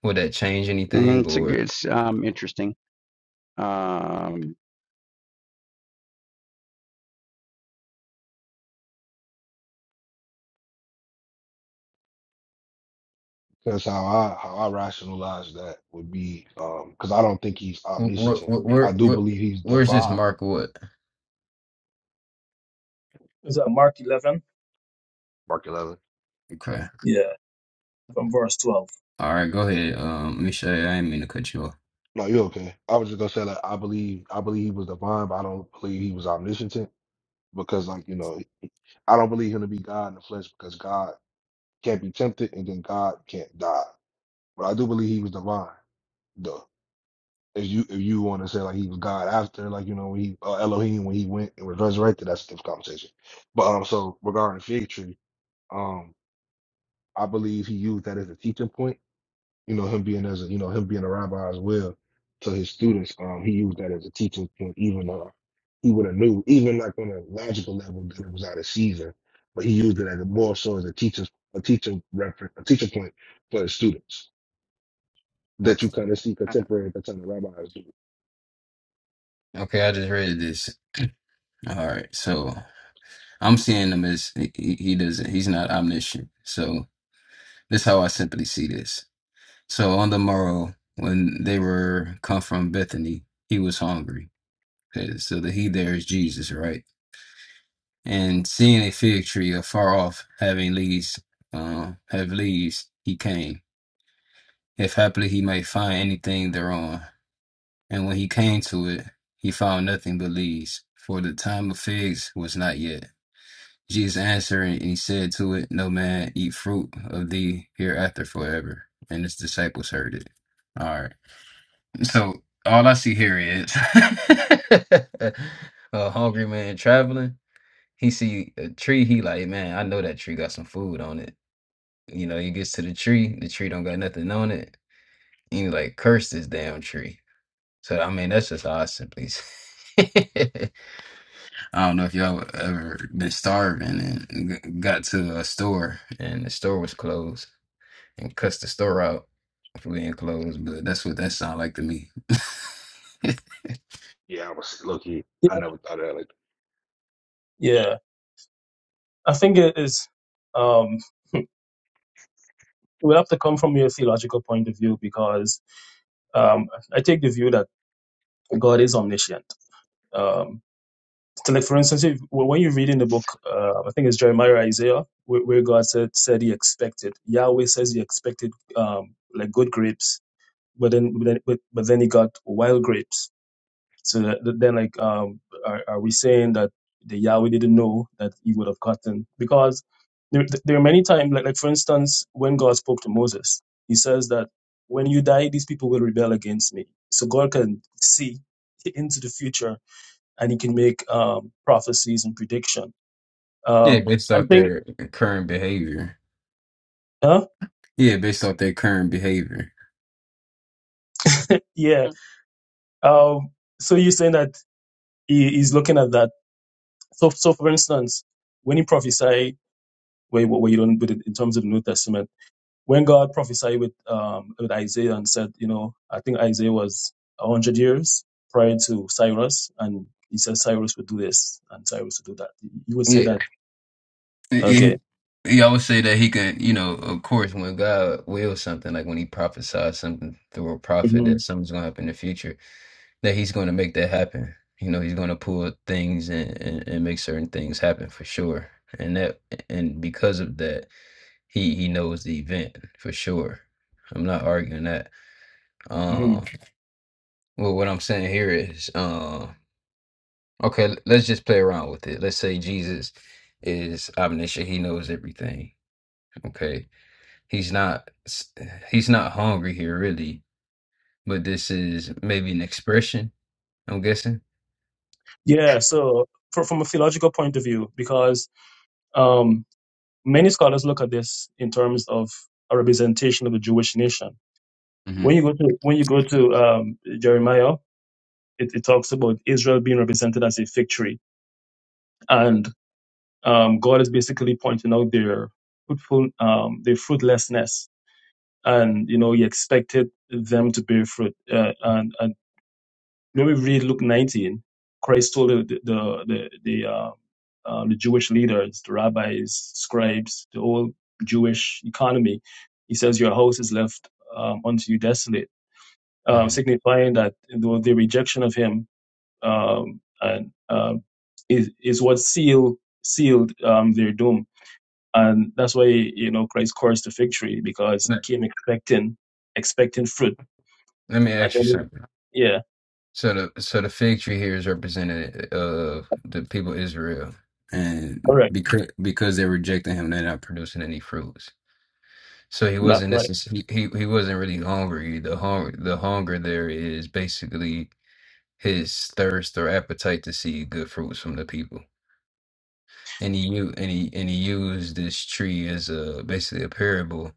Speaker 1: would that change
Speaker 4: Mm,
Speaker 1: anything,
Speaker 4: It's a
Speaker 1: or
Speaker 4: it's um, interesting. Um,
Speaker 2: Because how I how I rationalize that would be um because I don't think he's
Speaker 1: what?
Speaker 2: omniscient.
Speaker 1: What?
Speaker 2: I
Speaker 1: Where?
Speaker 2: do
Speaker 1: What?
Speaker 2: believe he's
Speaker 1: Where's this
Speaker 2: divine.
Speaker 1: mark? What?
Speaker 3: Is that Mark 11?
Speaker 2: Mark 11.
Speaker 1: Okay.
Speaker 3: Yeah, from verse 12.
Speaker 1: All right. Go ahead. Um, let me show you. I didn't mean to cut you off.
Speaker 2: No, you're okay. I was just gonna say like I believe I believe he was divine, but I don't believe he was omniscient because like you know I don't believe him to be God in the flesh because God can't be tempted and then God can't die. But I do believe he was divine. Though if you if you want to say like he was God after like you know when he uh, Elohim when he went and was resurrected, that's a different conversation. But um so regarding the fig tree, um. I believe he used that as a teaching point. You know, him being as a you know him being a rabbi as well to his students. Um, he used that as a teaching point, even uh, he would have knew, even like on a logical level, that it was out of season. But he used it as a more so as a teaching a teaching reference, a teaching point for his students that you
Speaker 1: Okay.
Speaker 2: kind of see contemporary at the time the rabbis do.
Speaker 1: Okay. I just read this. All right. So I'm seeing him as he, he he doesn't. He's not omniscient. So this is how I simply see this. So on the morrow, when they were come from Bethany, he was hungry. 'Cause- So the he there is Jesus, right? And seeing a fig tree afar off, having leaves, uh, have leaves, he came, if haply he might find anything thereon. And when he came to it, he found nothing but leaves, for the time of figs was not yet. Jesus answered and he said to it, No man eat fruit of thee hereafter forever. And his disciples heard it. All right. So all I see here is a hungry man traveling. He see a tree. He like, man, I know that tree got some food on it. You know, he gets to the tree. The tree don't got nothing on it. And he like, curse this damn tree. So I mean, that's just how I simply. s- I don't know if y'all ever been starving and g- got to a store and the store was closed and cuss the store out if we ain't closed. But that's what that sound like to me.
Speaker 2: Yeah, I was look here. I
Speaker 3: Yeah.
Speaker 2: never thought of that like
Speaker 3: Yeah. I think it is, um, it would have to come from your theological point of view because. um, I take the view that God is omniscient. Um, so like for instance, if, when you read in the book, uh, I think it's Jeremiah or Isaiah, where, where God said said He expected Yahweh says He expected um, like good grapes, but then but then, but, but then He got wild grapes so that, that- then, like, um, are, are we saying that the Yahweh didn't know that he would have gotten? Because there, there are many times, like, like for instance, when God spoke to Moses, He says that when you die, these people will rebel against me. So God can see into the future, and He can make um, prophecies and prediction.
Speaker 1: yeah,
Speaker 3: Um,
Speaker 1: based
Speaker 3: I
Speaker 1: off
Speaker 3: think,
Speaker 1: their current behavior.
Speaker 3: huh?
Speaker 1: Yeah, based off their current behavior.
Speaker 3: Yeah. Um, so you're saying that he, He's looking at that. So, so for instance, when He prophesied, where, where you don't put it in terms of the New Testament when God prophesied with um, with Isaiah and said, you know, I think Isaiah was a hundred years prior to Cyrus, and he said Cyrus would do this and Cyrus would do that. You would say
Speaker 1: Yeah.
Speaker 3: that,
Speaker 1: He,
Speaker 3: okay,
Speaker 1: he always say that he can. you know, of course, when God wills something, like when he prophesies something through a prophet,
Speaker 3: hmm
Speaker 1: that something's going to happen in the future. that he's going to make that happen. You know, he's going to pull things and, and, and make certain things happen for sure. And that and because of that, he he knows the event for sure. I'm not arguing that.
Speaker 3: hmm
Speaker 1: Um, well, what I'm saying here is, uh, okay, l- let's just play around with it. Let's say Jesus is omniscient; he knows everything. Okay, he's not s- he's not hungry here really, but this is maybe an expression. I'm guessing.
Speaker 3: yeah. So fro- from a theological point of view, because um, many scholars look at this in terms of a representation of the Jewish nation.
Speaker 1: hmm
Speaker 3: When you go to when you go to um, Jeremiah, it, it talks about Israel being represented as a fig tree, and um, God is basically pointing out their fruitful, um, their fruitlessness, and you know He expected them to bear fruit. Uh, and, and when we read Luke 19, Christ told the the the, the, uh, uh, the Jewish leaders, the rabbis, scribes, the whole Jewish economy, He says, "Your house is left um, unto you desolate," um,
Speaker 1: hmm
Speaker 3: signifying that the, the rejection of Him um, and um is is what sealed sealed um, their doom and that's why, you know, Christ cursed the fig tree because he
Speaker 1: Let,
Speaker 3: came expecting, expecting fruit.
Speaker 1: let me
Speaker 3: And
Speaker 1: ask you
Speaker 3: then,
Speaker 1: something.
Speaker 3: yeah,
Speaker 1: So the so the fig tree here is representative of the people of Israel, and
Speaker 3: correct.
Speaker 1: because because they rejected him, they're not producing any fruits. So he
Speaker 3: That's
Speaker 1: wasn't
Speaker 3: right.
Speaker 1: necessarily he, he wasn't really hungry. The hunger the hunger there is basically his thirst or appetite to see good fruits from the people, and he u- and he and he used this tree as a basically a parable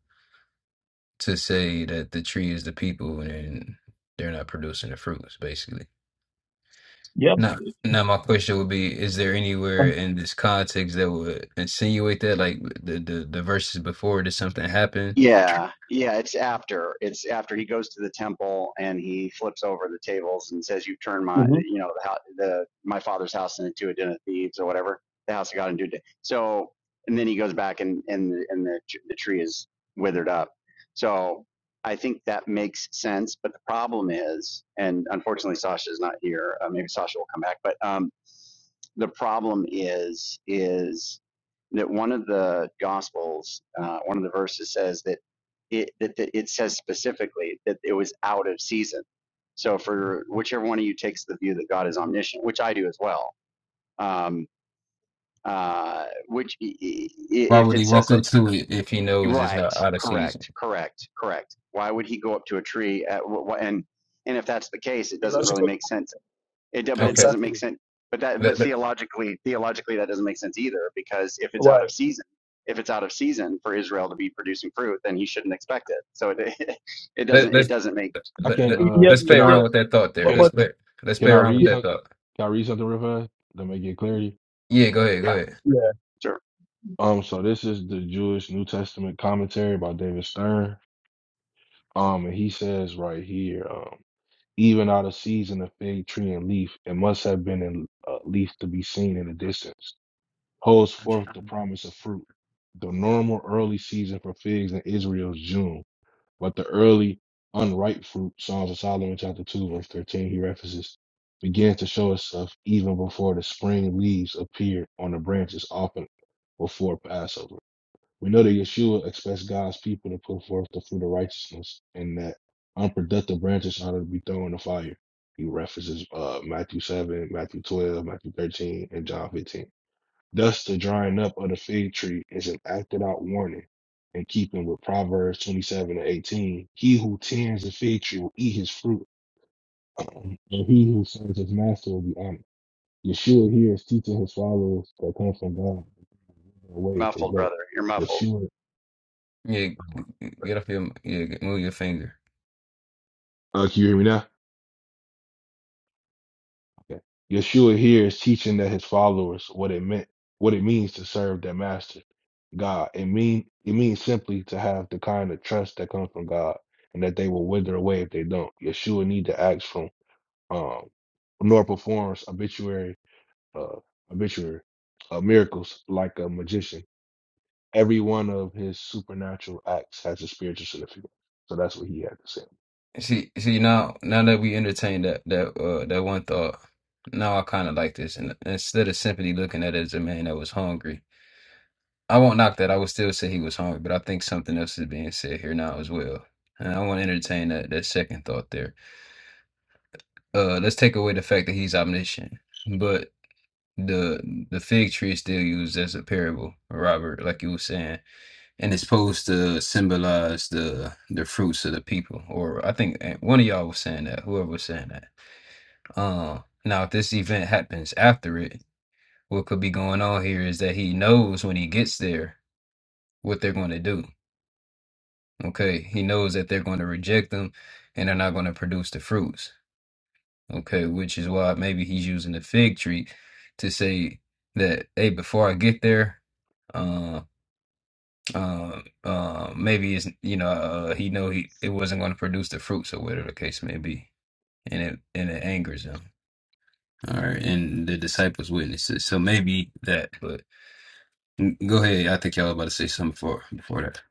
Speaker 1: to say that the tree is the people and they're not producing the fruits, basically.
Speaker 3: Yep.
Speaker 1: Now, now my question would be: Is there anywhere in this context that would insinuate that, like the the, the verses before, did something happen?
Speaker 4: Yeah, yeah, it's after. It's after he goes to the temple and he flips over the tables and says, "You've turned my,
Speaker 3: Mm-hmm.
Speaker 4: you know, the, hou- the my father's house into a den of thieves or whatever, the house of God into a den." So, and then he goes back and and the, and the tr- the tree is withered up. So, I think that makes sense. But the problem is, and unfortunately, Sasha's not here. Uh, maybe Sasha will come back, but um, the problem is is that one of the gospels, uh, one of the verses says that it that, that it says specifically that it was out of season. So for whichever one of you takes the view that God is omniscient, which I do as well, um, uh, which
Speaker 1: Why
Speaker 4: if
Speaker 1: would he
Speaker 4: it says
Speaker 1: walk
Speaker 4: that
Speaker 1: up to it if he knows it's
Speaker 4: right,
Speaker 1: not out of season?
Speaker 4: correct, correct, correct. Why would he go up to a tree? At, and and if that's the case, it doesn't really
Speaker 3: Theological.
Speaker 4: make sense it, but it
Speaker 1: Okay,
Speaker 4: doesn't make
Speaker 3: Exactly.
Speaker 4: sense. But that, but
Speaker 1: let, let,
Speaker 4: theologically, theologically, that doesn't make sense either because if it's out
Speaker 3: Why?
Speaker 4: of season, if it's out of season for Israel to be producing fruit, then he shouldn't expect it. So it, it
Speaker 1: let,
Speaker 4: doesn't, it
Speaker 1: let's
Speaker 4: doesn't make.
Speaker 2: that. I
Speaker 1: let,
Speaker 2: can't.
Speaker 1: let,
Speaker 3: Yeah,
Speaker 2: Uh,
Speaker 1: let's
Speaker 3: yeah.
Speaker 1: play
Speaker 2: can I?
Speaker 3: yeah.
Speaker 1: around with that thought there.
Speaker 3: But,
Speaker 2: Can
Speaker 3: but
Speaker 1: Let's let, let's play
Speaker 2: Can I
Speaker 1: around with
Speaker 3: yeah,
Speaker 2: read
Speaker 1: that
Speaker 2: something?
Speaker 1: thought.
Speaker 2: Can I read something real fast to make it clear?
Speaker 1: Yeah, go ahead, go
Speaker 4: Yeah,
Speaker 1: ahead.
Speaker 4: sure.
Speaker 2: Um, so this is the Jewish New Testament commentary by David Stern. Um, and he says right here, um, even out of season, a fig tree and leaf, it must have been in uh, leaf to be seen in the distance, holds forth the promise of fruit. The normal early season for figs in Israel is June, but the early unripe fruit, Songs of Solomon chapter two, verse thirteen, he references, began to show itself even before the spring leaves appeared on the branches, often before Passover. We know that Yeshua expects God's people to put forth the fruit of righteousness and that unproductive branches ought to be thrown in the fire. He references uh, Matthew 7, Matthew 12, Matthew 13, and John 15. Thus, the drying up of the fig tree is an acted out warning in keeping with Proverbs 27 and 18. He who tends the fig tree will eat his fruit, and he who serves his master will be honored. Yeshua here is teaching his followers that come from God away if they
Speaker 4: Muffled,
Speaker 2: don't.
Speaker 4: brother. You're muffled.
Speaker 2: Yeshua
Speaker 1: Yeah, g-
Speaker 2: uh,
Speaker 1: get off your yeah, get- move your finger.
Speaker 2: Uh, can you hear me now? Okay. Yeshua here is teaching that his followers what it meant, what it means to serve their master, God. It mean it means simply to have the kind of trust that comes from God, and that they will wither away if they don't. Yeshua need to act from um, nor performs obituary, uh, obituary, uh, miracles like a magician. Every one of his supernatural acts has a spiritual significance. So that's what he had to say.
Speaker 1: See, see now now that we entertained that that uh, that one thought, now I kind of like this. And instead of simply looking at it as a man that was hungry. I won't knock that. I would still say he was hungry, but I think something else is being said here now as well. And I want to entertain that, that second thought there. Uh, let's take away the fact that he's omniscient, but the the fig tree is still used as a parable, Robert, like you were saying, and it's supposed to symbolize the the fruits of the people. Or I think eh, one of y'all was saying that, whoever was saying that. Uh, now, if this event happens after it, what could be going on here is that he knows when he gets there what they're going to do Okay, he knows that they're going to reject them and they're not going to produce the fruits. Okay, which is why maybe he's using the fig tree to say that, hey, before I get there, uh, uh, uh, maybe it's you know uh, he know he it wasn't going to produce the fruits or whatever the case may be, and it and it angers him. All right, and the disciples witnesses. So maybe that, but n- go ahead. I think y'all about to say something before before that.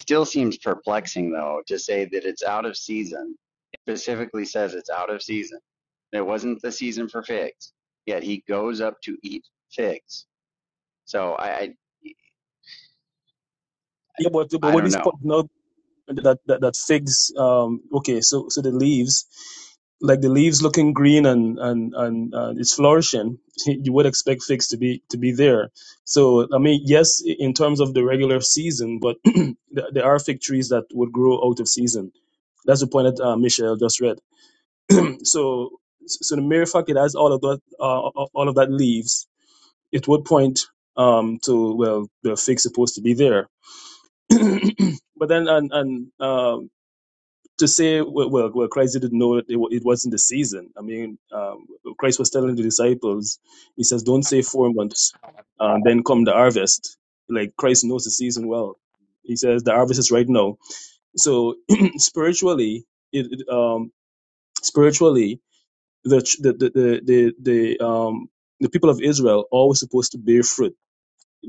Speaker 4: Still seems perplexing though to say that it's out of season. It specifically says it's out of season. It wasn't the season for figs. Yet he goes up to eat figs. So I, I,
Speaker 3: yeah. But, but
Speaker 4: I
Speaker 3: what
Speaker 4: don't
Speaker 3: is
Speaker 4: know.
Speaker 3: point now? that that, that figs um okay so so the leaves like the leaves looking green and and and uh, it's flourishing you would expect figs to be to be there so i mean yes in terms of the regular season but there there are fig trees that would grow out of season that's the point that uh, michelle just read so so the mere fact it has all of that uh, all of that leaves it would point um to well the fig's supposed to be there but then and and um to say well, well, well Christ didn't know that it, wa- it wasn't the season. I mean, um, Christ was telling the disciples, he says, "Don't say four months, um, then come the harvest." Like Christ knows the season well. He says the harvest is right now. So spiritually, it, it, um, spiritually, the, ch- the the the the the um the people of Israel are always supposed to bear fruit.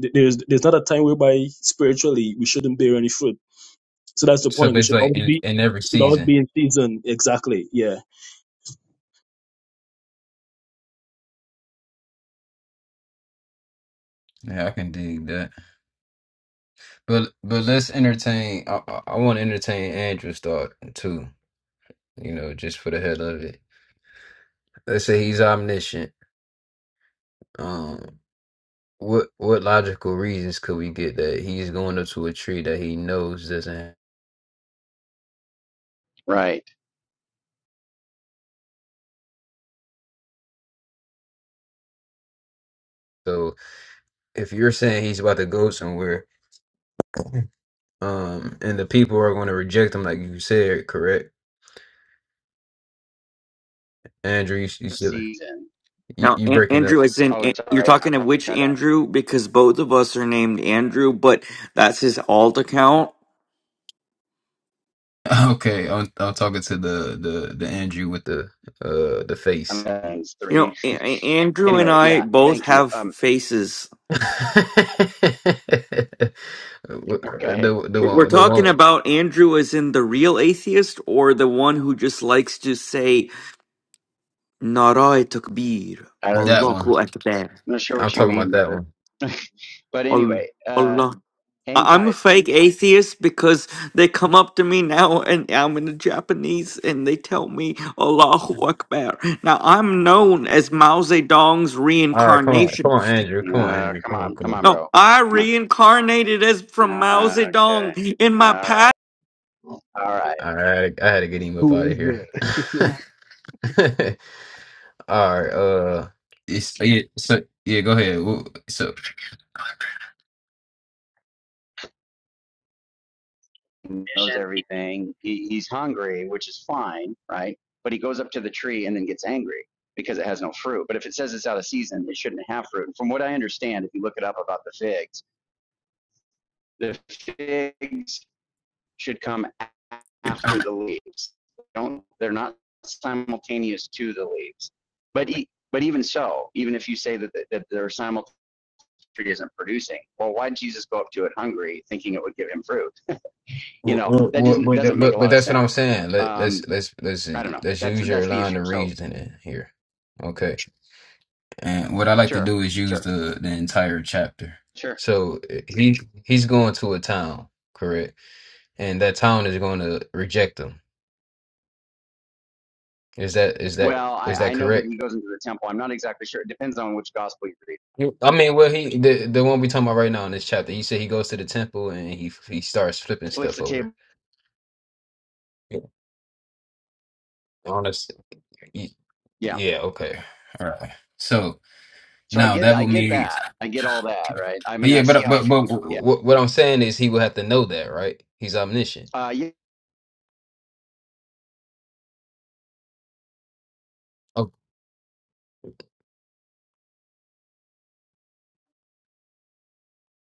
Speaker 3: Th- There's there's not a time whereby spiritually we shouldn't bear any fruit. So that's the
Speaker 1: So
Speaker 3: point. It should
Speaker 1: basically,
Speaker 3: always
Speaker 1: in
Speaker 3: be
Speaker 1: in every
Speaker 3: it should always
Speaker 1: season,
Speaker 3: be in season. Exactly. Yeah.
Speaker 1: yeah, I can dig that. But but let's entertain. I, I, want to entertain Andrew's thought too. You know, just for the hell of it. Let's say he's omniscient. Um, what what logical reasons could we get that he's going up to a tree that he knows doesn't? Have?
Speaker 4: Right.
Speaker 1: So if you're saying he's about to go somewhere, um, and the people are going to reject him, like you said, correct? Andrew, you you, still,
Speaker 4: Season.
Speaker 1: you,
Speaker 5: Now,
Speaker 1: you
Speaker 5: An-
Speaker 1: breaking up?
Speaker 5: Andrew, as in
Speaker 4: Oh,
Speaker 5: An- you're
Speaker 4: sorry. I
Speaker 5: talking to
Speaker 4: probably
Speaker 5: which
Speaker 4: cut out.
Speaker 5: Andrew? Because both of us are named Andrew, but that's his alt account.
Speaker 1: Okay, I'm I'm talking to the the the Andrew with the uh the face.
Speaker 4: I'm
Speaker 5: You know,
Speaker 4: three.
Speaker 5: A- A- Andrew and
Speaker 4: Anyway,
Speaker 5: I
Speaker 4: yeah,
Speaker 5: both
Speaker 4: thank you.
Speaker 5: have
Speaker 4: Um,
Speaker 5: faces.
Speaker 1: the
Speaker 4: okay,
Speaker 1: the
Speaker 5: We're we're
Speaker 1: one the
Speaker 5: talking
Speaker 1: one
Speaker 5: about Andrew as in the real atheist or the one who just likes to say "Narai Takbir,
Speaker 4: I don't,
Speaker 1: that one.
Speaker 5: Allahu Akbar,
Speaker 4: I'm not sure
Speaker 1: I'm
Speaker 4: what you
Speaker 1: talking
Speaker 4: mean,
Speaker 1: about that
Speaker 4: brother.
Speaker 1: one.
Speaker 4: But anyway, uh,
Speaker 5: Allah,
Speaker 4: hang
Speaker 5: I- I'm a
Speaker 4: tight.
Speaker 5: fake atheist because they come up to me now and I'm in the Japanese and they tell me Allahu Akbar. Now I'm known as Mao Zedong's
Speaker 1: All right, come on, come
Speaker 5: reincarnation.
Speaker 1: on, Andrew, come on,
Speaker 4: Uh,
Speaker 1: Andrew,
Speaker 4: come
Speaker 1: come on,
Speaker 4: on,
Speaker 1: come
Speaker 4: come on,
Speaker 1: on.
Speaker 5: No,
Speaker 4: bro.
Speaker 5: I
Speaker 4: Come
Speaker 5: reincarnated as
Speaker 4: on.
Speaker 5: from Mao
Speaker 4: Uh, okay.
Speaker 5: Zedong in my
Speaker 4: All
Speaker 5: past.
Speaker 4: right. All right.
Speaker 1: All right, I had to get him up
Speaker 2: Who
Speaker 1: out of
Speaker 2: is that?
Speaker 1: here. All right, uh, it's, yeah, so yeah, go ahead. Wh- So,
Speaker 4: He knows everything. He, he's hungry, which is fine, right? But he goes up to the tree and then gets angry because it has no fruit. But if it says it's out of season, it shouldn't have fruit. And from what I understand, if you look it up about the figs, the figs should come after the leaves. Don't, they're not simultaneous to the leaves. But, e- but even so, even if you say that, the, that they're simultaneous, tree isn't producing, well, why did Jesus go up to it hungry thinking it would give him fruit? You
Speaker 1: wh-
Speaker 4: know,
Speaker 1: wh-
Speaker 4: that
Speaker 1: wh-
Speaker 4: doesn't,
Speaker 1: but that-
Speaker 4: doesn't make a
Speaker 1: but but
Speaker 4: lot of
Speaker 1: that's what I'm
Speaker 4: sense.
Speaker 1: saying. Let
Speaker 4: Um,
Speaker 1: let's let's let's
Speaker 4: I don't know.
Speaker 1: let's
Speaker 4: That's,
Speaker 1: use your
Speaker 4: that's the
Speaker 1: line
Speaker 4: issue.
Speaker 1: of
Speaker 4: So
Speaker 1: reasoning here. Okay. And what I like to
Speaker 4: sure,
Speaker 1: do is use
Speaker 4: sure,
Speaker 1: the the entire chapter.
Speaker 4: sure.
Speaker 1: So uh, he he's going to a town, correct? And that town is going to reject him. Is that is that
Speaker 4: Well,
Speaker 1: is
Speaker 4: I,
Speaker 1: that
Speaker 4: I know that he
Speaker 1: correct?
Speaker 4: goes into the temple. I'm not exactly sure. It depends on which gospel you read.
Speaker 1: You- I mean, well, he the the one we talking about right now in this chapter. He said he goes to the temple and he he starts flipping
Speaker 4: Flips
Speaker 1: stuff
Speaker 4: the table.
Speaker 1: over. Yeah. Honest. y-
Speaker 4: Yeah.
Speaker 1: Yeah. Okay. All right. So
Speaker 4: So I
Speaker 1: now
Speaker 4: get,
Speaker 1: that
Speaker 4: I
Speaker 1: would
Speaker 4: get
Speaker 1: mean,
Speaker 4: that. I get all that, right? I
Speaker 1: but
Speaker 4: mean, I
Speaker 1: yeah,
Speaker 4: see
Speaker 1: but
Speaker 4: how,
Speaker 1: but but
Speaker 4: yeah.
Speaker 1: what what I'm saying is he will have to know that, right? He's omniscient.
Speaker 4: uh, yeah,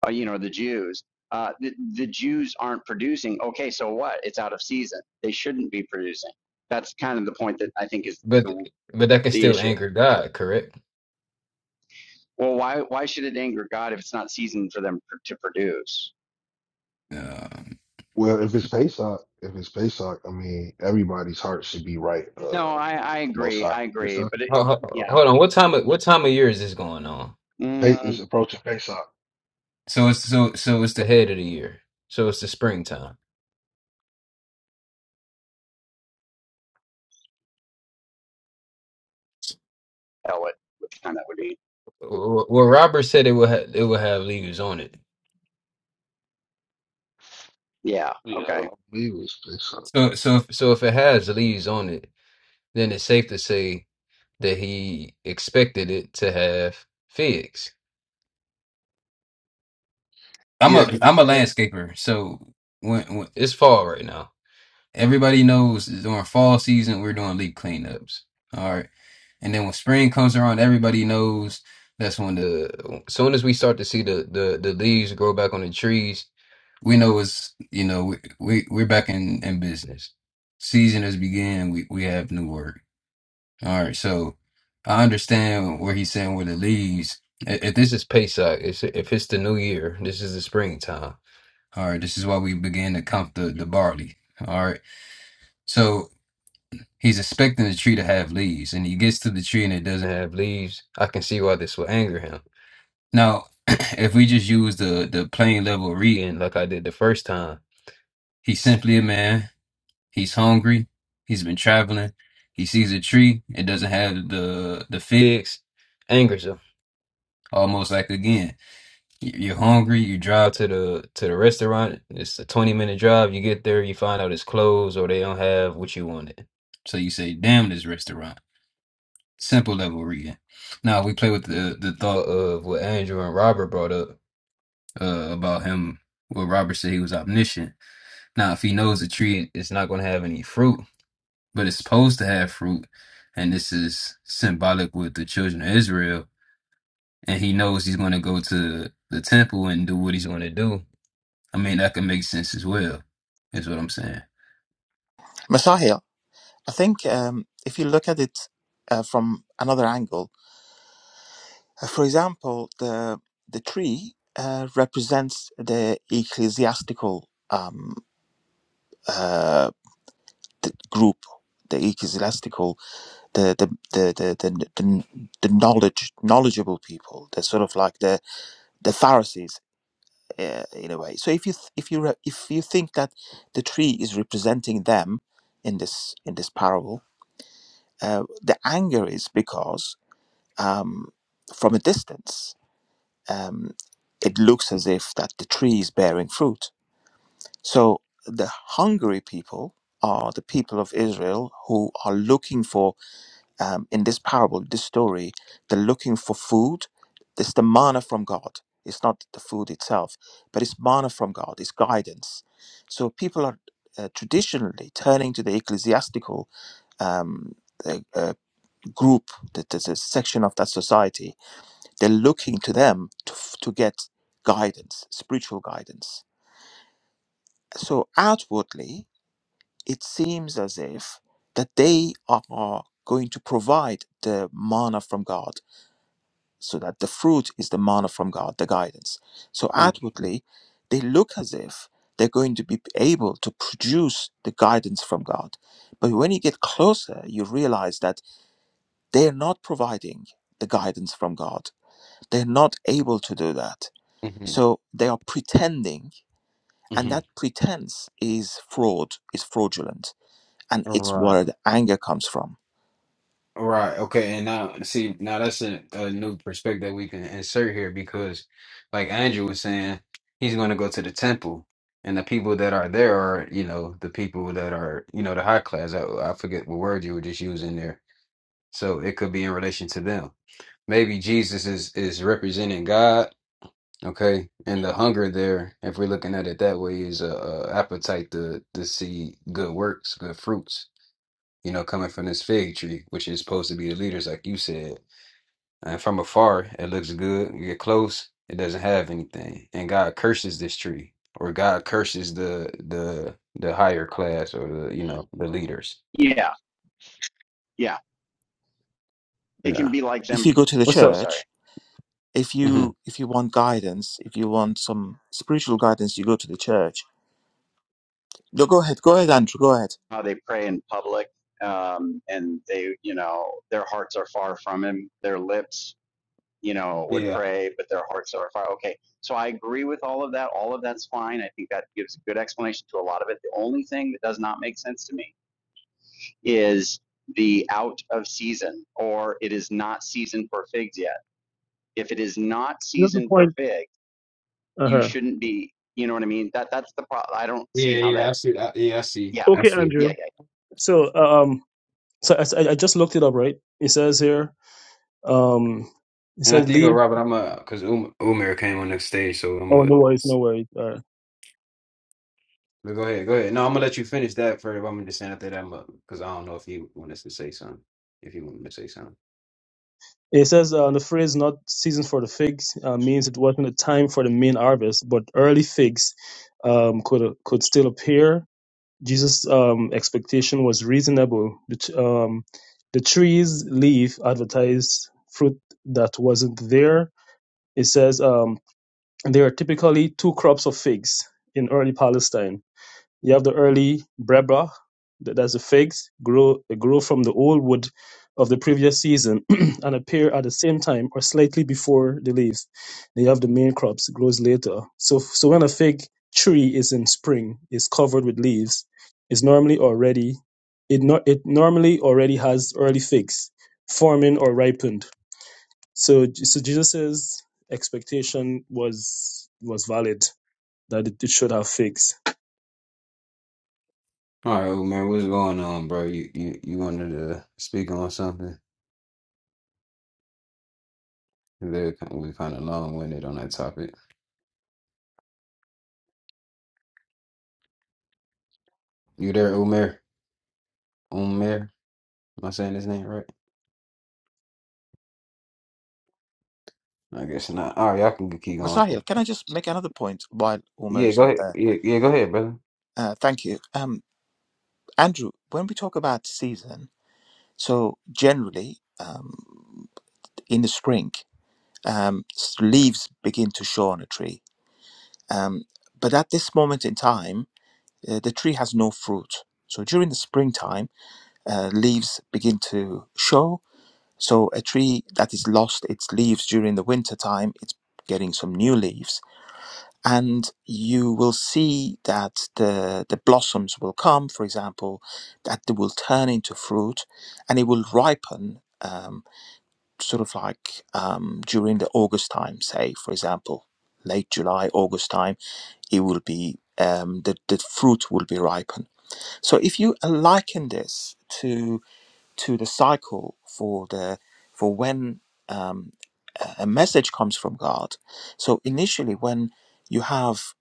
Speaker 4: uh, you know, the Jews. Uh, the, the Jews aren't producing. Okay, so what? It's out of season. They shouldn't be producing. That's kind of the point that I think is
Speaker 1: But
Speaker 4: the,
Speaker 1: but that can
Speaker 4: the
Speaker 1: still
Speaker 4: issue.
Speaker 1: anger God, correct?
Speaker 4: Well, why why should it anger God if it's not season for them to produce?
Speaker 1: Um,
Speaker 2: Well, if it's Pesach, if it's Pesach, I mean, everybody's heart should be right, uh,
Speaker 4: No, I,
Speaker 2: right
Speaker 4: I
Speaker 2: with the Most
Speaker 4: agree.
Speaker 2: High.
Speaker 4: I
Speaker 2: It's
Speaker 4: agree.
Speaker 2: a,
Speaker 4: But it,
Speaker 1: Ho- ho-
Speaker 4: yeah,
Speaker 1: Hold on. What time of what time of year is this going on?
Speaker 2: Pe-
Speaker 4: mm,
Speaker 2: it's approaching Pesach.
Speaker 1: So it's so so it's the head of the year. So it's the springtime.
Speaker 4: hell, it, which time that would be?
Speaker 1: Wh- Well, Robert said it will ha it will have leaves on it.
Speaker 4: Yeah.
Speaker 2: Yeah, I
Speaker 4: Okay.
Speaker 2: believe it's Pesach.
Speaker 1: So so if, so if it has leaves on it, then it's safe to say that he expected it to have figs. I'm
Speaker 2: Yeah,
Speaker 1: a
Speaker 2: because it
Speaker 1: I'm a
Speaker 2: said,
Speaker 1: landscaper, so when, when It's fall right now. everybody knows during fall season we're doing leaf cleanups. All right. And then when spring comes around, everybody knows that's when the soon as we start to see the the, the leaves grow back on the trees, we know it's you know we, we we're back in in business. Season has began. We we have new work. All right, so I understand where he's saying where the leaves. i- If this is Pesach, if if it's the new year, this is the springtime. All right, this is why we began to count the the barley. All right, so He's expecting the tree to have leaves, and he gets to the tree and it doesn't have leaves. I can see why this will anger him. Now, if we just use the the plain level reading like I did the first time, he's simply a man. He's hungry. He's been traveling. He sees a tree. It doesn't have the the figs. Angers him almost like again. y- You're hungry. You drive to the to the restaurant. It's a 20 minute drive. You get there. You find out it's closed or they don't have what you wanted. So you say, "Damn this restaurant." simple level reading. Now we play with the the thought of what Andrew and Robert brought up uh, about him. What Robert said he was omniscient. Now, if he knows the tree, it's not going to have any fruit, but it's supposed to have fruit, and this is symbolic with the children of Israel. And he knows he's going to go to the temple and do what he's going to do. I mean, that can make sense as well. Is what I'm saying.
Speaker 6: Messiah, I think um, if you look at it uh, from another angle, uh, for example, the the tree uh, represents the ecclesiastical um, uh, th- group, the ecclesiastical, the the the the, the, the, the knowledge knowledgeable people, the sort of like the the Pharisees uh, in a way. So if you th- if you re- if you think that the tree is representing them in this in this parable, uh, the anger is because um, from a distance, um, it looks as if that the tree is bearing fruit. So the hungry people are the people of Israel who are looking for, um, in this parable, this story, they're looking for food. It's the manna from God. It's not the food itself, but it's manna from God. It's guidance. So people are uh, traditionally turning to the ecclesiastical um, uh, uh, group, that is a section of that society, they're looking to them to, f- to get guidance, spiritual guidance. So outwardly, it seems as if that they are going to provide the manna from God, so that the fruit is the manna from God, the guidance. So
Speaker 1: Mm-hmm.
Speaker 6: outwardly, they look as if they're going to be able to produce the guidance from God. But when you get closer, you realize that they're not providing the guidance from God. They're not able to do that So they are pretending, and that pretense is fraud, is fraudulent, and it's
Speaker 1: Mm-hmm.
Speaker 6: where the anger comes from.
Speaker 1: Right. Okay. And now, see, now that's a, a new perspective we can insert here because, like Andrew was saying, he's going to go to the temple, and the people that are there are, you know, the people that are, you know, the high class. I, I forget what word you were just using there. So it could be in relation to them. Maybe Jesus is is representing God. Okay, and the hunger there, if we're looking at it that way, is a, a appetite to to see good works, good fruits. You know, coming from this fig tree, which is supposed to be the leaders, like you said and from afar, it looks good. You get close, it doesn't have anything. And God curses this tree, or God curses the the the higher class, or the you know the leaders.
Speaker 4: Yeah. Yeah. It can
Speaker 1: Yeah.
Speaker 4: be like
Speaker 6: If
Speaker 4: them.
Speaker 6: you go to the
Speaker 1: What's
Speaker 4: Oh,
Speaker 1: up?
Speaker 4: sorry.
Speaker 6: church, if
Speaker 1: hmm
Speaker 6: you if you want guidance, if you want some spiritual guidance, you go to the church. No, go ahead, go ahead, Andrew, go ahead.
Speaker 4: How they pray in public um, and they, you know, their hearts are far from him. Their lips you know, would
Speaker 1: Yeah.
Speaker 4: pray, but their hearts are far. Okay, so I agree with all of that. All of that's fine. I think that gives a good explanation to a lot of it. The only thing that does not make sense to me is the out of season or it is not season for figs yet. If it is not
Speaker 3: That's the
Speaker 4: season for
Speaker 3: point.
Speaker 4: fig,
Speaker 3: Uh
Speaker 4: you
Speaker 3: huh.
Speaker 4: shouldn't be. You know what I mean? That that's the problem. I don't
Speaker 1: Yeah.
Speaker 4: see how
Speaker 1: Yeah.
Speaker 4: that.
Speaker 1: I see. I, yeah. I see.
Speaker 4: Yeah,
Speaker 1: I
Speaker 3: Okay,
Speaker 1: see.
Speaker 3: Andrew.
Speaker 4: yeah,
Speaker 3: So, um, so I, I I just looked it up, right? It says here, um, it
Speaker 1: And
Speaker 3: says
Speaker 1: after you go,
Speaker 3: leave.
Speaker 1: Robert, I'm uh, cause um, Umer came on the stage, so I'm
Speaker 3: Oh,
Speaker 1: gonna.
Speaker 3: no worries, no worries. Uh,
Speaker 1: But go ahead. Go ahead. No, I'm gonna let you finish that first. I'm gonna just say after that, I'm uh, cause I don't know if you want us to say something. If you want me to say something.
Speaker 3: it says uh, the phrase "not season for the figs" uh, means it wasn't a time for the main harvest, but early figs um, could could still appear. Jesus' um, expectation was reasonable. The, t- um, the tree's leaf advertised fruit that wasn't there. It says. um, There are typically two crops of figs in early Palestine. You have the early breba, th- that's the figs, grow grow from the old wood of the previous season and appear at the same time or slightly before the leaves. Then you have the main crops, grows later. So so when a fig tree is in spring, is covered with leaves, is normally already it, nor it normally already has early figs forming or ripened so, so Jesus's expectation was was valid that it, it should have fixed.
Speaker 1: All right, well, man, what's going on, bro? You you, you wanted to speak on something? We're kind we kind of long-winded on that topic. You there, Umair? Umair? Am I saying his name right? I guess not. All right, y'all can keep going.
Speaker 6: Masahil, can I just make another point while Umar
Speaker 1: Yeah,
Speaker 6: is
Speaker 1: go
Speaker 6: not
Speaker 1: ahead.
Speaker 6: there?
Speaker 1: Yeah, yeah, go ahead, brother.
Speaker 6: Uh, thank you. Um, Andrew, when we talk about season, so generally um, in the spring, um, s- leaves begin to show on a tree Um, but at this moment in time, uh, the tree has no fruit. So during the springtime, uh, leaves begin to show. So a tree that is lost its leaves during the winter time, it's getting some new leaves. And you will see that the, the blossoms will come, for example, that they will turn into fruit and it will ripen. um, sort of like um, during the August time, say, for example, late July, August time, it will be um, the, the fruit will be ripen. So if you uh, liken this to to the cycle for the for when um, a a message comes from God. So initially, when you have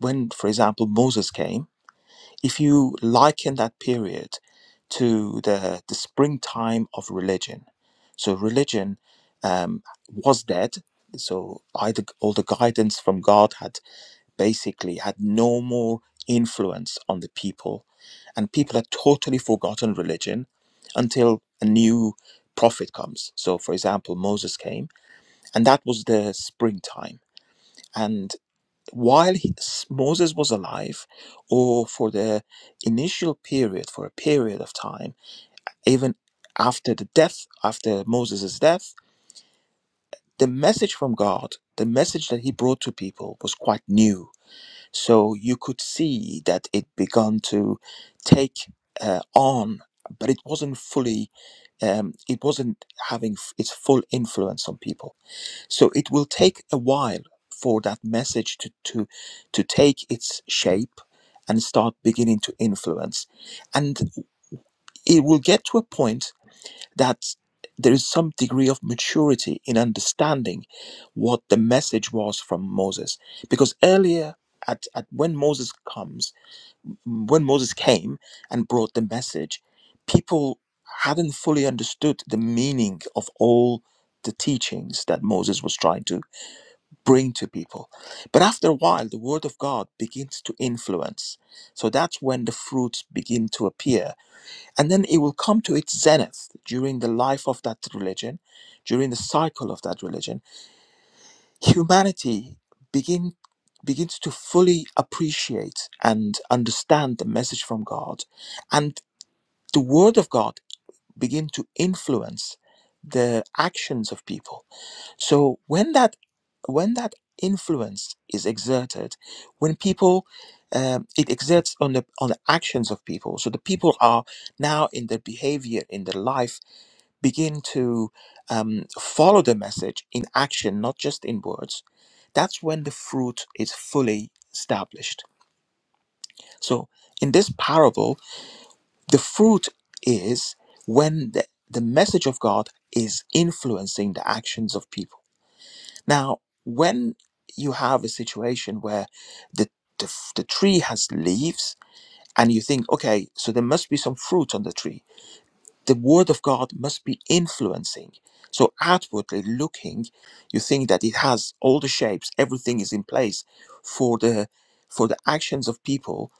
Speaker 6: when, for example, Moses came If you liken that period to the, the springtime of religion, so religion um, was dead. So either all the guidance from God had basically had no more influence on the people, and people had totally forgotten religion until a new prophet comes. So, for example, Moses came, and that was the springtime. and while he- s- Moses was alive, or for the initial period, for a period of time, even after the death, after Moses' death, the message from God, the message that he brought to people was quite new. So you could see that it began to take uh, on, but it wasn't fully, um, it wasn't having f- its full influence on people. So it will take a while for that message to, to, to take its shape and start beginning to influence. And it will get to a point that there is some degree of maturity in understanding what the message was from Moses. Because earlier, at, at when Moses comes, when Moses came and brought the message, people hadn't fully understood the meaning of all the teachings that Moses was trying to bring to people. But after a while, the word of God begins to influence. So that's when the fruits begin to appear. And then it will come to its zenith during the life of that religion, during the cycle of that religion. Humanity begin, begins to fully appreciate and understand the message from God. And the word of God begin to influence the actions of people so when that when that influence is exerted, when people um, it exerts on the on the actions of people, so the people are now in their behavior, in their life, begin to um, follow the message in action, not just in words. That's when the fruit is fully established. So in this parable, the fruit is when the, the message of God is influencing the actions of people now, when you have a situation where the, the, the tree has leaves and you think, okay, so there must be some fruit on the tree, the word of God must be influencing. So, outwardly looking, you think that it has all the shapes, everything is in place for the for the actions of people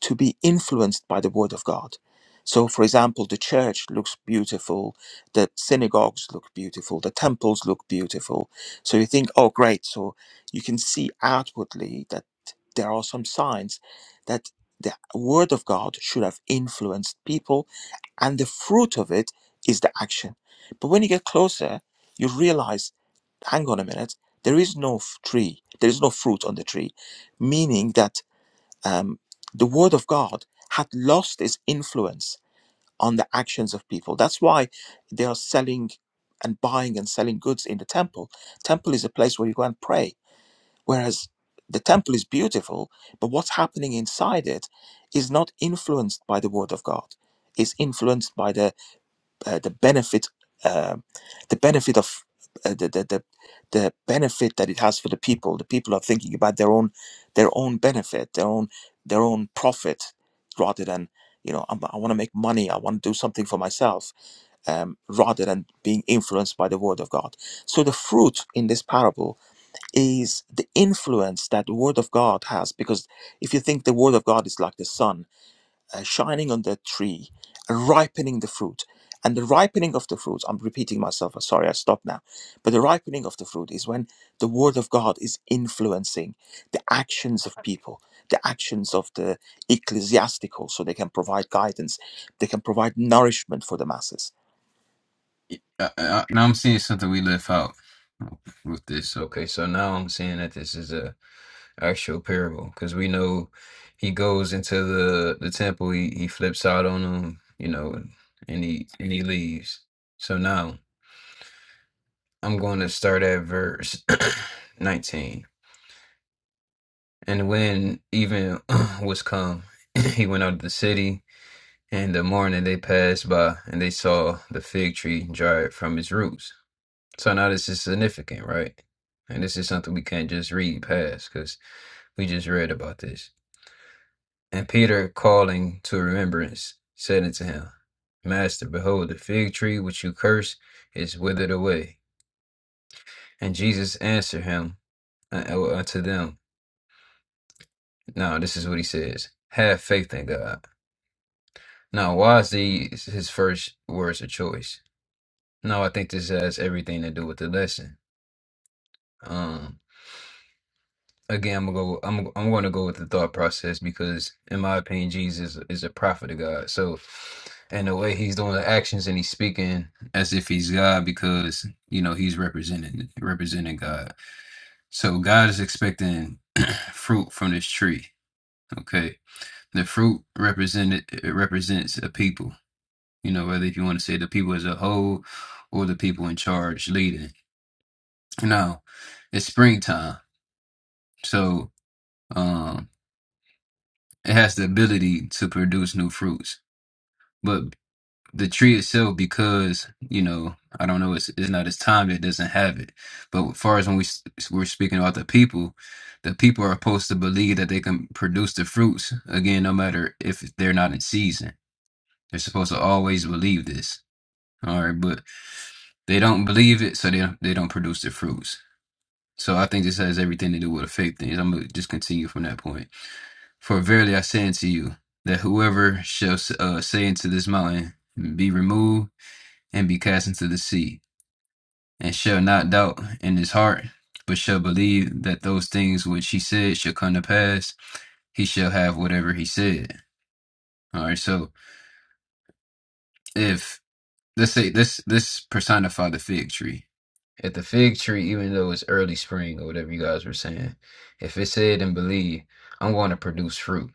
Speaker 6: to be influenced by the Word of God. So, for example, the church looks beautiful, the synagogues look beautiful, the temples look beautiful. So you think, oh, great. So you can see outwardly that there are some signs that the Word of God should have influenced people, and the fruit of it is the action. But when you get closer, you realize hang on a minute, there is no f- tree, there is no fruit on the tree, meaning that um, the word of God had lost its influence on the actions of people. That's why they are selling and buying and selling goods in the temple. Temple is a place where you go and pray, whereas the temple is beautiful, but what's happening inside it is not influenced by the word of God. It's influenced by the uh, the benefit um the benefit of uh, the, the the the benefit that it has for the people the people are thinking about their own their own benefit their own their own profit rather than you know i i want to make money i want to do something for myself um, rather than being influenced by the word of god so the fruit in this parable is the influence that the word of god has because if you think the word of god is like the sun uh, shining on that tree, ripening the fruit. And the ripening of the fruit, I'm repeating myself, sorry, I stop now. But the ripening of the fruit is when the word of God is influencing the actions of people, the actions of the ecclesiastical, so they can provide guidance, they can provide nourishment for the masses.
Speaker 1: Uh, uh, now I'm seeing something we left out with this. Okay, so now I'm seeing that this is a actual parable because we know he goes into the the temple, he, he flips out on them, you know, and he and he leaves. So now. I'm going to start at verse 19. And when even was come, he went out of the city, and the morning they passed by, and they saw the fig tree dried from its roots. So now this is significant, right? And this is something we can't just read past because we just read about this. And Peter, calling to remembrance, said unto him, Master, behold, the fig tree which you curse is withered away. And Jesus answered him uh, uh, unto them, No, this is what he says. Have faith in God. Now, why is these his first words of choice? No, I think this has everything to do with the lesson. Um, again, I'm gonna go. I'm I'm going to go with the thought process because, in my opinion, Jesus is a prophet of God. So, and the way he's doing the actions and he's speaking as if he's God because you know he's representing representing God. So God is expecting fruit from this tree. Okay, the fruit represented it represents a people you know, whether if you want to say the people as a whole or the people in charge leading. Now, it's springtime, so um, it has the ability to produce new fruits. But the tree itself, because you know, I don't know, it's it's not its time it doesn't have it. But as far as when we s- we're speaking about the people, the people are supposed to believe that they can produce the fruits again, no matter if they're not in season. They're supposed to always believe this. All right, but They don't believe it, so they don't, they don't produce the fruits. So I think this has everything to do with the faith things. I'm gonna just continue from that point. For verily I say unto you that whoever shall uh, say unto this mountain, be removed and be cast into the sea, and shall not doubt in his heart, but shall believe that those things which he said shall come to pass, he shall have whatever he said. All right, so if Let's say this this personified the fig tree. If the fig tree, even though it's early spring or whatever you guys were saying, if it said and believed, I'm going to produce fruit,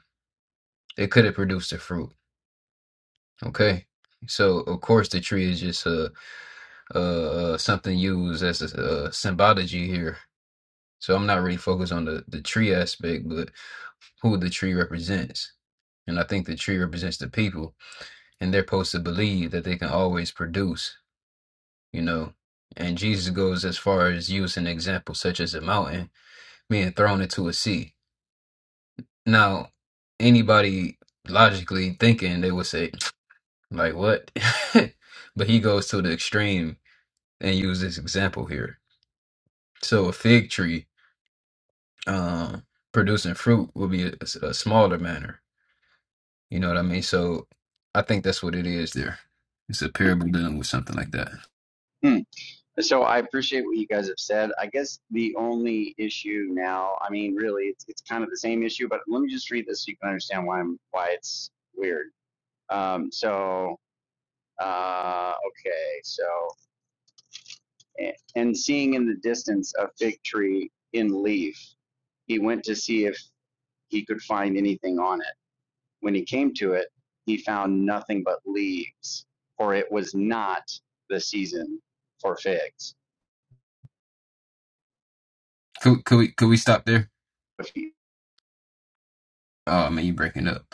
Speaker 1: it could have produced the fruit. Okay, so of course the tree is just uh, uh, uh something used as a, uh symbology here. So I'm not really focused on the the tree aspect, but who the tree represents. And I think the tree represents the people, and they're supposed to believe that they can always produce you know. And Jesus goes as far as using examples such as a mountain being thrown into a sea. Now, anybody logically thinking, they would say, like, what? but he goes to the extreme and use this example here. So a fig tree um, producing fruit will be a, a smaller manner. You know what I mean? So I think that's what it is there. It's a parable dealing with something like that.
Speaker 4: yeah. Hmm. So I appreciate what you guys have said. I guess the only issue now, I mean, really, it's, it's kind of the same issue, but let me just read this so you can understand why I'm why it's weird. Um, so uh, okay, so "A- and seeing in the distance a fig tree in leaf, he went to see if he could find anything on it. When he came to it, he found nothing but leaves, for it was not the season for figs.
Speaker 1: Could, could we could we stop there?
Speaker 4: If you-
Speaker 1: Oh man, you breaking up.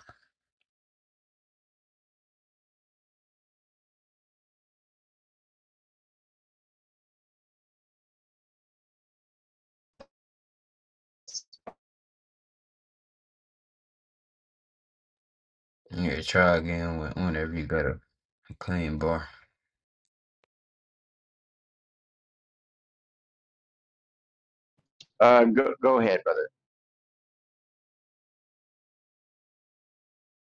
Speaker 1: Yeah, try again when- whenever you got a a clean bar.
Speaker 4: Uh, go, go ahead,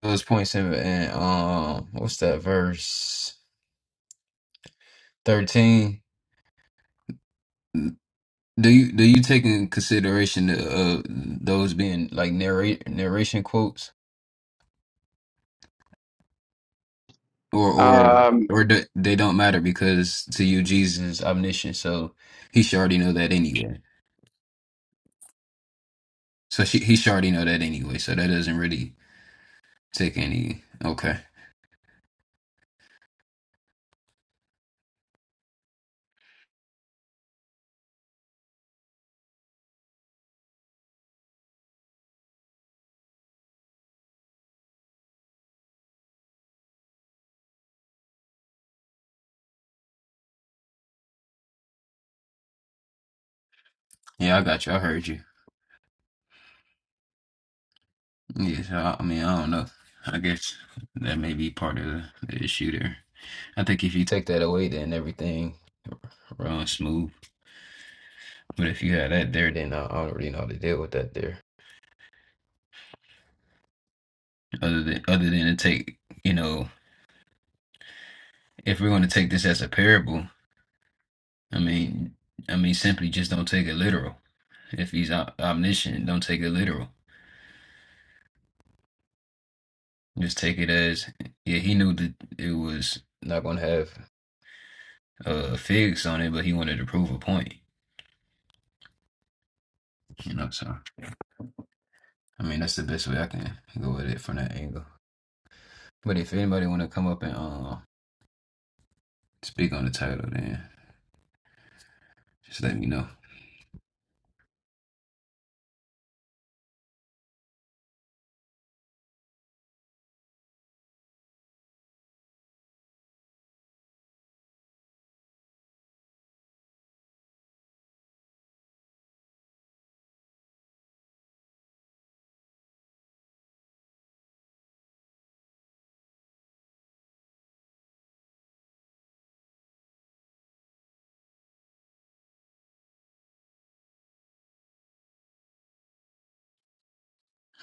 Speaker 1: It was point seven and um, what's that verse thirteen? Do you do you take in consideration the, uh those being like narrate narration quotes or or
Speaker 4: Um,
Speaker 1: or do, they don't matter because to you Jesus is omniscient, so he should already know that anyway. So she, he should already know that anyway. So that doesn't really take any. Okay, yeah, I got you. I heard you. Yeah, so I, I mean, I don't know. I guess that may be part of the, the issue there. I think if you take that away, then everything runs smooth. But if you have that there, then I, I don't really know how to deal with that there. Other than other than to take, you know, if we're going to take this as a parable, I mean, I mean, simply just don't take it literal. If he's om- omniscient, don't take it literal. Just take it as, yeah, he knew that it was not going to have uh, figs on it, but he wanted to prove a point. You know, so. I mean, that's the best way I can go with it from that angle. But if anybody want to come up and uh, speak on the title, then just let me know.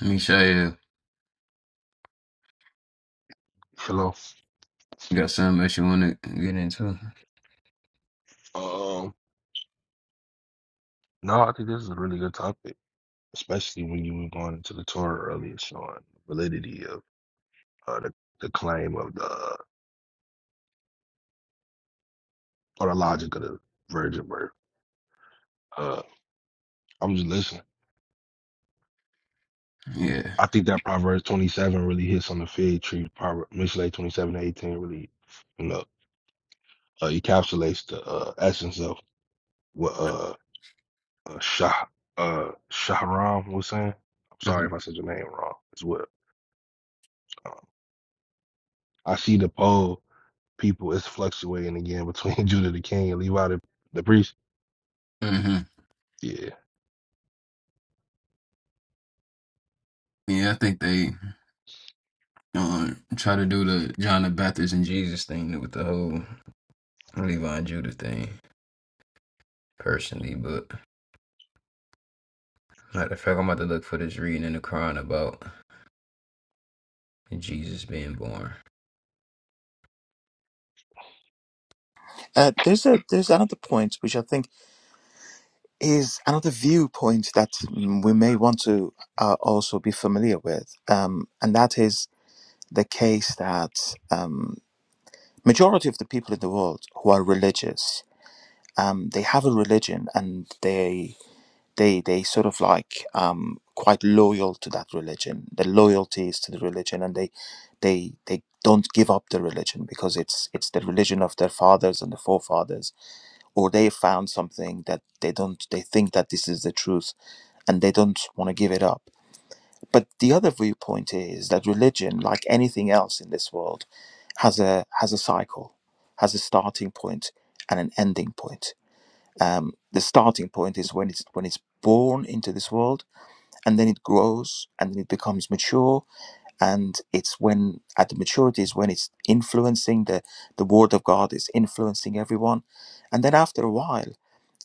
Speaker 1: Mishael,
Speaker 2: hello.
Speaker 1: you got something else you want to get into?
Speaker 2: Um, no, I think this is a really good topic, especially when you were going into the Torah earlier, showing the validity of uh, the, the claim of the or the logic of the virgin birth. Uh, I'm just listening.
Speaker 1: Yeah.
Speaker 2: I think that Proverbs 27 really hits on the fig tree. Proverbs Mishle 27 to 18 really, uh, encapsulates the uh, essence of what uh, uh, Shah uh, Shahram was saying. I'm
Speaker 1: hmm
Speaker 2: sorry if I said your name wrong as well. Um, I see the poll people is fluctuating again between Judah the King and Levi the, the priest.
Speaker 1: hmm
Speaker 2: Yeah,
Speaker 1: Yeah, I think they um, try to do the John the Baptist and Jesus thing with the whole Levi and Judah thing personally, but matter of fact, I'm about to look for this reading in the Quran about Jesus being born.
Speaker 6: Uh, there's, a, there's another point which I think is another viewpoint that mm, we may want to uh, also be familiar with, um, and that is the case that. um, majority of the people in the world who are religious um, they have a religion and they they they sort of like um, quite loyal to that religion the loyalty is to the religion and they they they don't give up the religion because it's it's the religion of their fathers and the forefathers or they found something that they don't they think that this is the truth and they don't want to give it up but the other viewpoint is that religion, like anything else in this world, has a has a cycle, has a starting point and an ending point. Um, the starting point is when it's when it's born into this world, and then it grows, and then it becomes mature, and it's when at the maturity is when it's influencing the the word of God is influencing everyone, and then after a while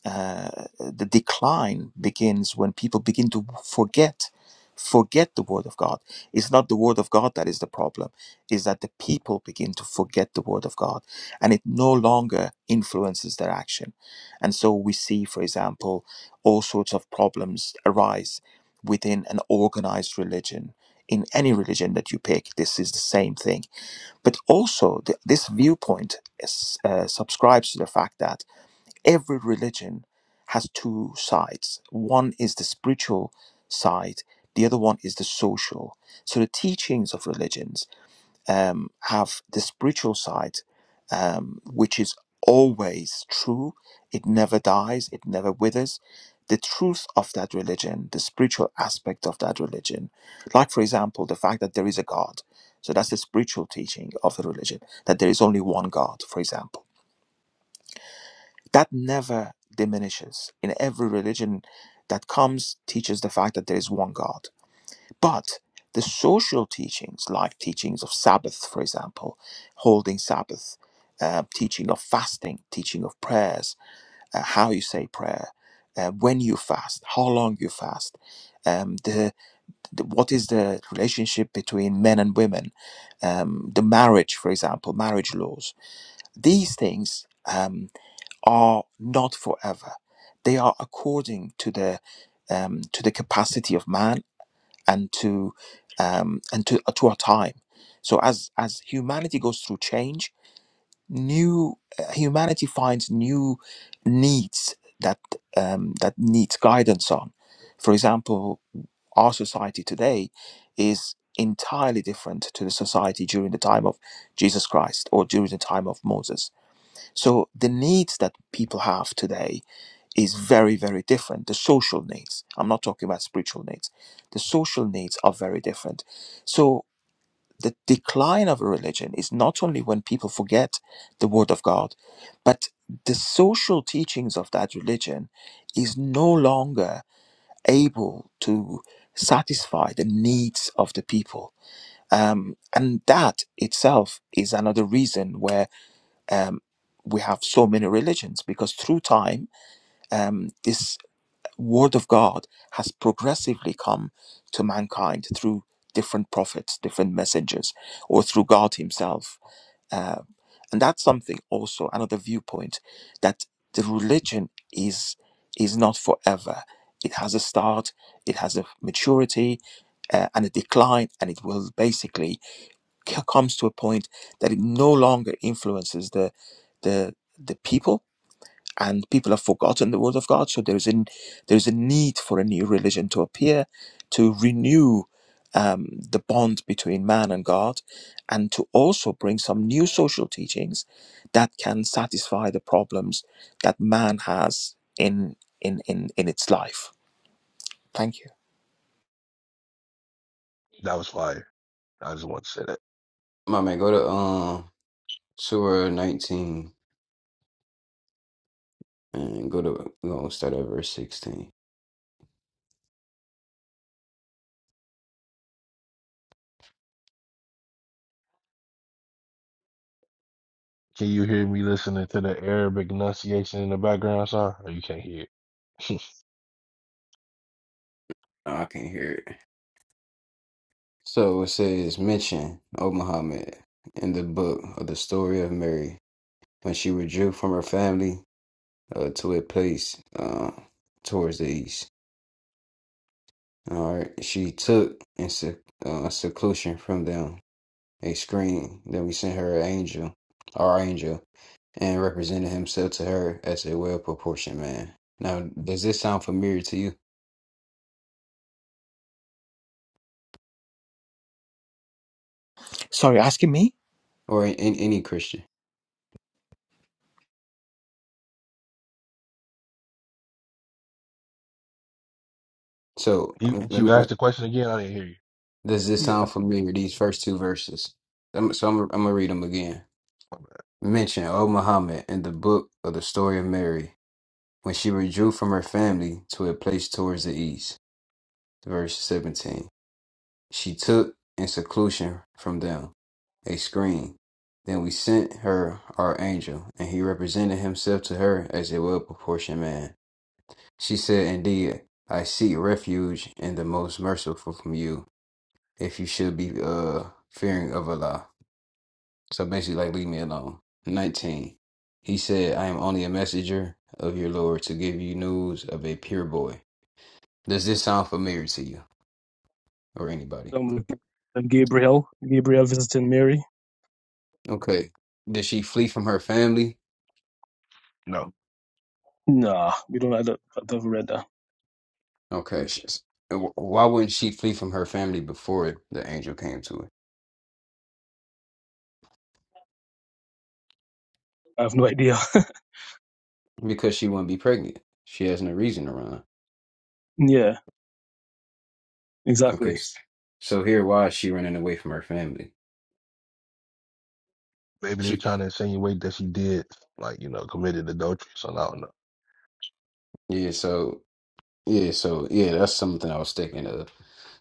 Speaker 6: uh, the decline begins when people begin to forget forget the word of god it's not the word of god that is the problem is that the people begin to forget the word of god and it no longer influences their action and so we see for example all sorts of problems arise within an organized religion in any religion that you pick this is the same thing but also th- this viewpoint is, uh, subscribes to the fact that every religion has two sides. One is the spiritual side, the other one is the social. So the teachings of religions um, have the spiritual side, um, which is always true. It never dies, it never withers. The truth of that religion, the spiritual aspect of that religion, like for example, the fact that there is a God. So that's the spiritual teaching of the religion, that there is only one God, for example that never diminishes in every religion that comes teaches the fact that there is one god but the social teachings like teachings of sabbath for example holding sabbath uh, teaching of fasting teaching of prayers uh, how you say prayer uh, when you fast how long you fast um, the, the what is the relationship between men and women um, the marriage for example marriage laws these things Um, are not forever. They are according to the um, to the capacity of man and to um, and to to our time. So as as humanity goes through change, new uh, humanity finds new needs that um, that needs guidance on. For example, our society today is entirely different to the society during the time of Jesus Christ or during the time of Moses. So the needs that people have today is very, very different. The social needs, I'm not talking about spiritual needs, the social needs are very different. So, the decline of a religion is not only when people forget the word of God, but the social teachings of that religion is no longer able to satisfy the needs of the people. Um, and that itself is another reason where um, we have so many religions because through time, um, this word of God has progressively come to mankind through different prophets, different messengers, or through God Himself. Uh, and that's something also, another viewpoint, that the religion is is not forever. It has a start, it has a maturity uh, and a decline, and it will basically c- comes to a point that it no longer influences the the the people and people have forgotten the word of God. So there's a there's a need for a new religion to appear, to renew um, the bond between man and God, and to also bring some new social teachings that can satisfy the problems that man has in in in, in its life. Thank you.
Speaker 2: that was fire. I just want to say that.
Speaker 1: My man, go to um Surah 19 and go to go start at verse 16.
Speaker 2: Can you hear me listening to the Arabic enunciation in the background, sir? Or you can't hear it?
Speaker 1: Oh, I can not hear it. So it says, mention, O Muhammad, in the book of the story of Mary when she withdrew from her family uh, to a place uh, towards the east. All right, she took in sec- uh, seclusion from them a screen. Then we sent her an angel, our angel, and represented himself to her as a well proportioned man. Now, does this sound familiar to you
Speaker 6: Sorry, asking me.
Speaker 1: or in, in any Christian? So,
Speaker 2: you,
Speaker 1: um, let
Speaker 2: you
Speaker 1: me, uh,
Speaker 2: asked the question again? I didn't hear you.
Speaker 1: does this
Speaker 3: Yeah,
Speaker 1: sound familiar? These first two verses. I'm, so, I'm, I'm gonna read them again. Mention, O Muhammad, in the book of the story of Mary, when she withdrew from her family to a place towards the east. Verse 17. She took, in seclusion from them, a screen. Then we sent her our angel, and he represented himself to her as a well proportioned man. She said, Indeed, I seek refuge in the most merciful from you, if you should be uh fearing of Allah. So basically like leave me alone. Nineteen. He said, I am only a messenger of your Lord to give you news of a pure boy. Does this sound familiar to you or anybody?
Speaker 3: um, and Gabriel, Gabriel visiting Mary.
Speaker 1: Okay. Did she flee from her family?
Speaker 2: No.
Speaker 3: Nah, we don't. I don't- I've never read that.
Speaker 1: Okay. she's- Why wouldn't she flee from her family before the angel came to her?
Speaker 3: I have no idea.
Speaker 1: Because she wouldn't be pregnant. She has no reason to run.
Speaker 3: Yeah, exactly.
Speaker 1: Okay. s- So here, why is she running away from her family?
Speaker 2: Maybe they're
Speaker 1: She,
Speaker 2: trying to insinuate that she did, like, you know, committed adultery. So I don't know.
Speaker 1: yeah. So yeah. So yeah, that's something I was thinking of.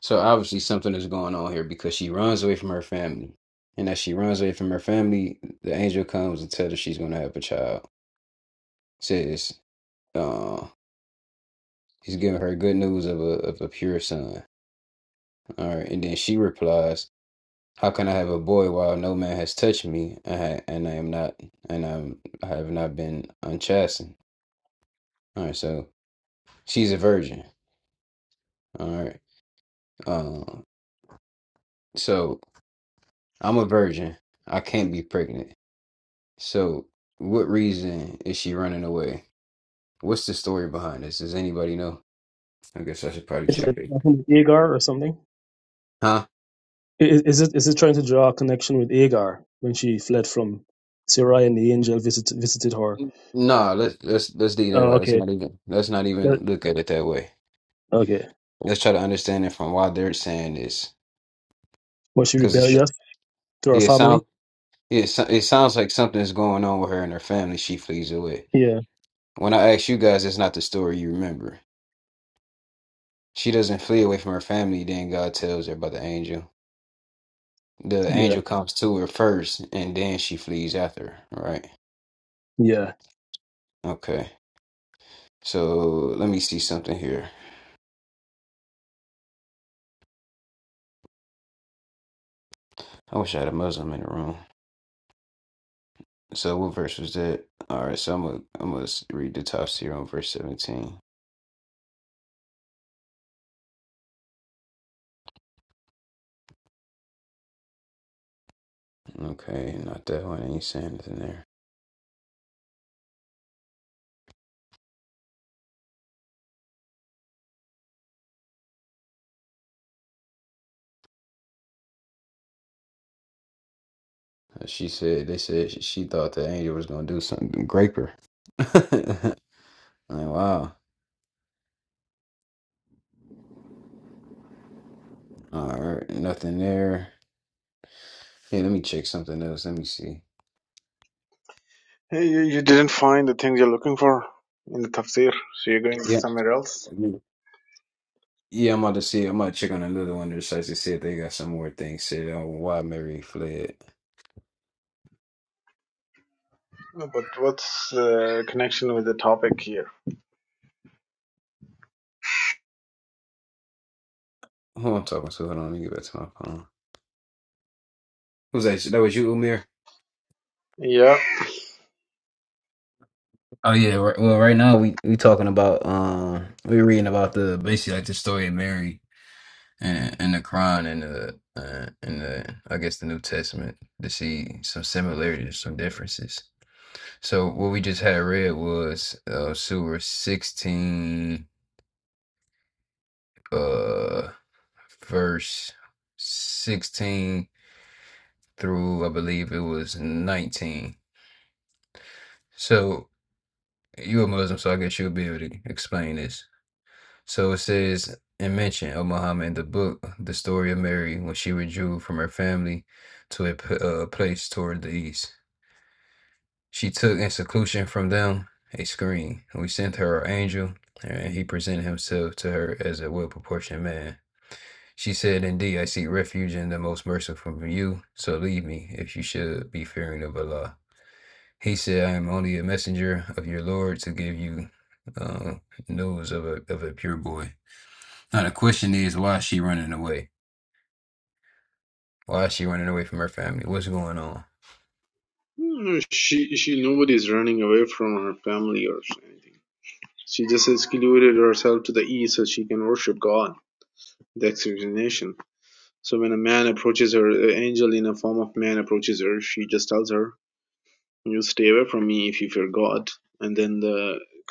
Speaker 1: So obviously something is going on here because she runs away from her family, and as she runs away from her family, the angel comes and tells her she's going to have a child. Says, uh, he's giving her good news of a of a pure son. All right, and then she replies. How can I have a boy while no man has touched me, and I, and I am not, and I'm, I have not been unchastened? All right, so she's a virgin. All right, uh, so I'm a virgin. I can't be pregnant. So, what reason is she running away? What's the story behind this? Does anybody know? I guess I should probably
Speaker 3: It's
Speaker 1: check
Speaker 3: like
Speaker 1: it.
Speaker 3: I think Agar or something.
Speaker 1: Huh?
Speaker 3: I- i- Is it is it trying to draw a connection with Agar when she fled from Sarai and the angel visited visited her?
Speaker 1: No, let's let's let's leave that
Speaker 3: Oh,
Speaker 1: out. Let's
Speaker 3: okay.
Speaker 1: not even let's not even
Speaker 3: That-
Speaker 1: look at it that way.
Speaker 3: okay.
Speaker 1: Let's try to understand it from why they're saying this,
Speaker 3: Was she
Speaker 1: because it's
Speaker 3: rebellious to her
Speaker 1: yeah, it sounds.
Speaker 3: family?
Speaker 1: It, so- it sounds like something is going on with her and her family. She flees away.
Speaker 3: Yeah,
Speaker 1: When I ask you guys, it's not the story you remember. She doesn't flee away from her family, then God tells her about the angel. The
Speaker 3: yeah,
Speaker 1: angel comes to her first, and then she flees after her, right?
Speaker 3: yeah.
Speaker 1: Okay. So let me see something here. I wish I had a Muslim in the room. So what verse was that? All right, so I'm gonna I'm gonna read the top here on verse 17. Okay, not that one. I ain't saying anything there. And she said they said she, she thought the angel was gonna do something grape her. like, wow. All right, nothing there. Hey, let me check something else. Let me see.
Speaker 7: Hey, You you didn't find the things you're looking for in the tafsir, so you're going
Speaker 1: Yeah.
Speaker 7: somewhere else.
Speaker 1: Yeah, I'm about to see. I'm about to check on another one of the sites to see if they got some more things said on why Mary fled.
Speaker 7: No, But what's the connection with the topic here?
Speaker 1: Who I'm talking to? Hold on, let me get back to my phone. Who's that? That was you, Umir?
Speaker 7: Yeah.
Speaker 1: Oh yeah. Right, well, right now we we talking about um we reading about the basically like the story of Mary in, in the Quran and the uh, in the I guess the New Testament to see some similarities, some differences. So what we just had read was uh, Surah sixteen, uh, verse sixteen through I believe it was nineteen. So you a Muslim, so I guess you'll be able to explain this. So it says and mention O Muhammad in the book the story of Mary when she withdrew from her family to a p- uh, place toward the east. She took in seclusion from them a screen. We sent her our angel, and he presented himself to her as a well proportioned man. She said, Indeed, I seek refuge in the most merciful from you, so leave me, if you should be fearing of Allah. He said, I am only a messenger of your Lord to give you uh, news of a, of a pure boy. Now, the question is, why is she running away? Why is she running away from her family? What's going on?
Speaker 7: No, she she nobody's running away from her family or anything. She just excluded herself to the east so she can worship God. The explanation. So when a man approaches her, an angel in a form of man approaches her, she just tells her, "You stay away from me if you fear God." And then the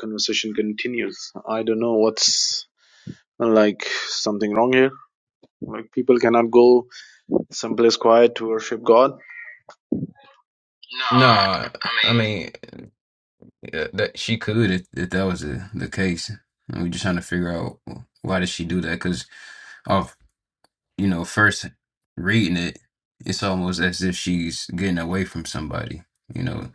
Speaker 7: conversation continues. I don't know what's like something wrong here? Like people cannot go someplace quiet to worship God? No,
Speaker 1: No,
Speaker 7: I
Speaker 1: I
Speaker 7: mean,
Speaker 1: mean, Yeah, that she could if, if that was the, the case. And we're just trying to figure out why did she do that? Because off, you know, first reading it, it's almost as if she's getting away from somebody. You know,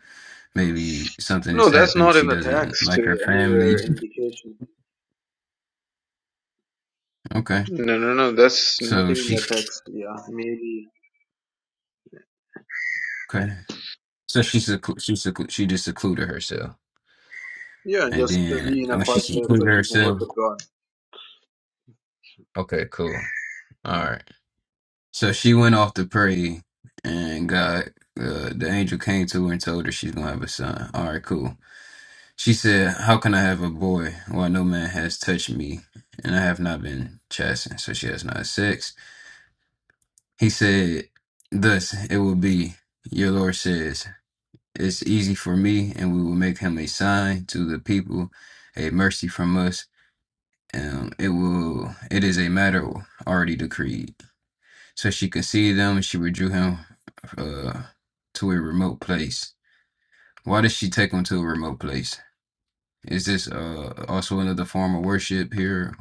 Speaker 1: maybe something
Speaker 7: No,
Speaker 1: has
Speaker 7: that's
Speaker 1: happened.
Speaker 7: not in
Speaker 1: She
Speaker 7: the
Speaker 1: doesn't
Speaker 7: text uh,
Speaker 1: like her family.
Speaker 7: anywhere indication.
Speaker 1: Okay,
Speaker 7: No, no, no, that's
Speaker 1: so
Speaker 7: nothing in
Speaker 1: she
Speaker 7: the text. Yeah, maybe.
Speaker 1: okay, so she seclu- she seclu- she just secluded herself,
Speaker 7: Yeah,
Speaker 1: and
Speaker 7: just to
Speaker 1: then
Speaker 7: be in
Speaker 1: and
Speaker 7: a
Speaker 1: when she
Speaker 7: quiet place so
Speaker 1: secluded
Speaker 7: you can
Speaker 1: herself,
Speaker 7: worship God.
Speaker 1: okay, cool, all right. So she went off to pray, and God, uh, the angel came to her and told her she's gonna have a son. All right, cool. She said, "How can I have a boy while no man has touched me, and I have not been chastened?" So she has not had sex. He said, "Thus it will be." Your Lord says, "It's easy for me, and we will make him a sign to the people, a mercy from us." Um, it will. It is a matter already decreed. so she could see them and she withdrew him uh, to a remote place. Why did she take him to a remote place? Is this uh, also another form of worship here?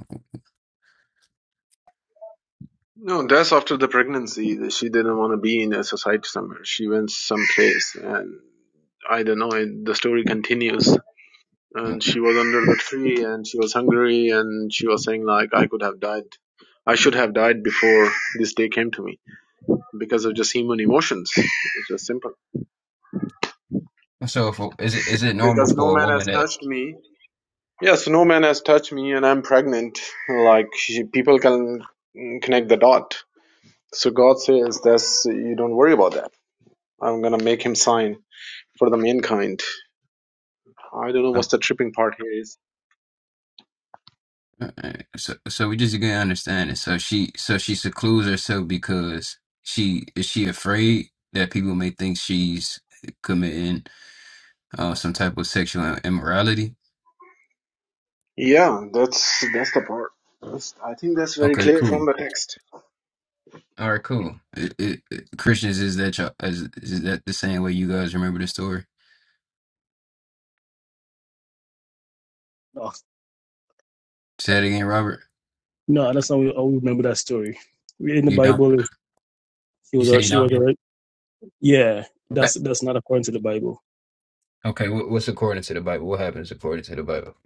Speaker 7: No, that's after the pregnancy. She didn't want to be in a society somewhere. She went someplace, and I don't know. It, the story continues. and she was under the tree and she was hungry and she was saying like i could have died i should have died before this day came to me because of just human emotions it's just simple
Speaker 1: So, if, is it is it normal
Speaker 7: because no
Speaker 1: for a
Speaker 7: man
Speaker 1: woman
Speaker 7: has
Speaker 1: that?
Speaker 7: touched me yes no man has touched me and i'm pregnant like she, people can connect the dot so god says that's you don't worry about that i'm gonna make him sign for the mankind i don't know
Speaker 1: uh,
Speaker 7: what's the tripping part here is
Speaker 1: So, so we just get understanding. So she, so she secludes herself because she is she afraid that people may think she's committing uh, some type of sexual immorality.
Speaker 7: yeah that's that's the part That's- i think that's very
Speaker 1: Okay,
Speaker 7: clear
Speaker 1: cool.
Speaker 7: from the text
Speaker 1: All right, cool. It, it, it- Christians, is that y'all, is, is that the same way you guys remember the story? Say it again, Robert.
Speaker 3: No, that's not. I remember that story. In the
Speaker 1: You don't.
Speaker 3: Bible, he
Speaker 1: You
Speaker 3: was
Speaker 1: said
Speaker 3: already.
Speaker 1: you
Speaker 3: She
Speaker 1: don't.
Speaker 3: was already. Yeah,
Speaker 1: Okay.
Speaker 3: that's that's not according to the Bible.
Speaker 1: Okay. What, what's according to the Bible? What happens according to the Bible?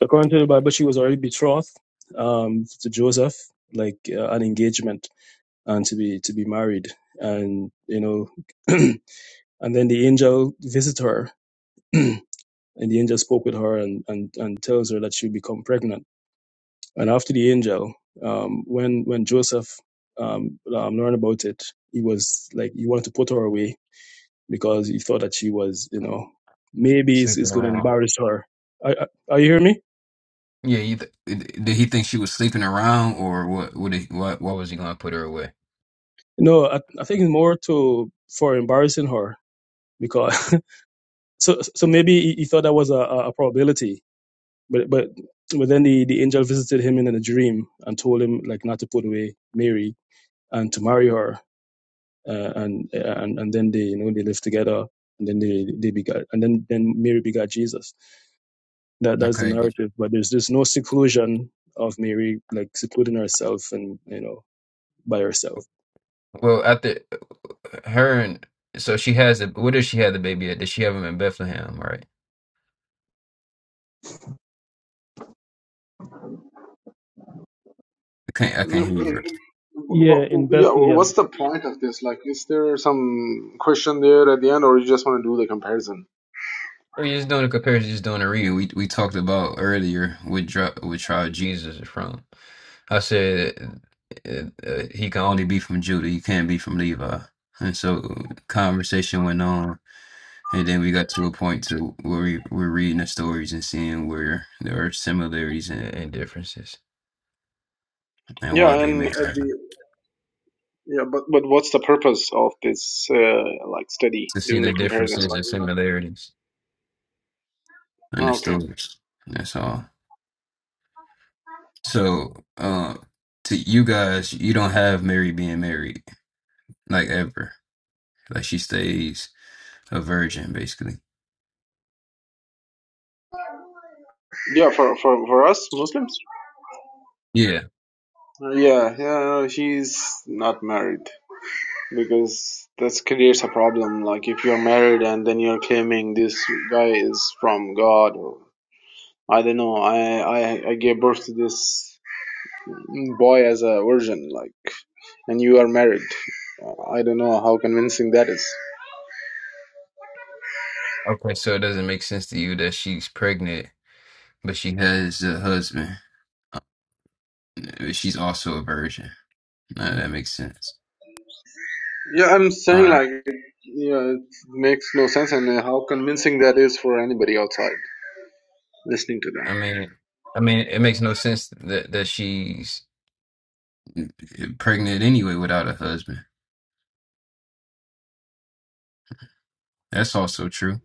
Speaker 3: According to the Bible, she was already betrothed um, to Joseph, like uh, an engagement, and to be to be married. And you know, and then the angel visited her, and the angel spoke with her and and and tells her that she'll become pregnant. And after the angel, um, when when Joseph um, um, learned about it, he was like he wanted to put her away because he thought that she was, you know, maybe it's, it's
Speaker 1: Sleeping
Speaker 3: going to
Speaker 1: around.
Speaker 3: embarrass her. Are, are are you hearing me?
Speaker 1: Yeah. You th did he think she was sleeping around, or what? Would he? What? What was he gonna put her away?
Speaker 3: No, I, I think it's more to for embarrassing her because so so maybe he, he thought that was a, a a probability, but but but then the, the angel visited him in, a dream and told him like not to put away Mary and to marry her, uh, and and and then they you know they lived together and then they they begot and then then Mary begot Jesus. That that's the
Speaker 1: Okay.
Speaker 3: narrative. But there's just no seclusion of Mary, like secluding herself and you know by herself.
Speaker 1: Well, after her and so she has a. Where does she have the baby at? Did she have him in Bethlehem? Right. I can't. I
Speaker 7: No,
Speaker 1: can't hear you.
Speaker 7: But,
Speaker 3: Yeah,
Speaker 7: but
Speaker 3: in
Speaker 7: yeah, what's
Speaker 3: Bethlehem.
Speaker 7: the point of this? Like, is there some question there at the end, or you just want to do the comparison?
Speaker 1: We're just doing a comparison, just doing a read. We we talked about earlier with dri- with trial Jesus is from. I said uh, uh, he can only be from Judah. He can't be from Levi. And so conversation went on, and then we got to a point to where we, we're reading the stories and seeing where there are similarities and, and differences, and
Speaker 7: Yeah,
Speaker 1: why they
Speaker 7: and
Speaker 1: make
Speaker 7: at
Speaker 1: that.
Speaker 7: the yeah, but but what's the purpose of this uh, like study
Speaker 1: To see
Speaker 7: doing
Speaker 1: the
Speaker 7: the comparison?
Speaker 1: differences
Speaker 7: Like,
Speaker 1: and
Speaker 7: you know-
Speaker 1: similarities in the
Speaker 7: oh, okay,
Speaker 1: stories. That's all. So, uh, to you guys, you don't have Mary being married. like ever. Like she stays a virgin, basically.
Speaker 7: yeah, for for for us Muslims.
Speaker 1: Yeah.
Speaker 7: Uh, Yeah, yeah, she's not married. because this creates a problem. Like if you're married and then you're claiming this guy is from God, or I don't know, I I, I gave birth to this boy as a virgin, like, and you are married. I don't know how convincing that is.
Speaker 1: Okay, so it doesn't make sense to you that she's pregnant, but she has a husband. but She's also a virgin. None that makes sense.
Speaker 7: Yeah, I'm
Speaker 1: All
Speaker 7: saying
Speaker 1: right.
Speaker 7: like, yeah, it makes no sense, and how convincing that is for anybody outside listening to that.
Speaker 1: I mean, I mean, it makes no sense that that she's pregnant anyway without a husband. That's also true.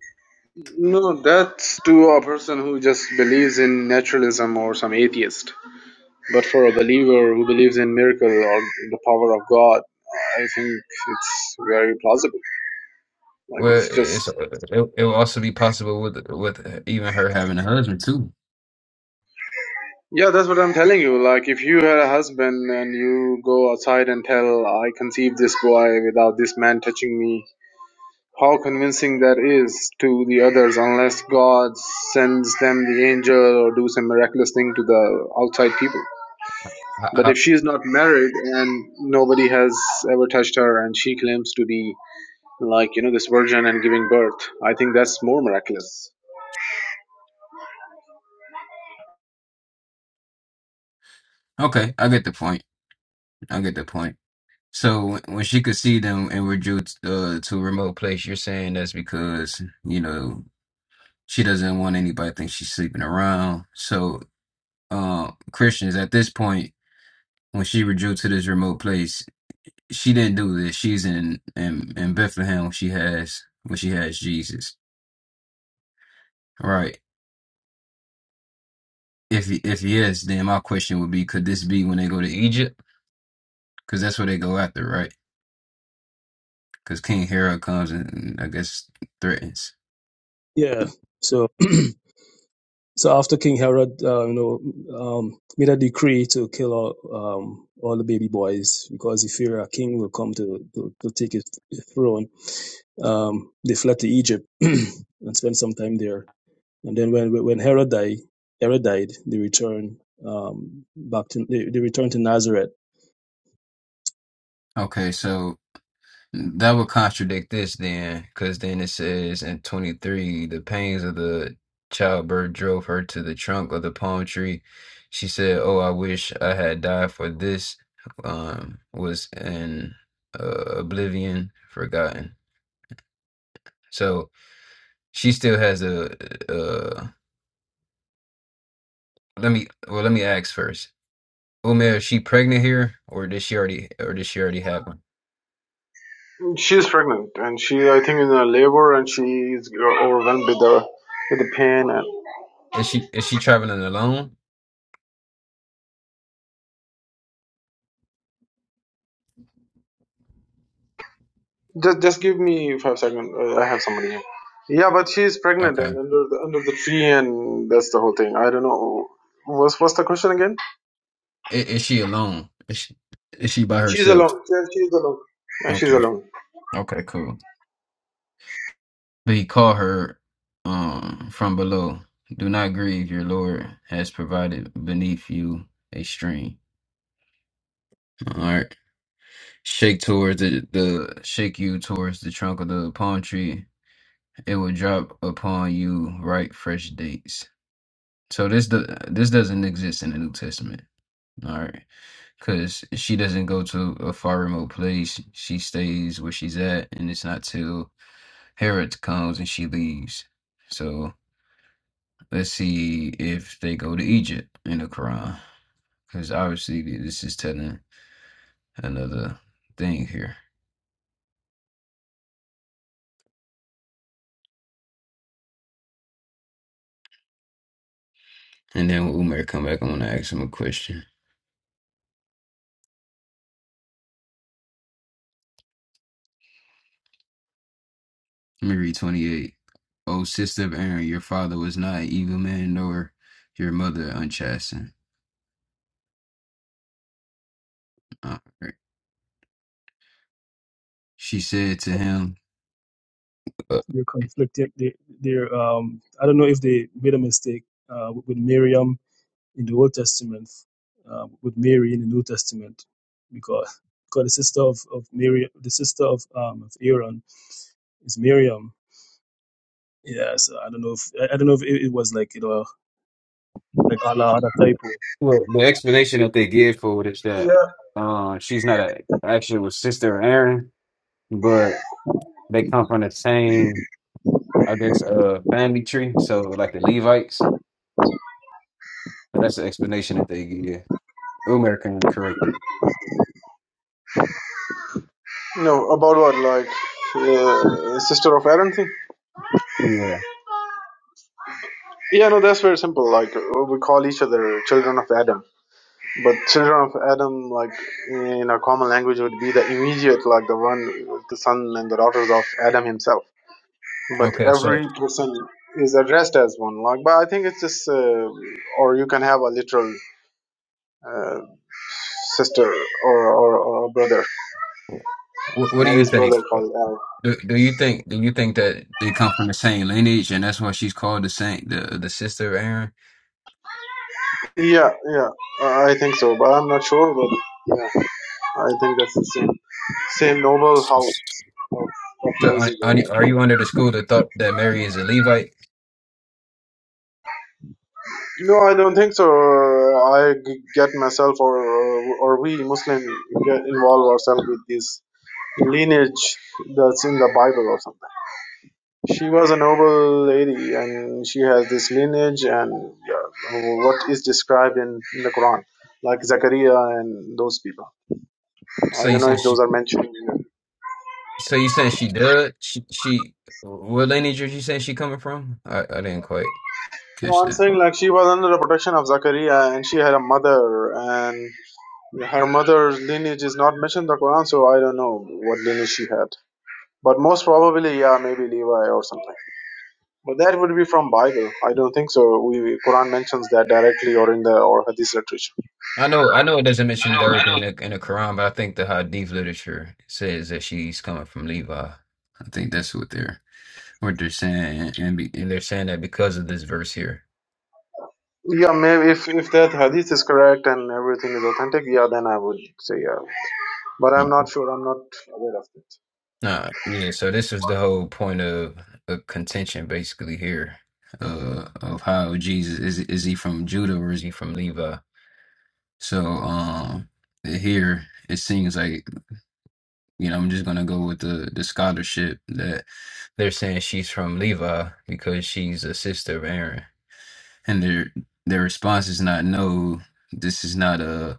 Speaker 7: No, that's to a person who just believes in naturalism or some atheist. But for a believer who believes in miracle or in the power of God, I think it's very plausible. Like
Speaker 1: Well,
Speaker 7: it's just
Speaker 1: it's it, it will also be possible with with even her having a husband too.
Speaker 7: yeah, that's what I'm telling you. Like if you had a husband and you go outside and tell I conceived this boy without this man touching me, how convincing that is to the others unless God sends them the angel or do some miraculous thing to the outside people.
Speaker 1: I,
Speaker 7: But if
Speaker 1: I,
Speaker 7: she is not married and nobody has ever touched her and she claims to be like you know this virgin and giving birth i think that's more miraculous
Speaker 1: okay, I get the point. I get the point. So when she could see them and withdrew uh, to a remote place, you're saying that's because you know she doesn't want anybody to think she's sleeping around. So uh, Christians at this point, when she withdrew to this remote place, she didn't do this. She's in in, in Bethlehem. She has when she has Jesus, right? If if yes, then my question would be: Could this be when they go to Egypt? Because that's where they go after, right? Because King Herod comes and and I guess threatens.
Speaker 3: Yeah. So so after King Herod, uh, you know, um, made a decree to kill all um all the baby boys because he feared a king will come to to, to take his throne. Um, they fled to Egypt and spent some time there. And then when when Herod died, Herod died, they returned um back to they, they returned to Nazareth
Speaker 1: Okay, so. That would contradict this then, because then it says in 23, the pains of the childbirth drove her to the trunk of the palm tree. She said, Oh, I wish I had died for this um was in uh, oblivion forgotten. So she still has a uh let me well let me ask first. Umair, is she pregnant here or did she already or did she already have one?
Speaker 7: She's pregnant and she, I think, in a labor and she is overwhelmed with the with the pain. And
Speaker 1: Is she is she traveling alone?
Speaker 7: just, just give me five seconds. Uh, I have somebody here. Yeah, but she's pregnant and
Speaker 1: Okay.
Speaker 7: under the under the tree, and that's the whole thing. I don't know. What's what's the question again?
Speaker 1: Is, is she alone? Is she is she by
Speaker 7: She's
Speaker 1: herself?
Speaker 7: alone. Yeah, she's alone. Yeah, she's
Speaker 1: Okay.
Speaker 7: alone.
Speaker 1: Okay, cool. But he called her um from below. Do not grieve, your Lord has provided beneath you a stream. All right. Shake towards the, the shake you towards the trunk of the palm tree. It will drop upon you ripe, fresh dates. So this the this doesn't exist in the New Testament. All right. Cause she doesn't go to a far remote place. She stays where she's at and it's not till Herod comes and she leaves. So Let's see if they go to Egypt in the Quran, because obviously this is telling another thing here. And then when Umar come back, I want to ask him a question. Let me read 28. O sister of Aaron, your father was not an evil man, nor your mother unchastened. All right. She said to him, uh,
Speaker 3: They're conflicted. They, they're. Um, I don't know if they made a mistake uh, with Miriam in the Old Testament, uh, with Mary in the New Testament, because because the sister of, of Mary, the sister of um, of Aaron is Miriam. Yeah, so I don't know if I I don't know if it, it was like you know like Allah had a typo.
Speaker 1: Well, the explanation that they give for it is that
Speaker 7: Yeah.
Speaker 1: uh, she's not a actual sister of Aaron, but they come from the same. I guess, uh, family tree. So like the Levites. So that's the explanation that they give. Umar can correct it.
Speaker 7: No, about what? Like uh, sister of Adam thing?
Speaker 1: Yeah.
Speaker 7: Yeah, no, that's very simple. Like uh, we call each other children of Adam But children of Adam, like in a common language, would be the immediate, like the one, the son and the daughters of Adam himself. But
Speaker 1: Okay, so
Speaker 7: every person is addressed as one. Like, but I think it's just, uh, or you can have a literal uh, sister or, or or a brother,
Speaker 1: wh- what do you
Speaker 7: Mary's
Speaker 1: think?
Speaker 7: brother called Al.
Speaker 1: Do, do you think do you think that they come from the same lineage and that's why she's called the saint, the the sister of Aaron?
Speaker 7: Yeah, yeah, uh, I think so, but I'm not sure. But yeah, I think that's the same same noble house of, of
Speaker 1: So are, are
Speaker 7: Moses.
Speaker 1: you are you under the school that thought that Mary is a Levite?
Speaker 7: No, I don't think so. I g- get myself or or we Muslim get involve ourselves with this lineage that's in the Bible or something. She was a noble lady and she has this lineage and yeah, what is described in, in the Quran, like Zakaria and those people. I
Speaker 1: So you
Speaker 7: don't know
Speaker 1: saying
Speaker 7: if
Speaker 1: she
Speaker 7: those are mentioned. in it.
Speaker 1: so you saying she does she she what lineage are you saying she coming from? I, I didn't quite
Speaker 7: No,
Speaker 1: catch
Speaker 7: I'm
Speaker 1: that.
Speaker 7: saying like she was under the protection of Zakaria and she had a mother and her mother's lineage is not mentioned in the Quran, so I don't know what lineage she had. But most probably, yeah, maybe Levi or something. But that would be from Bible. I don't think so. We we- Quran mentions that directly or in the or Hadith literature.
Speaker 1: I know, I know it doesn't
Speaker 7: I
Speaker 1: mention
Speaker 7: know,
Speaker 1: the
Speaker 7: I
Speaker 1: earth
Speaker 7: know.
Speaker 1: in the, in the Quran, but I think the Hadith literature says that she's coming from Levi. I think that's what they're what they're saying, and, be, and they're saying that because of this verse here.
Speaker 7: Yeah, maybe if if that Hadith is correct and everything is authentic, yeah, then I would say yeah. But I'm
Speaker 1: Mm.
Speaker 7: not sure. I'm not aware of it.
Speaker 1: Nah, yeah. So this is the whole point of, of contention, basically here, uh, of how Jesus is is he from Judah or is he from Levi? So um, here it seems like. You know, I'm just gonna go with the the scholarship that they're saying she's from Levi because she's a sister of Aaron, and their their response is not no. This is not a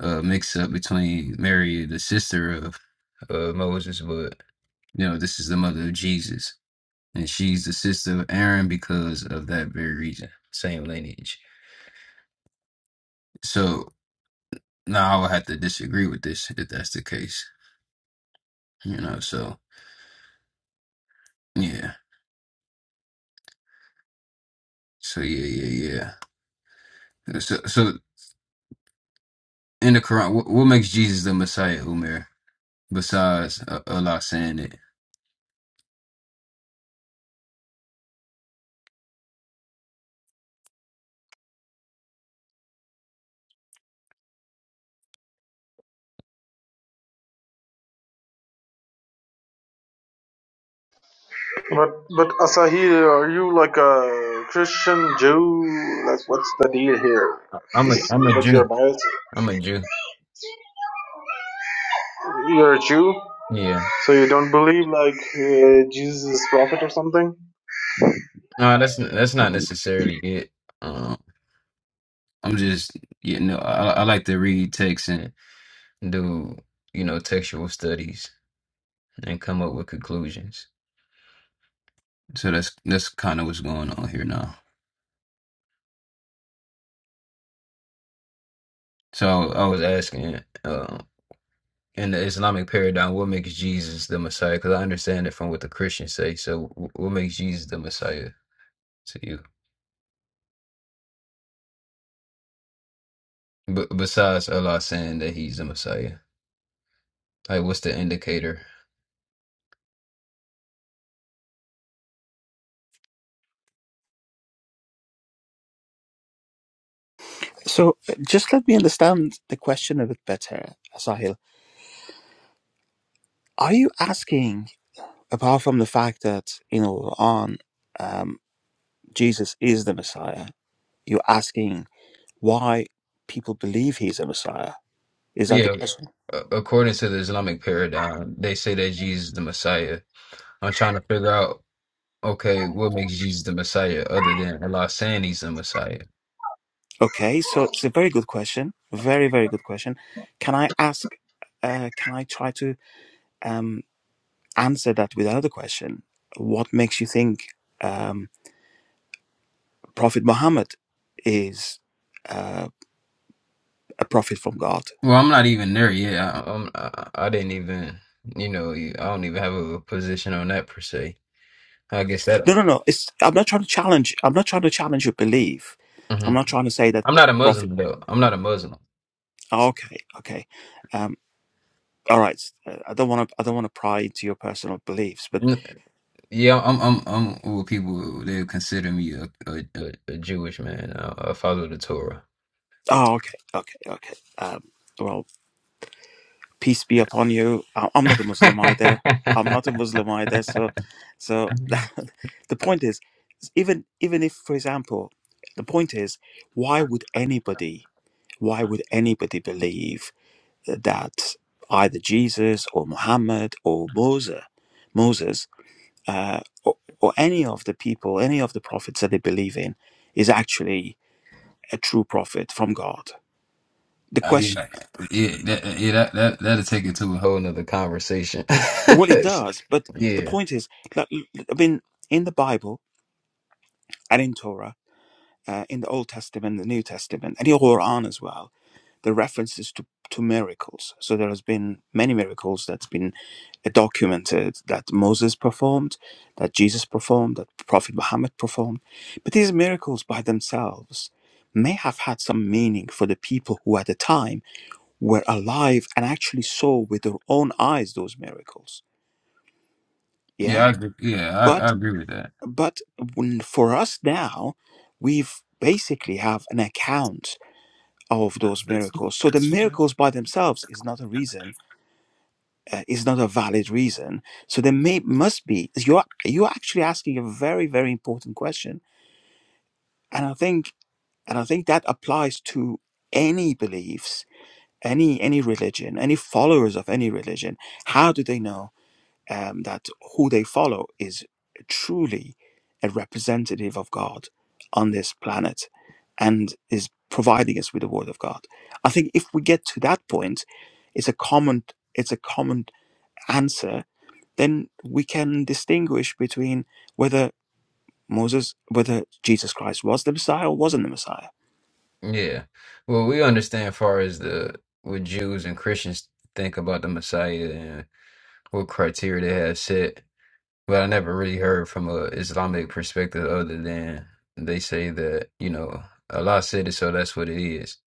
Speaker 1: a mix up between Mary, the sister of uh, Moses, but you know this is the mother of Jesus, and she's the sister of Aaron because of that very reason, same lineage. So now I would have to disagree with this if that's the case. You know, so yeah, so yeah, yeah, yeah. So, so in the Quran, what, what makes Jesus the Messiah, Umar, besides uh, Allah saying it?
Speaker 7: But but Asahi, are you like a Christian Jew? Like, what's the deal here?
Speaker 1: I'm a
Speaker 7: Is-
Speaker 1: I'm a
Speaker 7: What's
Speaker 1: Jew.
Speaker 7: your bias?
Speaker 1: I'm a Jew.
Speaker 7: You're a Jew,
Speaker 1: Yeah.
Speaker 7: so you don't believe like uh, Jesus is prophet or something?
Speaker 1: No, that's that's not necessarily it. Um, I'm just, you know, I, I like to read texts, and do you know textual studies and come up with conclusions. so that's that's kind of what's going on here now. So I was asking, uh, in the Islamic paradigm, what makes Jesus the Messiah? Because I understand it from what the Christians say. So, wh- what makes Jesus the Messiah to you? B- besides Allah saying that he's the Messiah? Like, what's the indicator?
Speaker 6: So just let me understand the question a bit better, Sahil. Are you asking, apart from the fact that you know on? um, Jesus is the Messiah. You're asking why people believe he's a Messiah. Is that the
Speaker 1: Yeah,
Speaker 6: question?
Speaker 1: a- according to the Islamic paradigm, they say that Jesus is the Messiah. I'm trying to figure out, okay, what makes Jesus the Messiah other than Allah saying he's the Messiah?
Speaker 6: Okay, so it's a very good question. Very, very good question. Can I ask, uh, can I try to um, answer that with another question? What makes you think um, Prophet Muhammad is uh, a prophet from God?
Speaker 1: Well, I'm not even there yet. I, I'm, I, I didn't even, you know, I don't even have a position on that per se. I guess that.
Speaker 6: No, no, no. It's, I'm not trying to challenge. I'm not trying to challenge your belief. I'm
Speaker 1: Mhm.
Speaker 6: not trying to say that
Speaker 1: I'm not a
Speaker 6: prophet.
Speaker 1: Muslim though. I'm not a Muslim.
Speaker 6: Okay, okay. um, all right uh, i don't want to i don't want to pry into your personal beliefs but
Speaker 1: Yeah, I'm I'm I'm what people they consider me a a, a, a Jewish man. I, I follow the Torah.
Speaker 6: oh okay okay okay um well peace be upon you I- i'm not a muslim either i'm not a muslim either so so the point is even even if for example the point is why would anybody why would anybody believe that either jesus or muhammad or moses moses uh, or, or any of the people any of the prophets that they believe in is actually a true prophet from God? The
Speaker 1: Uh,
Speaker 6: question,
Speaker 1: yeah, yeah, that, yeah, that that that'll take it to a whole nother conversation.
Speaker 6: well, it does, but the
Speaker 1: Yeah,
Speaker 6: point is, like, I mean, in the Bible and in Torah, uh, in the Old Testament, the New Testament, and in Quran as well, the references to to miracles. So there has been many miracles that's been uh, documented that Moses performed, that Jesus performed, that Prophet Muhammad performed. But these miracles by themselves may have had some meaning for the people who at the time were alive and actually saw with their own eyes those miracles
Speaker 1: yeah,
Speaker 6: yeah
Speaker 1: I agree. Yeah, I,
Speaker 6: but
Speaker 1: I agree with that.
Speaker 6: but when, for us now we've basically have an account of those miracles so the miracles by themselves is not a reason uh, is not a valid reason so there may must be you're you're actually asking a very very important question and i think and i think that applies to any beliefs any any religion any followers of any religion how do they know um, that who they follow is truly a representative of God on this planet and is providing us with the word of God. I think if we get to that point, it's a common it's a common answer, then we can distinguish between whether Moses whether Jesus Christ was the Messiah or wasn't the Messiah.
Speaker 1: Yeah, well, we understand far as the what Jews and Christians think about the Messiah and what criteria they have set. But I never really heard from a Islamic perspective other than they say that, you know, Allah said it, so that's what it is.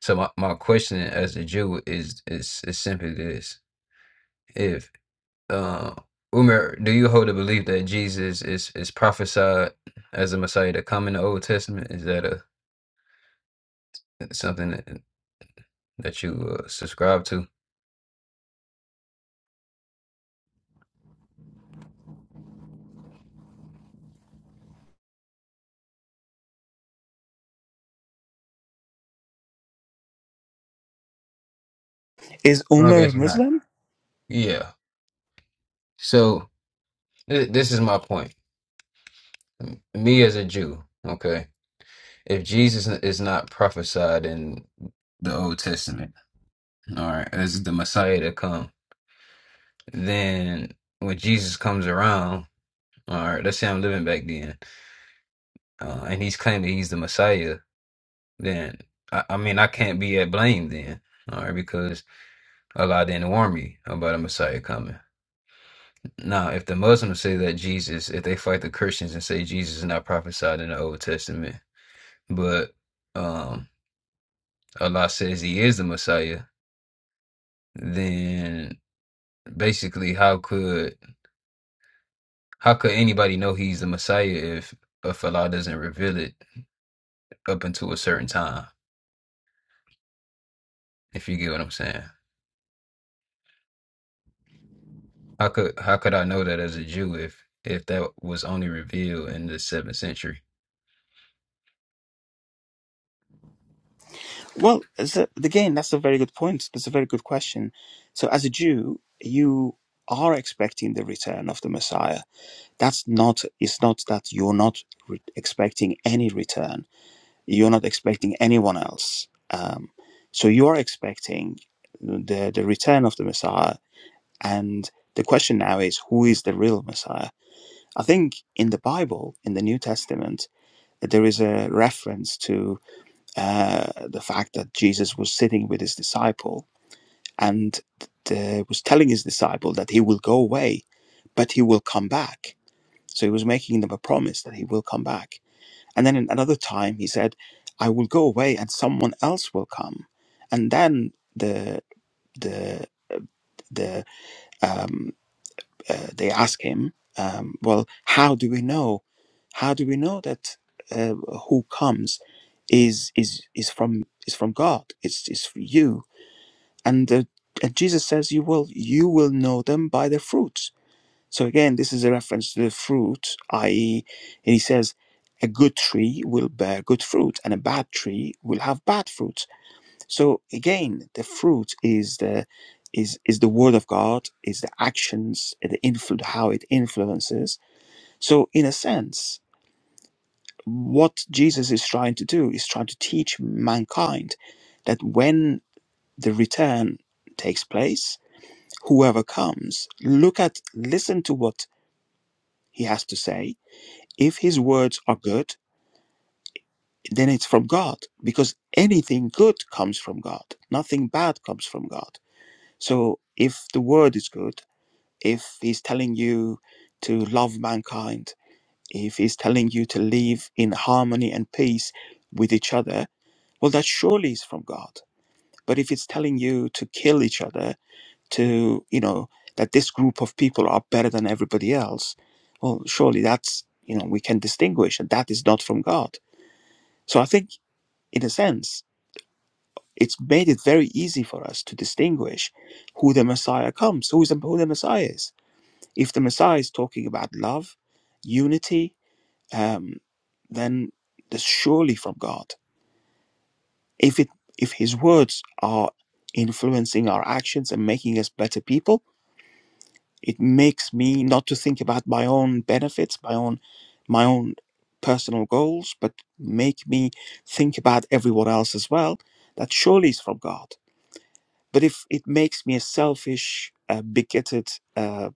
Speaker 1: So my, my question as a Jew is is is simply this. If uh, Umar, do you hold the belief that Jesus is is prophesied as a Messiah to come in the Old Testament? Is that a something that, that you uh, subscribe to?
Speaker 6: Is
Speaker 1: Well, I
Speaker 6: Umar a
Speaker 1: guess not.
Speaker 6: Muslim?
Speaker 1: Yeah. So th- this is my point. Me as a Jew, okay? If Jesus is not prophesied in the Old Testament, all right, as the Messiah to come, then when Jesus comes around, all right, let's say I'm living back then, uh, and he's claiming he's the Messiah, then I, I mean I can't be at blame then, all right, because Allah didn't warn me about a Messiah coming. Now, if the Muslims say that Jesus, if they fight the Christians and say Jesus is not prophesied in the Old Testament, but um Allah says he is the Messiah, then Basically, how could how could anybody know he's the Messiah if if Allah doesn't reveal it up until a certain time? If you get what I'm saying, how could how could I know that as a Jew if if that was only revealed in the seventh century?
Speaker 6: Well, so again, that's a very good point. That's a very good question. So, as a Jew, you are expecting the return of the Messiah. That's not, it's not that you're not re- expecting any return, you're not expecting anyone else. Um, so, you're expecting the, the return of the Messiah. And the question now is, who is the real Messiah? I think in the Bible, in the New Testament, there is a reference to uh, the fact that Jesus was sitting with his disciple and uh, was telling his disciple that he will go away, but he will come back. So he was making them a promise that he will come back. And then in another time, he said, "I will go away, and someone else will come." And then the the uh, the um, uh, they ask him, um, "Well, how do we know? How do we know that uh, who comes is is is from is from God? It's is for you?" And, uh, and Jesus says, "You will you will know them by their fruits." So again, this is a reference to the fruit, i.e., and he says, "A good tree will bear good fruit, and a bad tree will have bad fruit." So again, the fruit is the is is the word of God, is the actions, uh, the influ- how it influences. So in a sense, what Jesus is trying to do is trying to teach mankind that when the return takes place, whoever comes, look at listen to what he has to say. If his words are good, then it's from God because anything good comes from God. Nothing bad comes from God. So if the word is good if he's telling you to love mankind, if he's telling you to live in harmony and peace with each other, well, that surely is from God. But if it's telling you to kill each other, to, you know, that this group of people are better than everybody else, well, surely that's, you know, we can distinguish and that is not from God. So I think, in a sense, it's made it very easy for us to distinguish who the Messiah comes, who is the, who the Messiah is If the Messiah is talking about love, unity, um, then that's surely from God. If it if his words are influencing our actions and making us better people, it makes me not to think about my own benefits, my own my own personal goals, but make me think about everyone else as well. That surely is from God. But if it makes me a selfish, uh, bigoted, uh,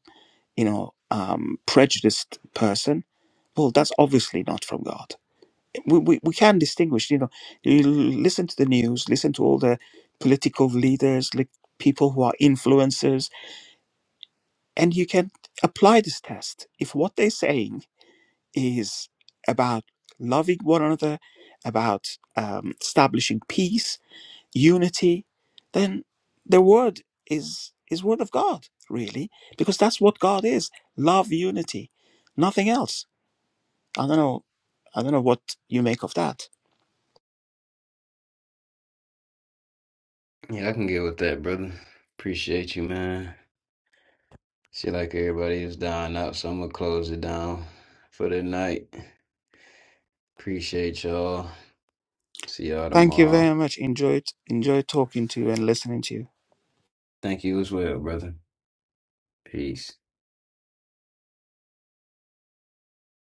Speaker 6: you know, um, prejudiced person, well, that's obviously not from God. We, we, we can distinguish, you know, you l- listen to the news, listen to all the political leaders, like people who are influencers, and you can apply this test. If what they're saying is about loving one another, about um, establishing peace, unity, then the word is is word of God, really, because that's what God is. Love, unity, nothing else. I don't know I don't know what you make of that.
Speaker 1: Yeah, I can get with that, brother. Appreciate you, man. See, like everybody is dying out, so I'm gonna close it down for the night. Appreciate y'all. See y'all
Speaker 6: Thank you
Speaker 1: tomorrow.
Speaker 6: very much. Enjoyed enjoyed talking to you and listening to you.
Speaker 1: Thank you as well, brother. Peace.